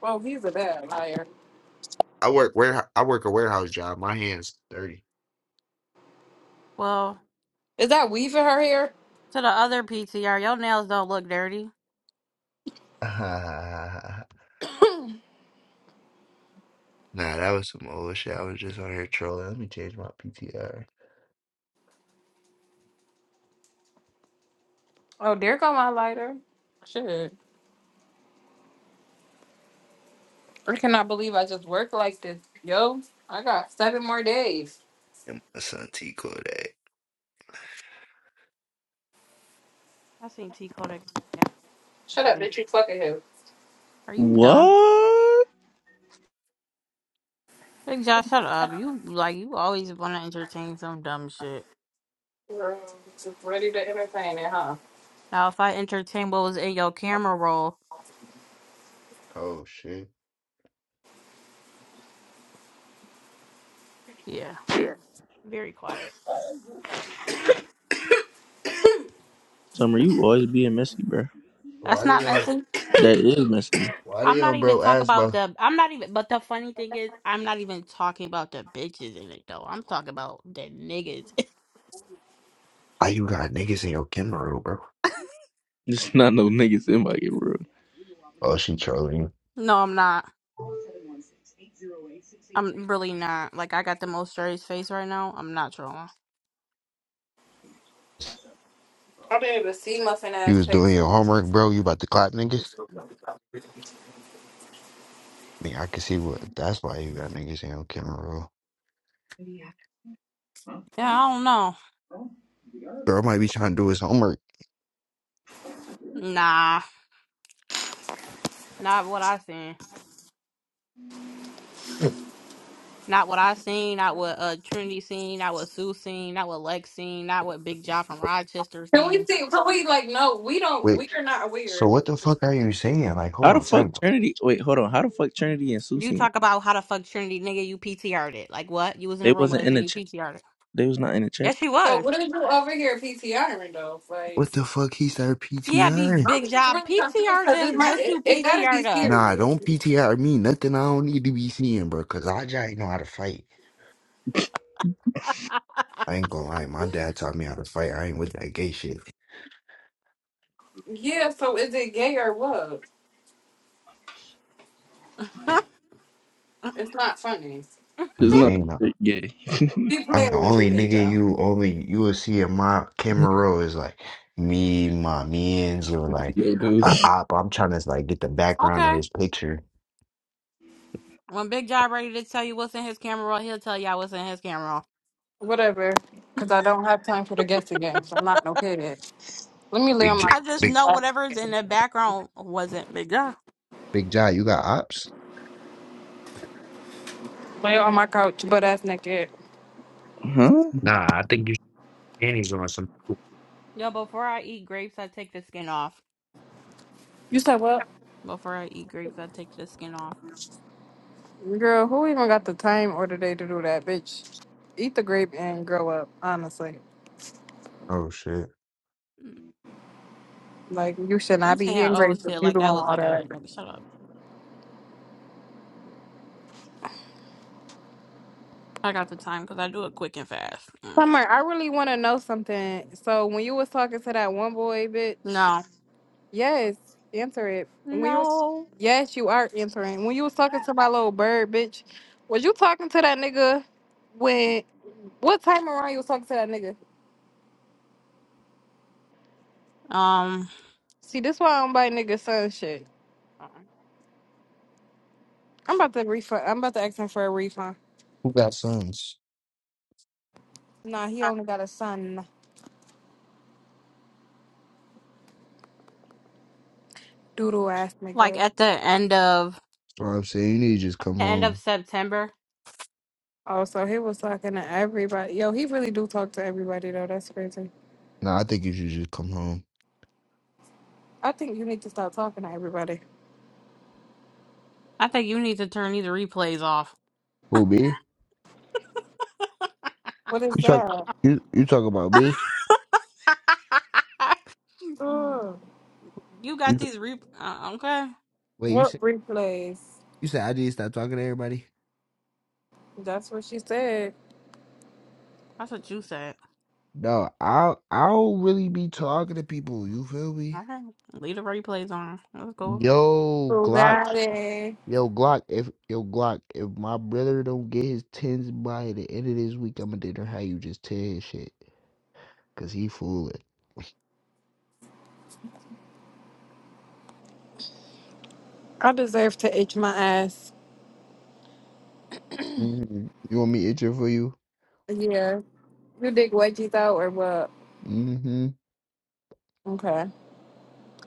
Speaker 1: well, he's a bad liar.
Speaker 3: I work where I work a warehouse job. My hands dirty.
Speaker 2: Well.
Speaker 1: Is that weave in her hair?
Speaker 2: To the other PTR, your nails don't look dirty.
Speaker 3: nah, that was some old shit. I was just on here trolling. Let me change my PTR.
Speaker 1: Oh, there go my lighter. Shit. I cannot believe I just work like this. Yo, I got seven more days.
Speaker 3: And my son T Kodak.
Speaker 2: I seen T Cole that got last
Speaker 1: Shut up,
Speaker 2: week.
Speaker 1: bitch. You fucking him.
Speaker 2: Are you dumb?
Speaker 4: What?
Speaker 2: Big Josh, shut up. You like you always want to entertain some dumb shit.
Speaker 1: Girl, just ready to entertain it, huh?
Speaker 2: Now, if I entertain what was in your camera roll,
Speaker 3: Oh shit.
Speaker 2: yeah, very quiet.
Speaker 4: Summer, you always being messy, bro.
Speaker 2: That's That's
Speaker 3: Why they
Speaker 2: not why
Speaker 3: on?
Speaker 2: messy.
Speaker 4: That is messy.
Speaker 3: Why
Speaker 2: I'm
Speaker 3: they
Speaker 2: not
Speaker 3: on,
Speaker 2: even
Speaker 3: bro?
Speaker 2: talking
Speaker 3: Ass
Speaker 2: about
Speaker 3: about
Speaker 2: the. I'm not even. But the funny thing is, I'm not even talking about the bitches in it though. I'm talking about the niggas.
Speaker 3: why you got niggas in your camera, roll, bro?
Speaker 4: It's not no niggas in my game, bro.
Speaker 3: Oh, she trolling you.
Speaker 2: no, I'm not. I'm really not. Like I got the most serious face right now. I'm not trolling.
Speaker 1: I've been able to see muffin
Speaker 3: You
Speaker 1: ass
Speaker 3: was doing your
Speaker 1: texting.
Speaker 3: homework, bro. You about to clap, niggas? I mean, I can see what. That's why you got niggas in your camera, bro.
Speaker 2: Yeah, I don't know.
Speaker 3: Bro might be trying to do his homework.
Speaker 2: Nah. Not what I seen. Not what I seen. Not what uh Trinity seen. Not what Sue seen. Not what Lex seen. Not what Big John from Rochester
Speaker 1: Can we
Speaker 2: seen.
Speaker 1: see? Can we like? No, we don't.
Speaker 3: Wait,
Speaker 1: We are not
Speaker 3: so
Speaker 1: aware.
Speaker 3: what the fuck are you saying? Like, hold
Speaker 4: How the
Speaker 3: on,
Speaker 4: fuck
Speaker 3: time out.
Speaker 4: Trinity? Wait, hold on. How the fuck Trinity and Sue
Speaker 2: You
Speaker 4: seen it?
Speaker 2: talk about how the fuck Trinity nigga you PTR'd it. Like what? You was in
Speaker 4: They
Speaker 2: a room with
Speaker 4: wasn't
Speaker 2: us
Speaker 4: in
Speaker 2: and
Speaker 4: the
Speaker 2: you
Speaker 4: chat.
Speaker 2: PTR'd it.
Speaker 4: They was not in the chat.
Speaker 2: Yes, she
Speaker 1: So
Speaker 2: was.
Speaker 1: what are you over here PTRing though? Like,
Speaker 3: What the fuck he started
Speaker 2: Yeah, be
Speaker 3: PTRing?
Speaker 1: I'm
Speaker 2: Big
Speaker 1: just
Speaker 2: John
Speaker 1: really confused
Speaker 2: PTR'd
Speaker 1: because it
Speaker 2: them.
Speaker 1: might.
Speaker 2: What
Speaker 1: It,
Speaker 2: you
Speaker 1: it gotta be
Speaker 2: PTR'd us?
Speaker 3: Nah,
Speaker 1: serious.
Speaker 3: don't PTR me. Nothing I don't need to be seeing, bro. Cause I just know how to fight. I ain't gonna lie. My dad taught me how to fight. I ain't with that gay shit.
Speaker 1: Yeah. So is it gay or what? It's not funny.
Speaker 3: I'm
Speaker 4: It's not
Speaker 3: saying that.
Speaker 4: yeah. the
Speaker 1: Keep
Speaker 3: I'm the
Speaker 1: playing with you,
Speaker 3: only nigga
Speaker 1: Deja.
Speaker 3: you only you will see in my camera roll is like me, my mans, or like
Speaker 4: video
Speaker 3: a
Speaker 4: dudes.
Speaker 3: op. I'm trying to like get the background of
Speaker 2: okay.
Speaker 3: his picture.
Speaker 2: When Big John ready to tell you what's in his camera roll, he'll tell y'all what's in his camera roll.
Speaker 1: Whatever. Because I don't have time for the guessing game, so I'm not no kid. Let me lay
Speaker 3: Big
Speaker 1: on my
Speaker 3: J,
Speaker 2: I
Speaker 1: couch.
Speaker 2: just
Speaker 3: big
Speaker 1: And
Speaker 2: know
Speaker 1: butt
Speaker 2: whatever's in
Speaker 1: naked.
Speaker 2: the background wasn't Big John.
Speaker 3: big J, you got ops?
Speaker 1: lay on my couch, butt ass naked.
Speaker 4: Huh?
Speaker 3: Nah, I think you panties on
Speaker 2: Yo, before I eat grapes, I take the skin off.
Speaker 1: You said what?
Speaker 2: Before I eat grapes, I take the skin off.
Speaker 1: Girl, who even got the time or the day to do that, bitch? Eat the grape and grow up, honestly.
Speaker 3: Oh shit.
Speaker 2: Mm.
Speaker 1: Like, you should
Speaker 2: We
Speaker 1: not be
Speaker 2: saying
Speaker 1: eating
Speaker 2: oh
Speaker 1: grapes if
Speaker 2: shit
Speaker 1: you
Speaker 2: like
Speaker 1: doing
Speaker 2: that was
Speaker 1: all
Speaker 2: like
Speaker 1: that.
Speaker 2: a like shut up. I got the time because I do it quick and fast. Mm.
Speaker 1: Summer, I really want to know something. So, when you was talking to that one boy,
Speaker 2: No,
Speaker 1: bitch, yes, answer it. And When you was,
Speaker 2: no.
Speaker 1: yes, you are answering. When you was talking to my little bird, bitch, was you talking to that nigga when, what time around you was talking to that nigga?
Speaker 2: Um,
Speaker 1: See, this why I don't buy nigga son shit. I'm about to refund. I'm about to ask him for a refund.
Speaker 3: Who got sons?
Speaker 1: Nah, he only got a son, doodle ass
Speaker 2: like
Speaker 1: nigga.
Speaker 2: at the end of
Speaker 3: That's What I'm saying you need to just
Speaker 2: like
Speaker 3: come
Speaker 2: the end of
Speaker 3: home.
Speaker 2: September,
Speaker 1: Oh, so he was talking to everybody. Yo, he really do talk to everybody though. That's crazy.
Speaker 3: Nah, I think you should just come home.
Speaker 1: I think you need to stop talking to everybody.
Speaker 2: I think you need to turn these replays off.
Speaker 3: Who me?
Speaker 1: What is
Speaker 3: You talk
Speaker 1: that?
Speaker 3: you you talk about me?
Speaker 1: Ugh.
Speaker 2: you
Speaker 3: You
Speaker 2: got
Speaker 3: t-
Speaker 2: these re uh, okay.
Speaker 3: wait, you
Speaker 1: What
Speaker 3: said
Speaker 1: replays?
Speaker 3: you said I need to stop talking to everybody?
Speaker 1: That's what she said.
Speaker 2: That's what you said.
Speaker 3: No, I I don't really be talking to people, you feel
Speaker 2: All
Speaker 3: me?
Speaker 2: right, leave the replays on. Let's go.
Speaker 3: Yo, Glock.
Speaker 1: Bugatti.
Speaker 3: Yo, Glock, if yo Glock, if my brother don't get his tens by the end of this week, I'ma dinner how you just tear his shit. Cause he fooling.
Speaker 1: I deserve to itch my ass.
Speaker 3: hmm You want me itching for you?
Speaker 1: Yeah. You dig wedgies out or what? Okay.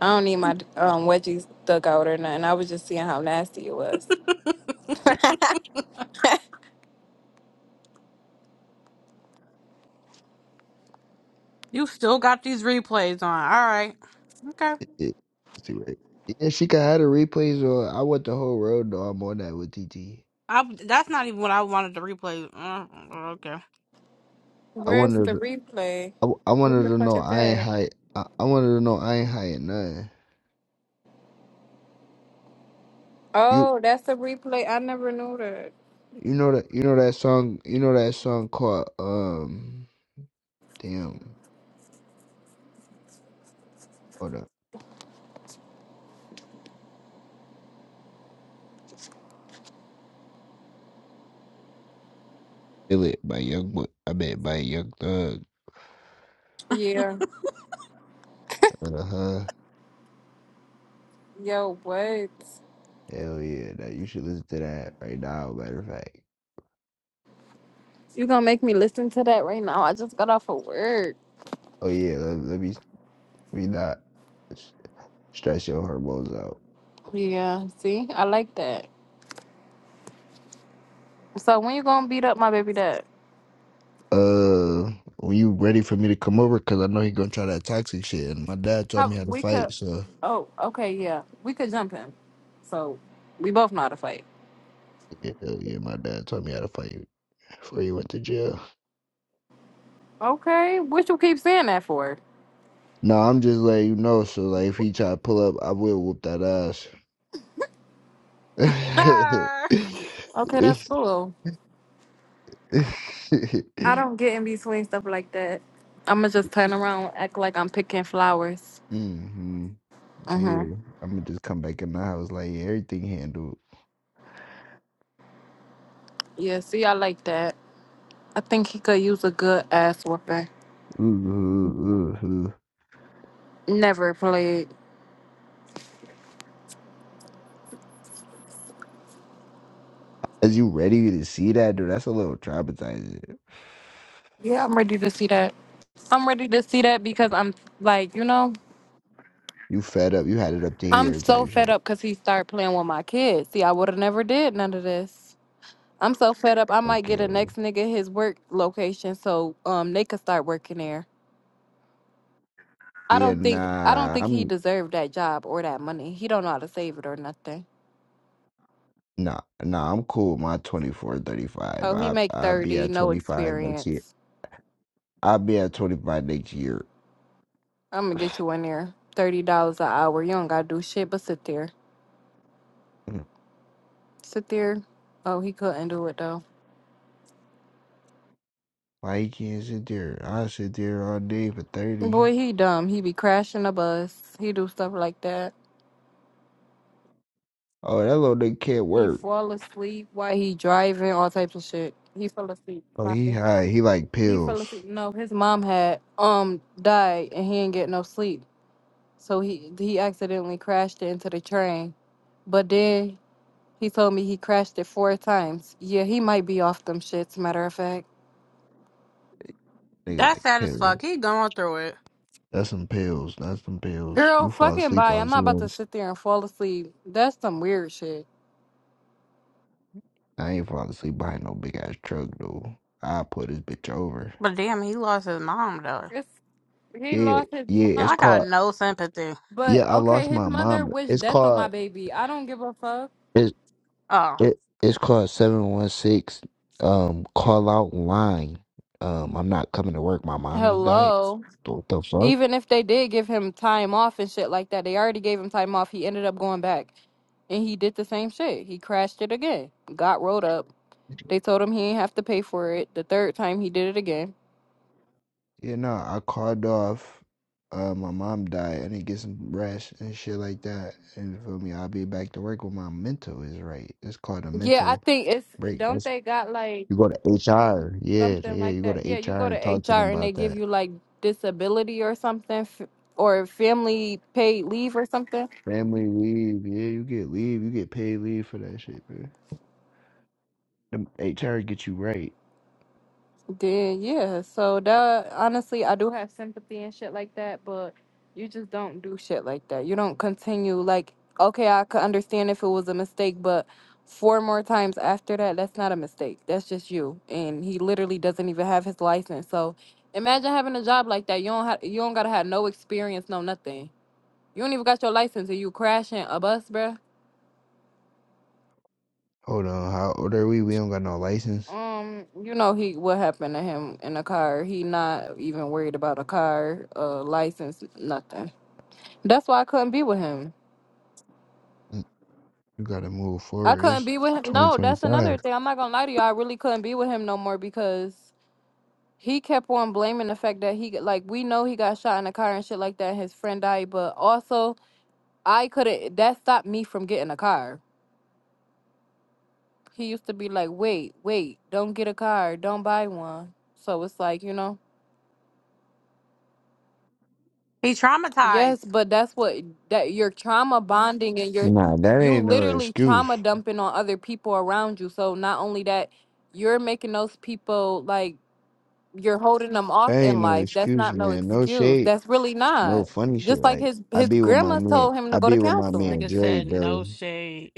Speaker 1: I don't need my um, wedgies dug out or nothing. I was just seeing how nasty it was.
Speaker 2: You still got these replays on. All right. okay.
Speaker 3: It, it, let's see, right? Yeah, she could have the replays, or I want the whole world to know I'm on that with TT.
Speaker 2: I that's not even what I wanted to replay. Mm, Okay.
Speaker 3: I
Speaker 1: Where's
Speaker 3: wanted,
Speaker 1: the
Speaker 3: to-
Speaker 1: replay?
Speaker 3: I, w- I
Speaker 1: What
Speaker 3: wanted
Speaker 1: the
Speaker 3: to
Speaker 1: fuck
Speaker 3: know
Speaker 1: is
Speaker 3: I ain't
Speaker 1: that?
Speaker 3: high. I, I wanted to know I ain't high at nothing. You,
Speaker 1: Oh, that's a replay. I never knew that.
Speaker 3: you know that, you know that song, you know that song called um, damn, hold up, feel it by Young, Bo- I mean by Young Thug.
Speaker 1: Yeah.
Speaker 3: Uh huh.
Speaker 1: Yo, what?
Speaker 3: Hell yeah, that you should listen to that right now. Matter of fact.
Speaker 1: You gonna make me listen to that right now? I just got off of work.
Speaker 3: Oh yeah, let, let me, let me not s- stress your hormones out.
Speaker 1: Yeah. See, I like that. So when you gonna beat up my baby dad?
Speaker 3: uh when you ready for me to come over because i know he gonna try that toxic shit and my dad taught
Speaker 1: How
Speaker 3: me how to
Speaker 1: we
Speaker 3: fight
Speaker 1: could?
Speaker 3: so
Speaker 1: Oh, okay. Yeah, we could jump him. So we both know how to fight.
Speaker 3: yeah hell yeah my dad taught me how to fight before he went to jail
Speaker 1: Okay. What you keep saying that for?
Speaker 3: no i'm just letting you know so like if he try to pull up i will whoop that ass
Speaker 2: Ah.
Speaker 1: Okay, that's cool. I don't get in between stuff like that. I'ma just turn around, act like I'm picking flowers.
Speaker 3: hmm
Speaker 1: Uh huh.
Speaker 3: yeah i'm gonna just come back in the house like yeah, everything handled
Speaker 1: Yeah. See, I like that. I think he could use a good ass whooping.
Speaker 3: ooh, ooh, ooh, ooh.
Speaker 1: Never played.
Speaker 3: as you ready to see that dude that's a little traumatizing
Speaker 1: Yeah, I'm ready to see that. I'm ready to see that because I'm like, you know,
Speaker 3: You fed up. You had it up to
Speaker 1: I'm
Speaker 3: here
Speaker 1: so
Speaker 3: type
Speaker 1: fed
Speaker 3: shit.
Speaker 1: up because he started playing with my kids. See, I would have never did none of this. I'm so fed up. I might get a
Speaker 3: Okay.
Speaker 1: next nigga his work location so um they could start working there. I
Speaker 3: Yeah,
Speaker 1: don't think I don't
Speaker 3: nah.
Speaker 1: think he
Speaker 3: I'm
Speaker 1: deserved that job or that money. He don't know how to save it or nothing.
Speaker 3: nah nah I'm cool. My 24, 35.
Speaker 1: Oh, he
Speaker 3: I
Speaker 1: make
Speaker 3: I'll be
Speaker 1: thirty,
Speaker 3: at
Speaker 1: no
Speaker 3: 25 next year.
Speaker 1: experience.
Speaker 3: I'll be at 25 next year.
Speaker 1: I'm gonna get you in there. Thirty dollars an hour. You don't gotta do shit but sit there.
Speaker 3: Mm.
Speaker 1: Sit there. Oh, he couldn't do it though.
Speaker 3: Why you can't sit there? i sit there all day for 30.
Speaker 1: Boy, he dumb. He be crashing the bus. He do stuff like that.
Speaker 3: Oh, that little nigga can't
Speaker 1: He
Speaker 3: work.
Speaker 1: fall asleep while he driving, all types of shit. He fell asleep.
Speaker 3: Oh, he
Speaker 1: Fine.
Speaker 3: high. He like
Speaker 1: He fell
Speaker 3: pills.
Speaker 1: asleep. No, his mom had um died and he didn't get no sleep. So he he accidentally crashed it into the train. But then he told me he crashed it four times. Yeah, he might be off them shits, matter of fact.
Speaker 3: Nigga
Speaker 2: That's
Speaker 3: like
Speaker 2: sad as
Speaker 3: pills.
Speaker 2: fuck. He going through it.
Speaker 3: That's some pills. That's some pills. You
Speaker 1: Girl,
Speaker 3: fall
Speaker 1: fucking
Speaker 3: asleep
Speaker 1: bye.
Speaker 3: on
Speaker 1: I'm not about to
Speaker 3: Zans.
Speaker 1: sit there and fall asleep. That's some weird shit.
Speaker 3: I ain't falling asleep behind no big ass truck, dude. I pull this bitch over.
Speaker 2: But damn, he lost his mom though.
Speaker 1: It's He
Speaker 3: Yeah,
Speaker 1: lost his
Speaker 3: yeah, it's
Speaker 2: Y'all
Speaker 1: mom.
Speaker 2: got
Speaker 3: called.
Speaker 2: no sympathy.
Speaker 3: Yeah,
Speaker 1: But
Speaker 3: I
Speaker 1: okay,
Speaker 3: lost
Speaker 1: his
Speaker 3: my
Speaker 1: mother
Speaker 3: mom.
Speaker 1: wished
Speaker 3: It's
Speaker 1: death on my
Speaker 3: called.
Speaker 1: baby. I don't give a fuck.
Speaker 3: It's
Speaker 2: Oh.
Speaker 3: it, it's called seven one six. Um, call out line. Um, I'm not coming to work. My mom just died.
Speaker 1: Hello.
Speaker 3: What the fuck?
Speaker 1: Even if they did give him time off and shit like that, they already gave him time off. He ended up going back and he did the same shit. He crashed it again, got rolled up. They told him he ain't have to pay for it. The third time he did it again.
Speaker 3: Yeah, no, I called off. Uh, my mom died. I didn't get some rest and shit like that. And you feel me? I'll be back to work when my mental is right. It's called a
Speaker 1: Yeah, I
Speaker 3: mental
Speaker 1: think it's
Speaker 3: break.
Speaker 1: don't they got like
Speaker 3: You go to HR. Yeah,
Speaker 1: something
Speaker 3: yeah.
Speaker 1: like
Speaker 3: You go to
Speaker 1: that? Yeah, you
Speaker 3: HR
Speaker 1: go to
Speaker 3: and talk to them
Speaker 1: HR and they
Speaker 3: about
Speaker 1: give
Speaker 3: that.
Speaker 1: you like disability or something f- or family paid leave or something.
Speaker 3: Family leave. Yeah, you get leave. You get paid leave for that shit, bro. The HR get you right.
Speaker 1: Then yeah, so that honestly, I do have sympathy and shit like that, but you just don't do shit like that. You don't continue like okay, I could understand if it was a mistake, but four more times after that, that's not a mistake. That's just you, and he literally doesn't even have his license. So imagine having a job like that. You don't have you don't gotta have no experience, no nothing. You don't even got your license, and you crashing a bus, bruh.
Speaker 3: Hold on. How old are we? We don't got no license.
Speaker 1: Um, you know he what happened to him in a car. He not even worried about a car, uh, license, nothing. That's why I couldn't be with him.
Speaker 3: Mm, You gotta move
Speaker 1: I
Speaker 3: forward.
Speaker 1: couldn't
Speaker 3: It's
Speaker 1: be with him. No, that's
Speaker 3: 2025.
Speaker 1: another thing. I'm not gonna lie to you. I really couldn't be with him no more because he kept on blaming the fact that he like we know he got shot in a car and shit like that. His friend died, but also I couldn't. That stopped me from getting a car. He used to be like, wait, wait, don't get a car, don't buy one. So it's like you know.
Speaker 2: He
Speaker 1: Yes,
Speaker 2: traumatized.
Speaker 1: but that's what that you're trauma bonding and you're
Speaker 3: Nah, that
Speaker 1: you
Speaker 3: ain't no
Speaker 1: literally
Speaker 3: excuse.
Speaker 1: trauma dumping on other people around you. So not only that, you're making those people like you're holding them
Speaker 3: That
Speaker 1: off in
Speaker 3: ain't no
Speaker 1: life. That's
Speaker 3: excuse,
Speaker 1: not no
Speaker 3: man. No
Speaker 1: excuse.
Speaker 3: shade.
Speaker 1: That's really
Speaker 3: No
Speaker 1: not.
Speaker 3: funny shit.
Speaker 1: Just like
Speaker 3: Like,
Speaker 1: his
Speaker 3: I
Speaker 1: his
Speaker 3: be with my
Speaker 1: grandma
Speaker 3: man.
Speaker 1: told him to
Speaker 3: I
Speaker 1: go
Speaker 3: be
Speaker 1: to
Speaker 3: with my
Speaker 2: This
Speaker 1: counseling.
Speaker 3: man,
Speaker 2: nigga
Speaker 3: Dre,
Speaker 2: said no
Speaker 3: bro.
Speaker 2: shade.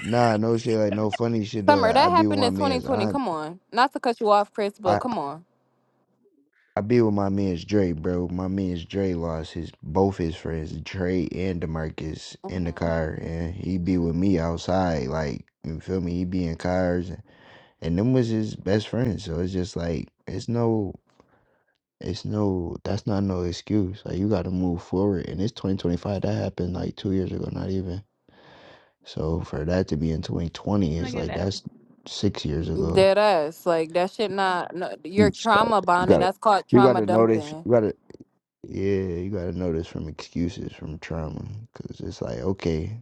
Speaker 3: Nah, no shit. Like, no funny shit, though.
Speaker 1: Summer,
Speaker 3: Like,
Speaker 1: that
Speaker 3: I be with
Speaker 1: happened
Speaker 3: my
Speaker 1: in
Speaker 3: man's
Speaker 1: 2020.
Speaker 3: aunt.
Speaker 1: Come on, not to cut you off, Chris, but come on.
Speaker 3: I be with my man's Dre, bro. My man's Dre lost his both his friends, Dre and Demarcus, in the
Speaker 1: Mhm.
Speaker 3: car, and he be with me outside. Like you feel me? He be in cars, and them was his best friends. So it's just like it's no, it's no. That's not no excuse. Like you got to move forward, and it's 2025. That happened like two years ago, not even. So for that to be in 2020 is
Speaker 2: Look at
Speaker 3: like
Speaker 2: that.
Speaker 3: that's six years ago.
Speaker 1: Dead ass, like that shit. Not no,
Speaker 3: You
Speaker 1: you're trauma
Speaker 3: got
Speaker 1: bonding.
Speaker 3: to,
Speaker 1: That's called
Speaker 3: you got
Speaker 1: trauma
Speaker 3: to notice.
Speaker 1: dumping.
Speaker 3: You got to. Yeah, you gotta know this from excuses from trauma, cause it's like okay,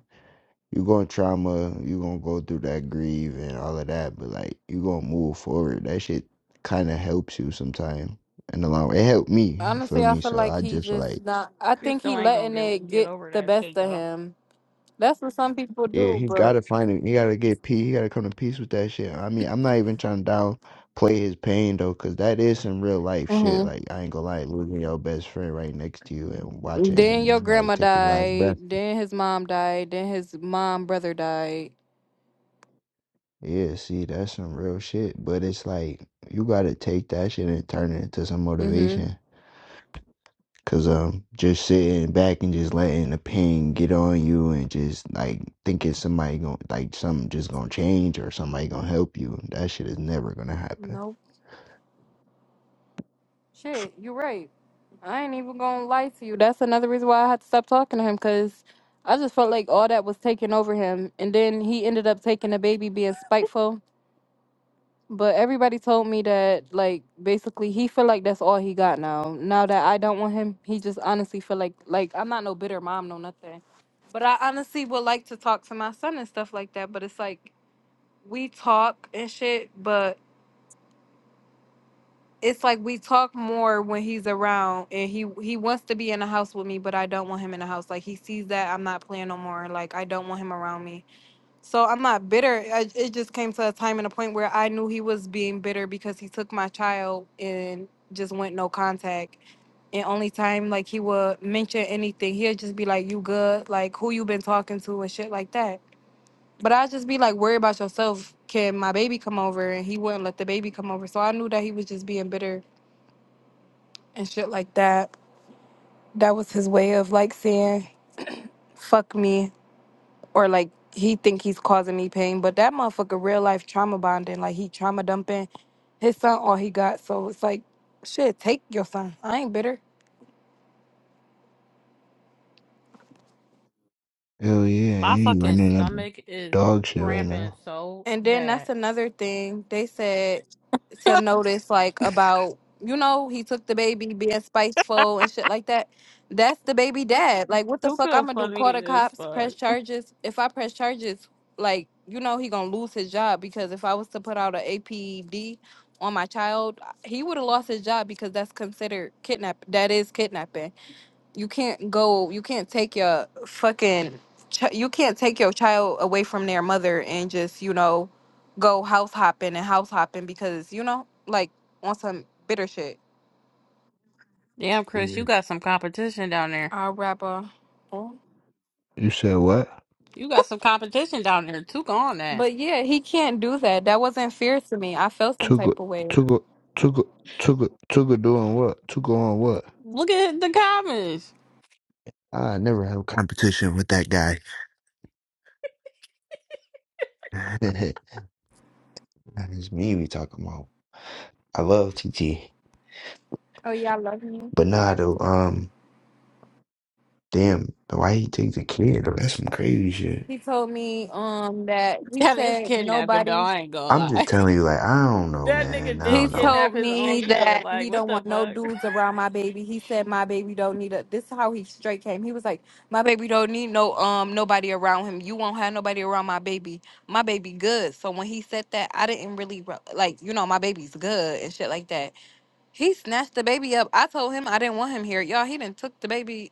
Speaker 3: you going trauma, you gonna go through that grieve and all of that, but like you gonna move forward. That shit kind of helps you sometime in the long. run. It helped me, you feel
Speaker 1: Honestly, I
Speaker 3: me?
Speaker 1: feel
Speaker 3: So
Speaker 1: like
Speaker 3: I
Speaker 1: he's
Speaker 3: just
Speaker 1: just
Speaker 3: like
Speaker 1: not. I
Speaker 2: You
Speaker 1: think
Speaker 2: still
Speaker 1: he
Speaker 2: ain't gonna
Speaker 1: letting
Speaker 2: get
Speaker 1: it
Speaker 2: get
Speaker 1: get
Speaker 2: over
Speaker 1: the
Speaker 2: that
Speaker 1: best
Speaker 2: shit
Speaker 1: of
Speaker 2: though.
Speaker 1: him. That's what some people
Speaker 3: yeah,
Speaker 1: do,
Speaker 3: he
Speaker 1: but.
Speaker 3: gotta find it. He gotta get peace. He gotta come to peace with that shit. I mean, I'm not even trying to downplay his pain though, cause that is some real life shit.
Speaker 1: hmm
Speaker 3: Like I ain't gonna lie, losing your best friend right next to you and watching
Speaker 1: Then your
Speaker 3: him like
Speaker 1: grandma
Speaker 3: take his last breath.
Speaker 1: died. Then his mom died. Then his mom brother died.
Speaker 3: Yeah, see, that's some real shit. But it's like you gotta take that shit and turn it into some
Speaker 1: hmm
Speaker 3: motivation. Cause um, just sitting back and just letting the pain get on you and just like thinking somebody going like something just gonna change or somebody gonna help you. That shit is never gonna happen.
Speaker 1: Nope.
Speaker 3: F-
Speaker 1: Shit, you're right. I ain't even gonna lie to you. That's another reason why I had to stop talking to him because I just felt like all that was taking over him, and then he ended up taking a baby, being spiteful. But everybody told me that like basically he feel like that's all he got now. Now that I don't want him, he just honestly feel like like I'm not no bitter mom, no nothing. But I honestly would like to talk to my son and stuff like that. But it's like we talk and shit, but it's like we talk more when he's around and he he wants to be in the house with me, but I don't want him in the house. Like he sees that I'm not playing no more. Like I don't want him around me so I'm not bitter. I, it just came to a time and a point where I knew he was being bitter because he took my child and just went no contact. And only time like he would mention anything, he'd just be like, "You good? Like who you been talking to and shit like that." But I'd just be like, "Worry about yourself. Can my baby come over?" And he wouldn't let the baby come over. So I knew that he was just being bitter and shit like that. That was his way of like saying, "Fuck me." or like he think he's causing me pain, but that motherfucker real life trauma bonding, like he trauma dumping his son all he got. So it's like, shit, take your son. I ain't bitter.
Speaker 3: Hell yeah, I
Speaker 2: My
Speaker 3: ain't
Speaker 2: fucking
Speaker 3: running up
Speaker 2: stomach is
Speaker 3: dog shit right
Speaker 2: cramping
Speaker 3: now.
Speaker 2: so
Speaker 1: And then that's
Speaker 2: bad.
Speaker 1: another thing they said to notice, like about you know he took the baby being spiteful and shit like that. That's the baby dad. Like what the fuck
Speaker 2: Suka
Speaker 1: I'm gonna do? Call
Speaker 2: funny
Speaker 1: the
Speaker 2: as
Speaker 1: cops?
Speaker 2: fuck.
Speaker 1: Press charges? If I press charges, like you know he gonna lose his job because if I was to put out an APD on my child, he would have lost his job because that's considered kidnap. That is kidnapping you can't go you can't take your fucking ch- you can't take your child away from their mother and just you know go house hopping and house hopping because you know like on some bitter shit
Speaker 2: Damn, Chris,
Speaker 3: Yeah.
Speaker 2: you got some competition down there.
Speaker 1: i'll wrap up
Speaker 3: You said what?
Speaker 2: You got some competition down there. Took on that.
Speaker 1: but yeah he can't do that that wasn't fair to me i felt some
Speaker 3: Tuga,
Speaker 1: type of way
Speaker 3: Tuga, Tuga, Tuga, Tuga doing what? Tuga on what?
Speaker 2: Look at the comments.
Speaker 3: I never have competition with that guy. That is me we talking about. I love TT.
Speaker 1: oh yeah i love you
Speaker 3: But nah though, um damn, why he take the kid though? That's some crazy shit.
Speaker 1: he told me um that he
Speaker 2: That is
Speaker 1: said
Speaker 2: kidnapping, though.
Speaker 1: nobody
Speaker 2: I ain't gonna
Speaker 3: I'm just
Speaker 2: lie.
Speaker 3: telling you, like, I don't know,
Speaker 2: that
Speaker 3: man.
Speaker 2: nigga
Speaker 3: I
Speaker 2: did
Speaker 1: He
Speaker 3: don't know.
Speaker 2: kidnap
Speaker 1: told
Speaker 2: his own
Speaker 1: me
Speaker 2: kid.
Speaker 1: that
Speaker 2: Like,
Speaker 1: he
Speaker 2: what
Speaker 1: don't
Speaker 2: the
Speaker 1: want no
Speaker 2: fuck?
Speaker 1: dudes around my baby. He said my baby don't need a. This is how he straight came. He was like, my baby don't need no um nobody around him. You won't have nobody around my baby. My baby good. So when he said that, I didn't really re- like you know my baby's good and shit like that. He snatched the baby up. I told him I didn't want him here. Y'all, he didn't took the baby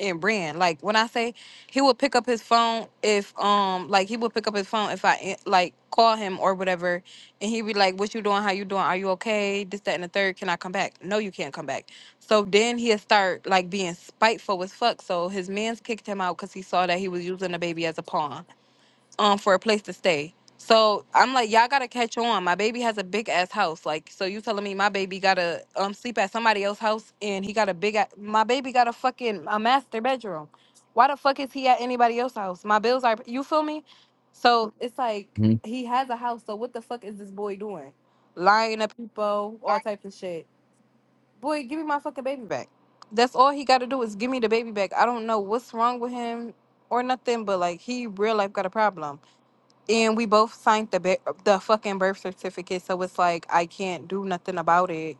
Speaker 1: and ran. Like when I say he would pick up his phone if um like he would pick up his phone if I eh, like call him or whatever and he'd be like, What you doing? How you doing? Are you okay? This, that, and the third. Can I come back? No, you can't come back. So then he'd start like being spiteful as fuck. So his mans kicked him out because he saw that he was using the baby as a pawn um for a place to stay. So I'm like, y'all gotta catch on. My baby has a big ass house. Like, so you telling me my baby gotta um sleep at somebody else's house and he got a big a- my baby got a fucking a master bedroom. Why the fuck is he at anybody else's house? My bills are you feel me? So it's like
Speaker 3: hmm
Speaker 1: he has a house. So what the fuck is this boy doing? Lying to people, all types of shit. Boy, give me my fucking baby back. That's all he gotta do is give me the baby back. I don't know what's wrong with him or nothing, but like he real life got a problem and we both signed the ba- the fucking birth certificate, so it's like I can't do nothing about it.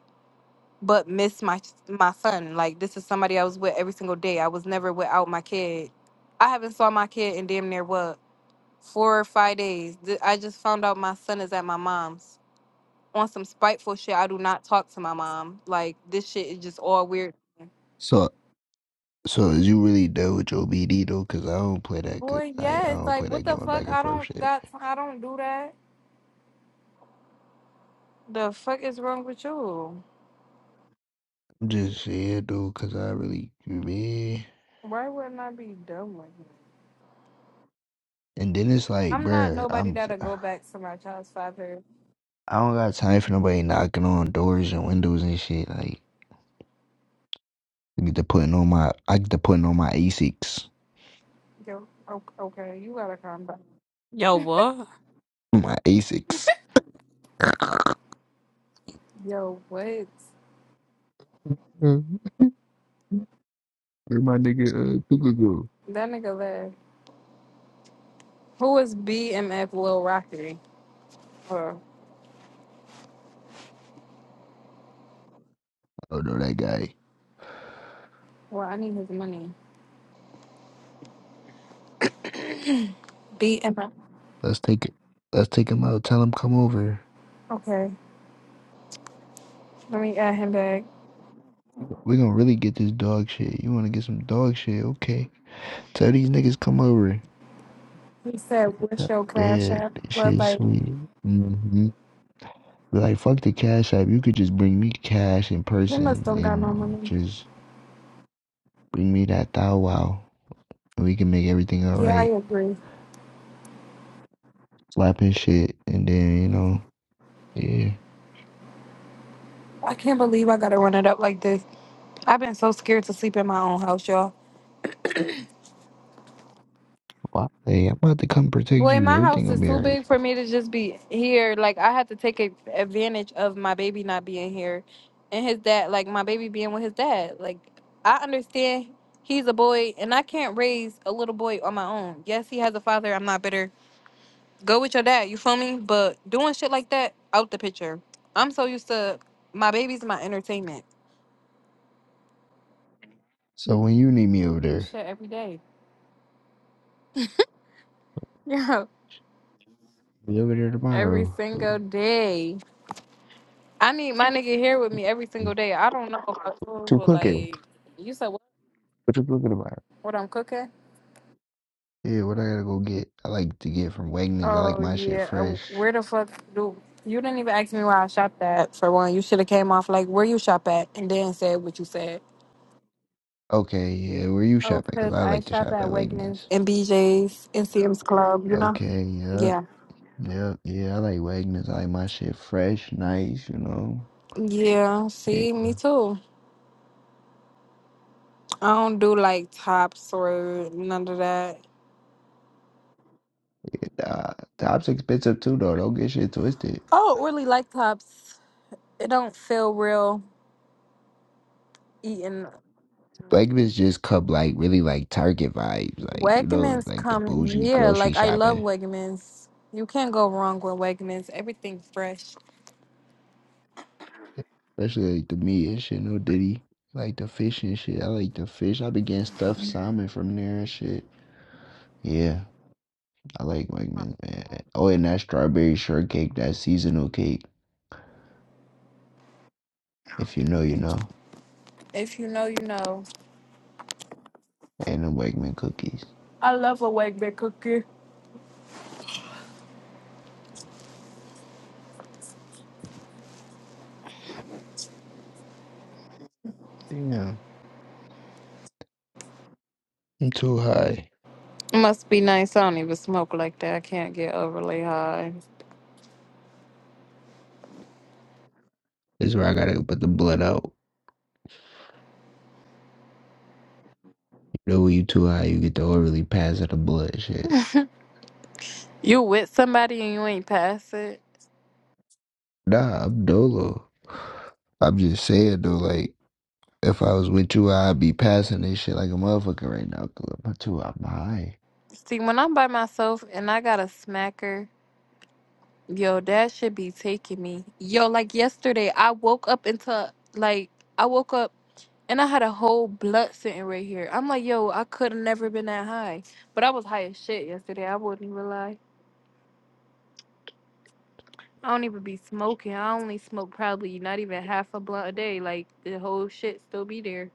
Speaker 1: But miss my my son. Like this is somebody I was with every single day. I was never without my kid. I haven't saw my kid in damn near what four or five days. Th- I just found out my son is at my mom's on some spiteful shit. I do not talk to my mom. Like this shit is just all weird.
Speaker 3: So so is you really done with your BD though? Cause I don't play that good.
Speaker 1: Boy,
Speaker 3: Like I
Speaker 1: yes.
Speaker 3: don't play
Speaker 1: Like what
Speaker 3: that
Speaker 1: the
Speaker 3: going
Speaker 1: fuck?
Speaker 3: back and
Speaker 1: I
Speaker 3: forth
Speaker 1: don't
Speaker 3: shit.
Speaker 1: got. I don't do that. The fuck is wrong with you?
Speaker 3: I'm just saying though, cause I really man.
Speaker 1: Why wouldn't I be done with him?
Speaker 3: And then it's like,
Speaker 1: I'm not
Speaker 3: bruh,
Speaker 1: nobody
Speaker 3: I'm
Speaker 1: that'll go back to my child's father.
Speaker 3: I don't got time for nobody knocking on doors and windows and shit. Like I get to putting on my I get to putting on my Asics.
Speaker 1: Yo, o- okay, you gotta calm down.
Speaker 2: Yo, what?
Speaker 3: My Asics.
Speaker 1: Yo, what?
Speaker 3: Uh, Where my nigga uh, Cuckoo go?
Speaker 1: That nigga left. Who is BMF Lil Rocky? Oh,
Speaker 3: Oh no, that guy.
Speaker 1: well, I need his money. BMF.
Speaker 3: Let's take it. Let's take him out. Tell him come over.
Speaker 1: Okay, let me add him back.
Speaker 3: we gonna really get this dog shit. You wanna get some dog shit? Okay. Tell these niggas come over.
Speaker 1: He said, what's
Speaker 3: Tell-
Speaker 1: your cash
Speaker 3: Yeah,
Speaker 1: app?
Speaker 3: that
Speaker 1: But,
Speaker 3: shit
Speaker 1: like,
Speaker 3: sweet. hmm Like fuck the cash app. You could just bring me cash in
Speaker 1: he must
Speaker 3: person
Speaker 1: don't got no
Speaker 3: and
Speaker 1: money.
Speaker 3: just bring me that thou wow. And we can make everything
Speaker 1: Yeah, I
Speaker 3: alright.
Speaker 1: agree.
Speaker 3: Slapping shit and then you know. Yeah.
Speaker 1: I can't believe I gotta run it up like this. I've been so scared to sleep in my own house, y'all.
Speaker 3: Why? I'm about to come protect
Speaker 1: Boy,
Speaker 3: you.
Speaker 1: my
Speaker 3: Everything
Speaker 1: house
Speaker 3: gonna
Speaker 1: is
Speaker 3: be
Speaker 1: too
Speaker 3: alright.
Speaker 1: big for me to just be here. Like I had to take a, advantage of my baby not being here, and his dad, like my baby being with his dad. Like I understand he's a boy, and I can't raise a little boy on my own. Yes, he has a father. I'm not bitter. Go with your dad. You feel me? But doing shit like that out the picture. I'm so used to my baby's my entertainment.
Speaker 3: So when you need me over there,
Speaker 1: Shit every day. Yeah,
Speaker 3: be over there
Speaker 1: every
Speaker 3: tomorrow.
Speaker 1: single day. I need my nigga here with
Speaker 3: What
Speaker 1: me every single day. I don't know about yours,
Speaker 3: you
Speaker 1: but
Speaker 3: cooking?
Speaker 1: like, you said what?
Speaker 3: What you cooking tomorrow?
Speaker 1: What I'm cooking?
Speaker 3: Yeah, what I gotta go get? I like to get from Wegmans. I like
Speaker 1: Oh
Speaker 3: my shit
Speaker 1: yeah. Uh,
Speaker 3: fresh.
Speaker 1: Where the fuck do you didn't even ask me where I shopped at? For one, you should have came off like where you shop at, and then said what you said.
Speaker 3: Okay, yeah, where you
Speaker 1: Oh,
Speaker 3: shopping? Cause
Speaker 1: cause
Speaker 3: I
Speaker 1: I
Speaker 3: like to
Speaker 1: shop
Speaker 3: shop
Speaker 1: at
Speaker 3: at
Speaker 1: Wegmans
Speaker 3: Wegmans.
Speaker 1: and BJ's and CM's Club. You know?
Speaker 3: Okay, yep,
Speaker 1: Yeah.
Speaker 3: yep, yeah. I like Wegmans. I like my shit fresh, nice. You know,
Speaker 1: Yeah.
Speaker 3: yeah.
Speaker 1: See, me too. I don't do like tops or none of that.
Speaker 3: uh, Tops expensive too though. Don't get shit twisted.
Speaker 1: Oh, really like tops. It don't feel real eating
Speaker 3: Blackman's just come like really like Target vibes, like you know,
Speaker 1: Wegmans
Speaker 3: like the
Speaker 1: come,
Speaker 3: bougie
Speaker 1: yeah,
Speaker 3: grocery
Speaker 1: like I love
Speaker 3: shopping,
Speaker 1: Wegmans. You can't go wrong with Wegmans. Everything fresh.
Speaker 3: especially like the meat and shit. No Diddy, like the fish and shit. I like the fish. I been getting stuffed salmon from there and shit. Yeah, I like Wegmans man. Oh, and that strawberry shortcake, that seasonal cake. If you know, you know.
Speaker 1: If you know, you know.
Speaker 3: And the Wegman cookies.
Speaker 1: I love a Wegman cookie.
Speaker 3: Damn, I'm too high.
Speaker 1: Must be nice. I don't even smoke like that. I can't get overly high.
Speaker 3: This is where I gotta put the blood out. You know, when you too high, you get the orderly pass of the blood shit.
Speaker 1: You with somebody and you ain't pass it.
Speaker 3: Nah, I'm dolo. I'm just saying though, like if I was with you, I'd be passing this shit like a motherfucker right now. Cause I'm too, I'm high.
Speaker 1: See, when I'm by myself and I got a smacker, yo, that should be taking me. Yo, like yesterday, I woke up into like I woke up. And I had a whole blunt sitting right here. I'm like, yo, I could have never been that high. But I was high as shit yesterday. I wouldn't even lie. I don't even be smoking. I only smoke probably not even half a blunt a day. Like the whole shit still be there.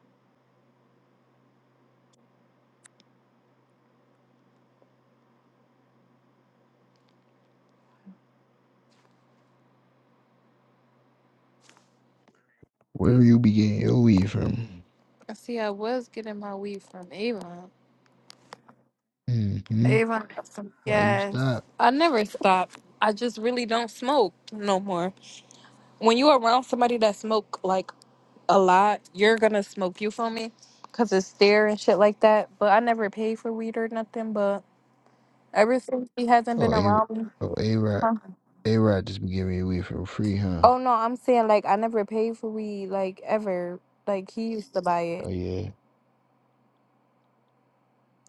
Speaker 3: Where you be getting your weed from?
Speaker 1: I see I was getting my weed from Avon.
Speaker 3: hmm
Speaker 1: Avon got some
Speaker 3: Why you
Speaker 1: gas.
Speaker 3: stop?
Speaker 1: I never stop. I just really don't smoke no more. When you around somebody that smoke like a lot, you're gonna smoke. You feel me? Cause it's there and shit like that. But I never pay for weed or nothing. But Ever since he hasn't
Speaker 3: Oh,
Speaker 1: been
Speaker 3: a,
Speaker 1: around me.
Speaker 3: oh, a rod,
Speaker 1: Huh?
Speaker 3: a rod just be giving you weed for free, huh?
Speaker 1: Oh no, I'm saying like I never paid for weed like ever. Like he used to buy
Speaker 3: Oh
Speaker 1: it.
Speaker 3: yeah,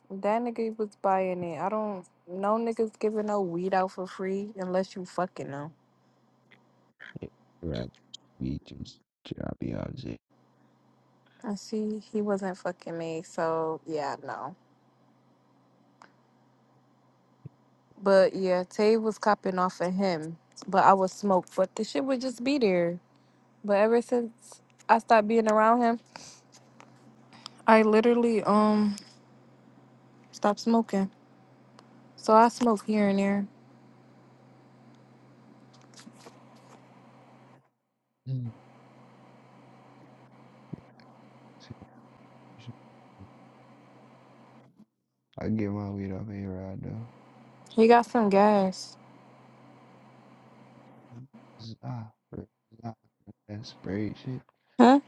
Speaker 1: That nigga was buying it. I don't. No niggas giving no weed out for free unless you fucking them.
Speaker 3: Yeah, a rod be just dropping out shit.
Speaker 1: And see, he wasn't fucking me, so yeah, no. But yeah, Tay was copping off of him, but I would smoke, But the shit would just be there. But ever since I stopped being around him, I literally um stopped smoking. So I smoke here and there.
Speaker 3: Mm. I get my weed off a rod though.
Speaker 1: He got some gas.
Speaker 3: Ah, that's spray shit.
Speaker 1: Huh?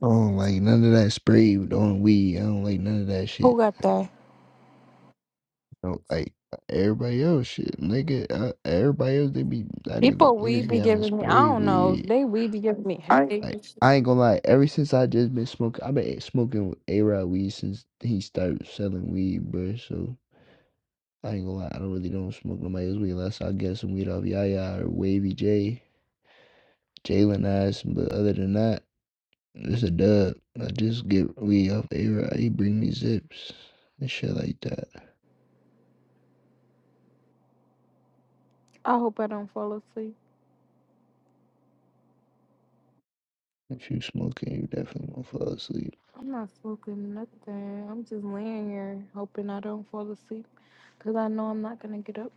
Speaker 3: I don't like none of that spray on weed. I don't like none of that shit.
Speaker 1: Who got that?
Speaker 3: I don't like everybody else shit, nigga. Uh, everybody else they be that nigga
Speaker 1: People
Speaker 3: niggas
Speaker 1: weed
Speaker 3: be
Speaker 1: be
Speaker 3: having
Speaker 1: giving me. I
Speaker 3: spray
Speaker 1: don't know if
Speaker 3: weed.
Speaker 1: they weed be giving me I headaches.
Speaker 3: Like
Speaker 1: and shit.
Speaker 3: I ain't gonna lie. Ever since I just been smoking, I've been smoking A Rod weed since he started selling weed, bro. So I ain't gonna lie. I don't really don't smoke nobody else's weed unless I get some weed off Yaya or Wavy J, Jalen Ass. But other than that, it's a dub. I just get weed off A Rod. He bring me zips and shit like that.
Speaker 1: I hope I don't fall asleep.
Speaker 3: If you smoking, you definitely gonna fall asleep.
Speaker 1: I'm not smoking nothing. I'm just laying here hoping I don't fall asleep because I know I'm not gonna get up.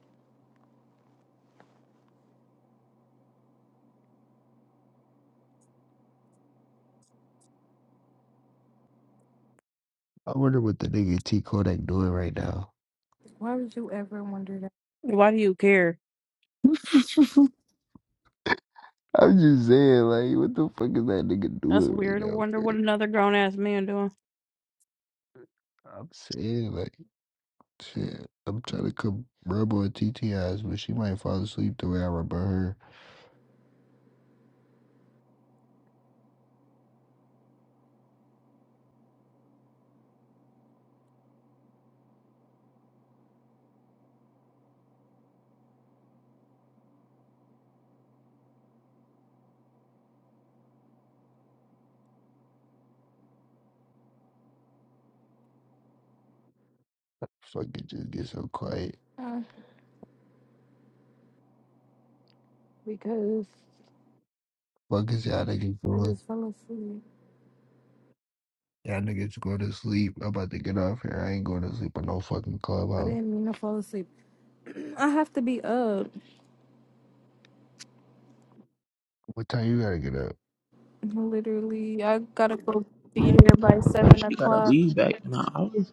Speaker 3: I wonder what the nigga T Kodak doing right now.
Speaker 1: Why would you ever wonder that?
Speaker 2: Why do you care?
Speaker 3: I'm just saying, like, what the fuck is that nigga
Speaker 2: That's
Speaker 3: doing right
Speaker 2: weird. I
Speaker 3: now,
Speaker 2: wonder
Speaker 3: bro?
Speaker 2: what another grown ass man doing.
Speaker 3: I'm saying, like, shit. I'm trying to come rub on T TTI's, but she might fall asleep the way I rub on her. Fucking just get so quiet.
Speaker 1: Huh? Because
Speaker 3: Fuck is y'all niggas
Speaker 1: I
Speaker 3: doing?
Speaker 1: just fell asleep.
Speaker 3: Y'all niggas go to sleep. I'm about to get off here. I ain't going to sleep on no fucking
Speaker 1: I
Speaker 3: clubhouse.
Speaker 1: didn't mean to fall asleep. I have to be up.
Speaker 3: What time you gotta get up?
Speaker 1: Literally, I gotta go be there by seven
Speaker 4: She got a
Speaker 1: o'clock.
Speaker 4: lead back. Nah, I was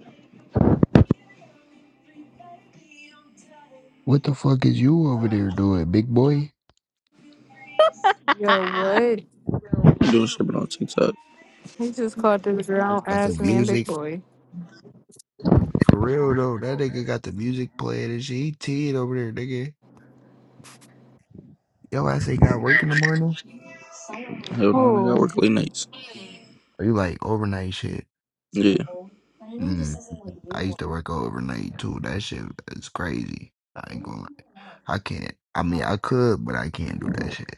Speaker 3: What the fuck is you over there doing, big boy?
Speaker 1: Yo,
Speaker 2: My
Speaker 1: what?
Speaker 4: doing shit but on TikTok.
Speaker 1: He just called this
Speaker 3: I
Speaker 1: grown
Speaker 3: got the
Speaker 1: ass man big
Speaker 3: music.
Speaker 1: boy.
Speaker 3: For real though, that nigga got the music playing and shit. He teed over there, nigga. Yo, I say got work in the morning.
Speaker 4: Hold on, I got
Speaker 1: Who?
Speaker 4: work late nights.
Speaker 3: Or you like overnight shit?
Speaker 4: Yeah.
Speaker 3: Mm, I used to work overnight too. That shit is crazy. I ain't gonna lie. I can't. I mean, I could, but I can't do that shit.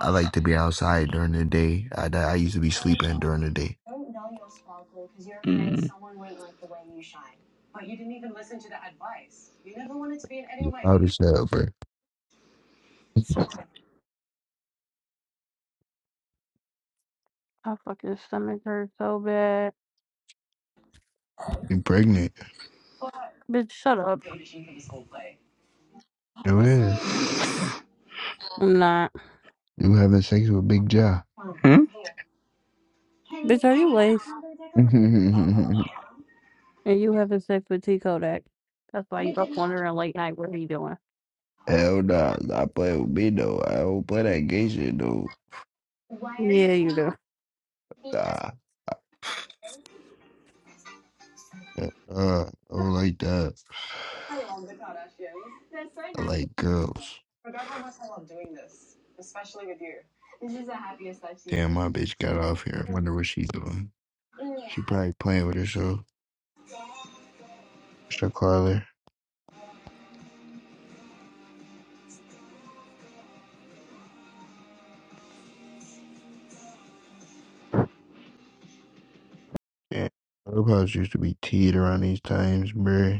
Speaker 3: I like to be outside during the day. I, I used to be sleeping during the day.
Speaker 4: Mm.
Speaker 3: How Out hell, bro.
Speaker 2: fucking stomach hurts so bad.
Speaker 3: You pregnant?
Speaker 2: Bitch, shut up.
Speaker 3: You is.
Speaker 2: I'm not.
Speaker 3: You having sex with Big Jaw?
Speaker 4: Hmm?
Speaker 2: Bitch, are you laced? And you having sex with T Kodak. That's why you up wondering late night what he doing.
Speaker 3: Hell nah, not playing with me though. I don't play that gay shit though.
Speaker 2: Yeah, you do.
Speaker 3: Ah, uh, I don't like that. I like girls. Damn, my bitch got off here. I wonder what she doing. She probably playing with herself. Should I call her? Damn, Clubhouse used to be teed around these times, bruh.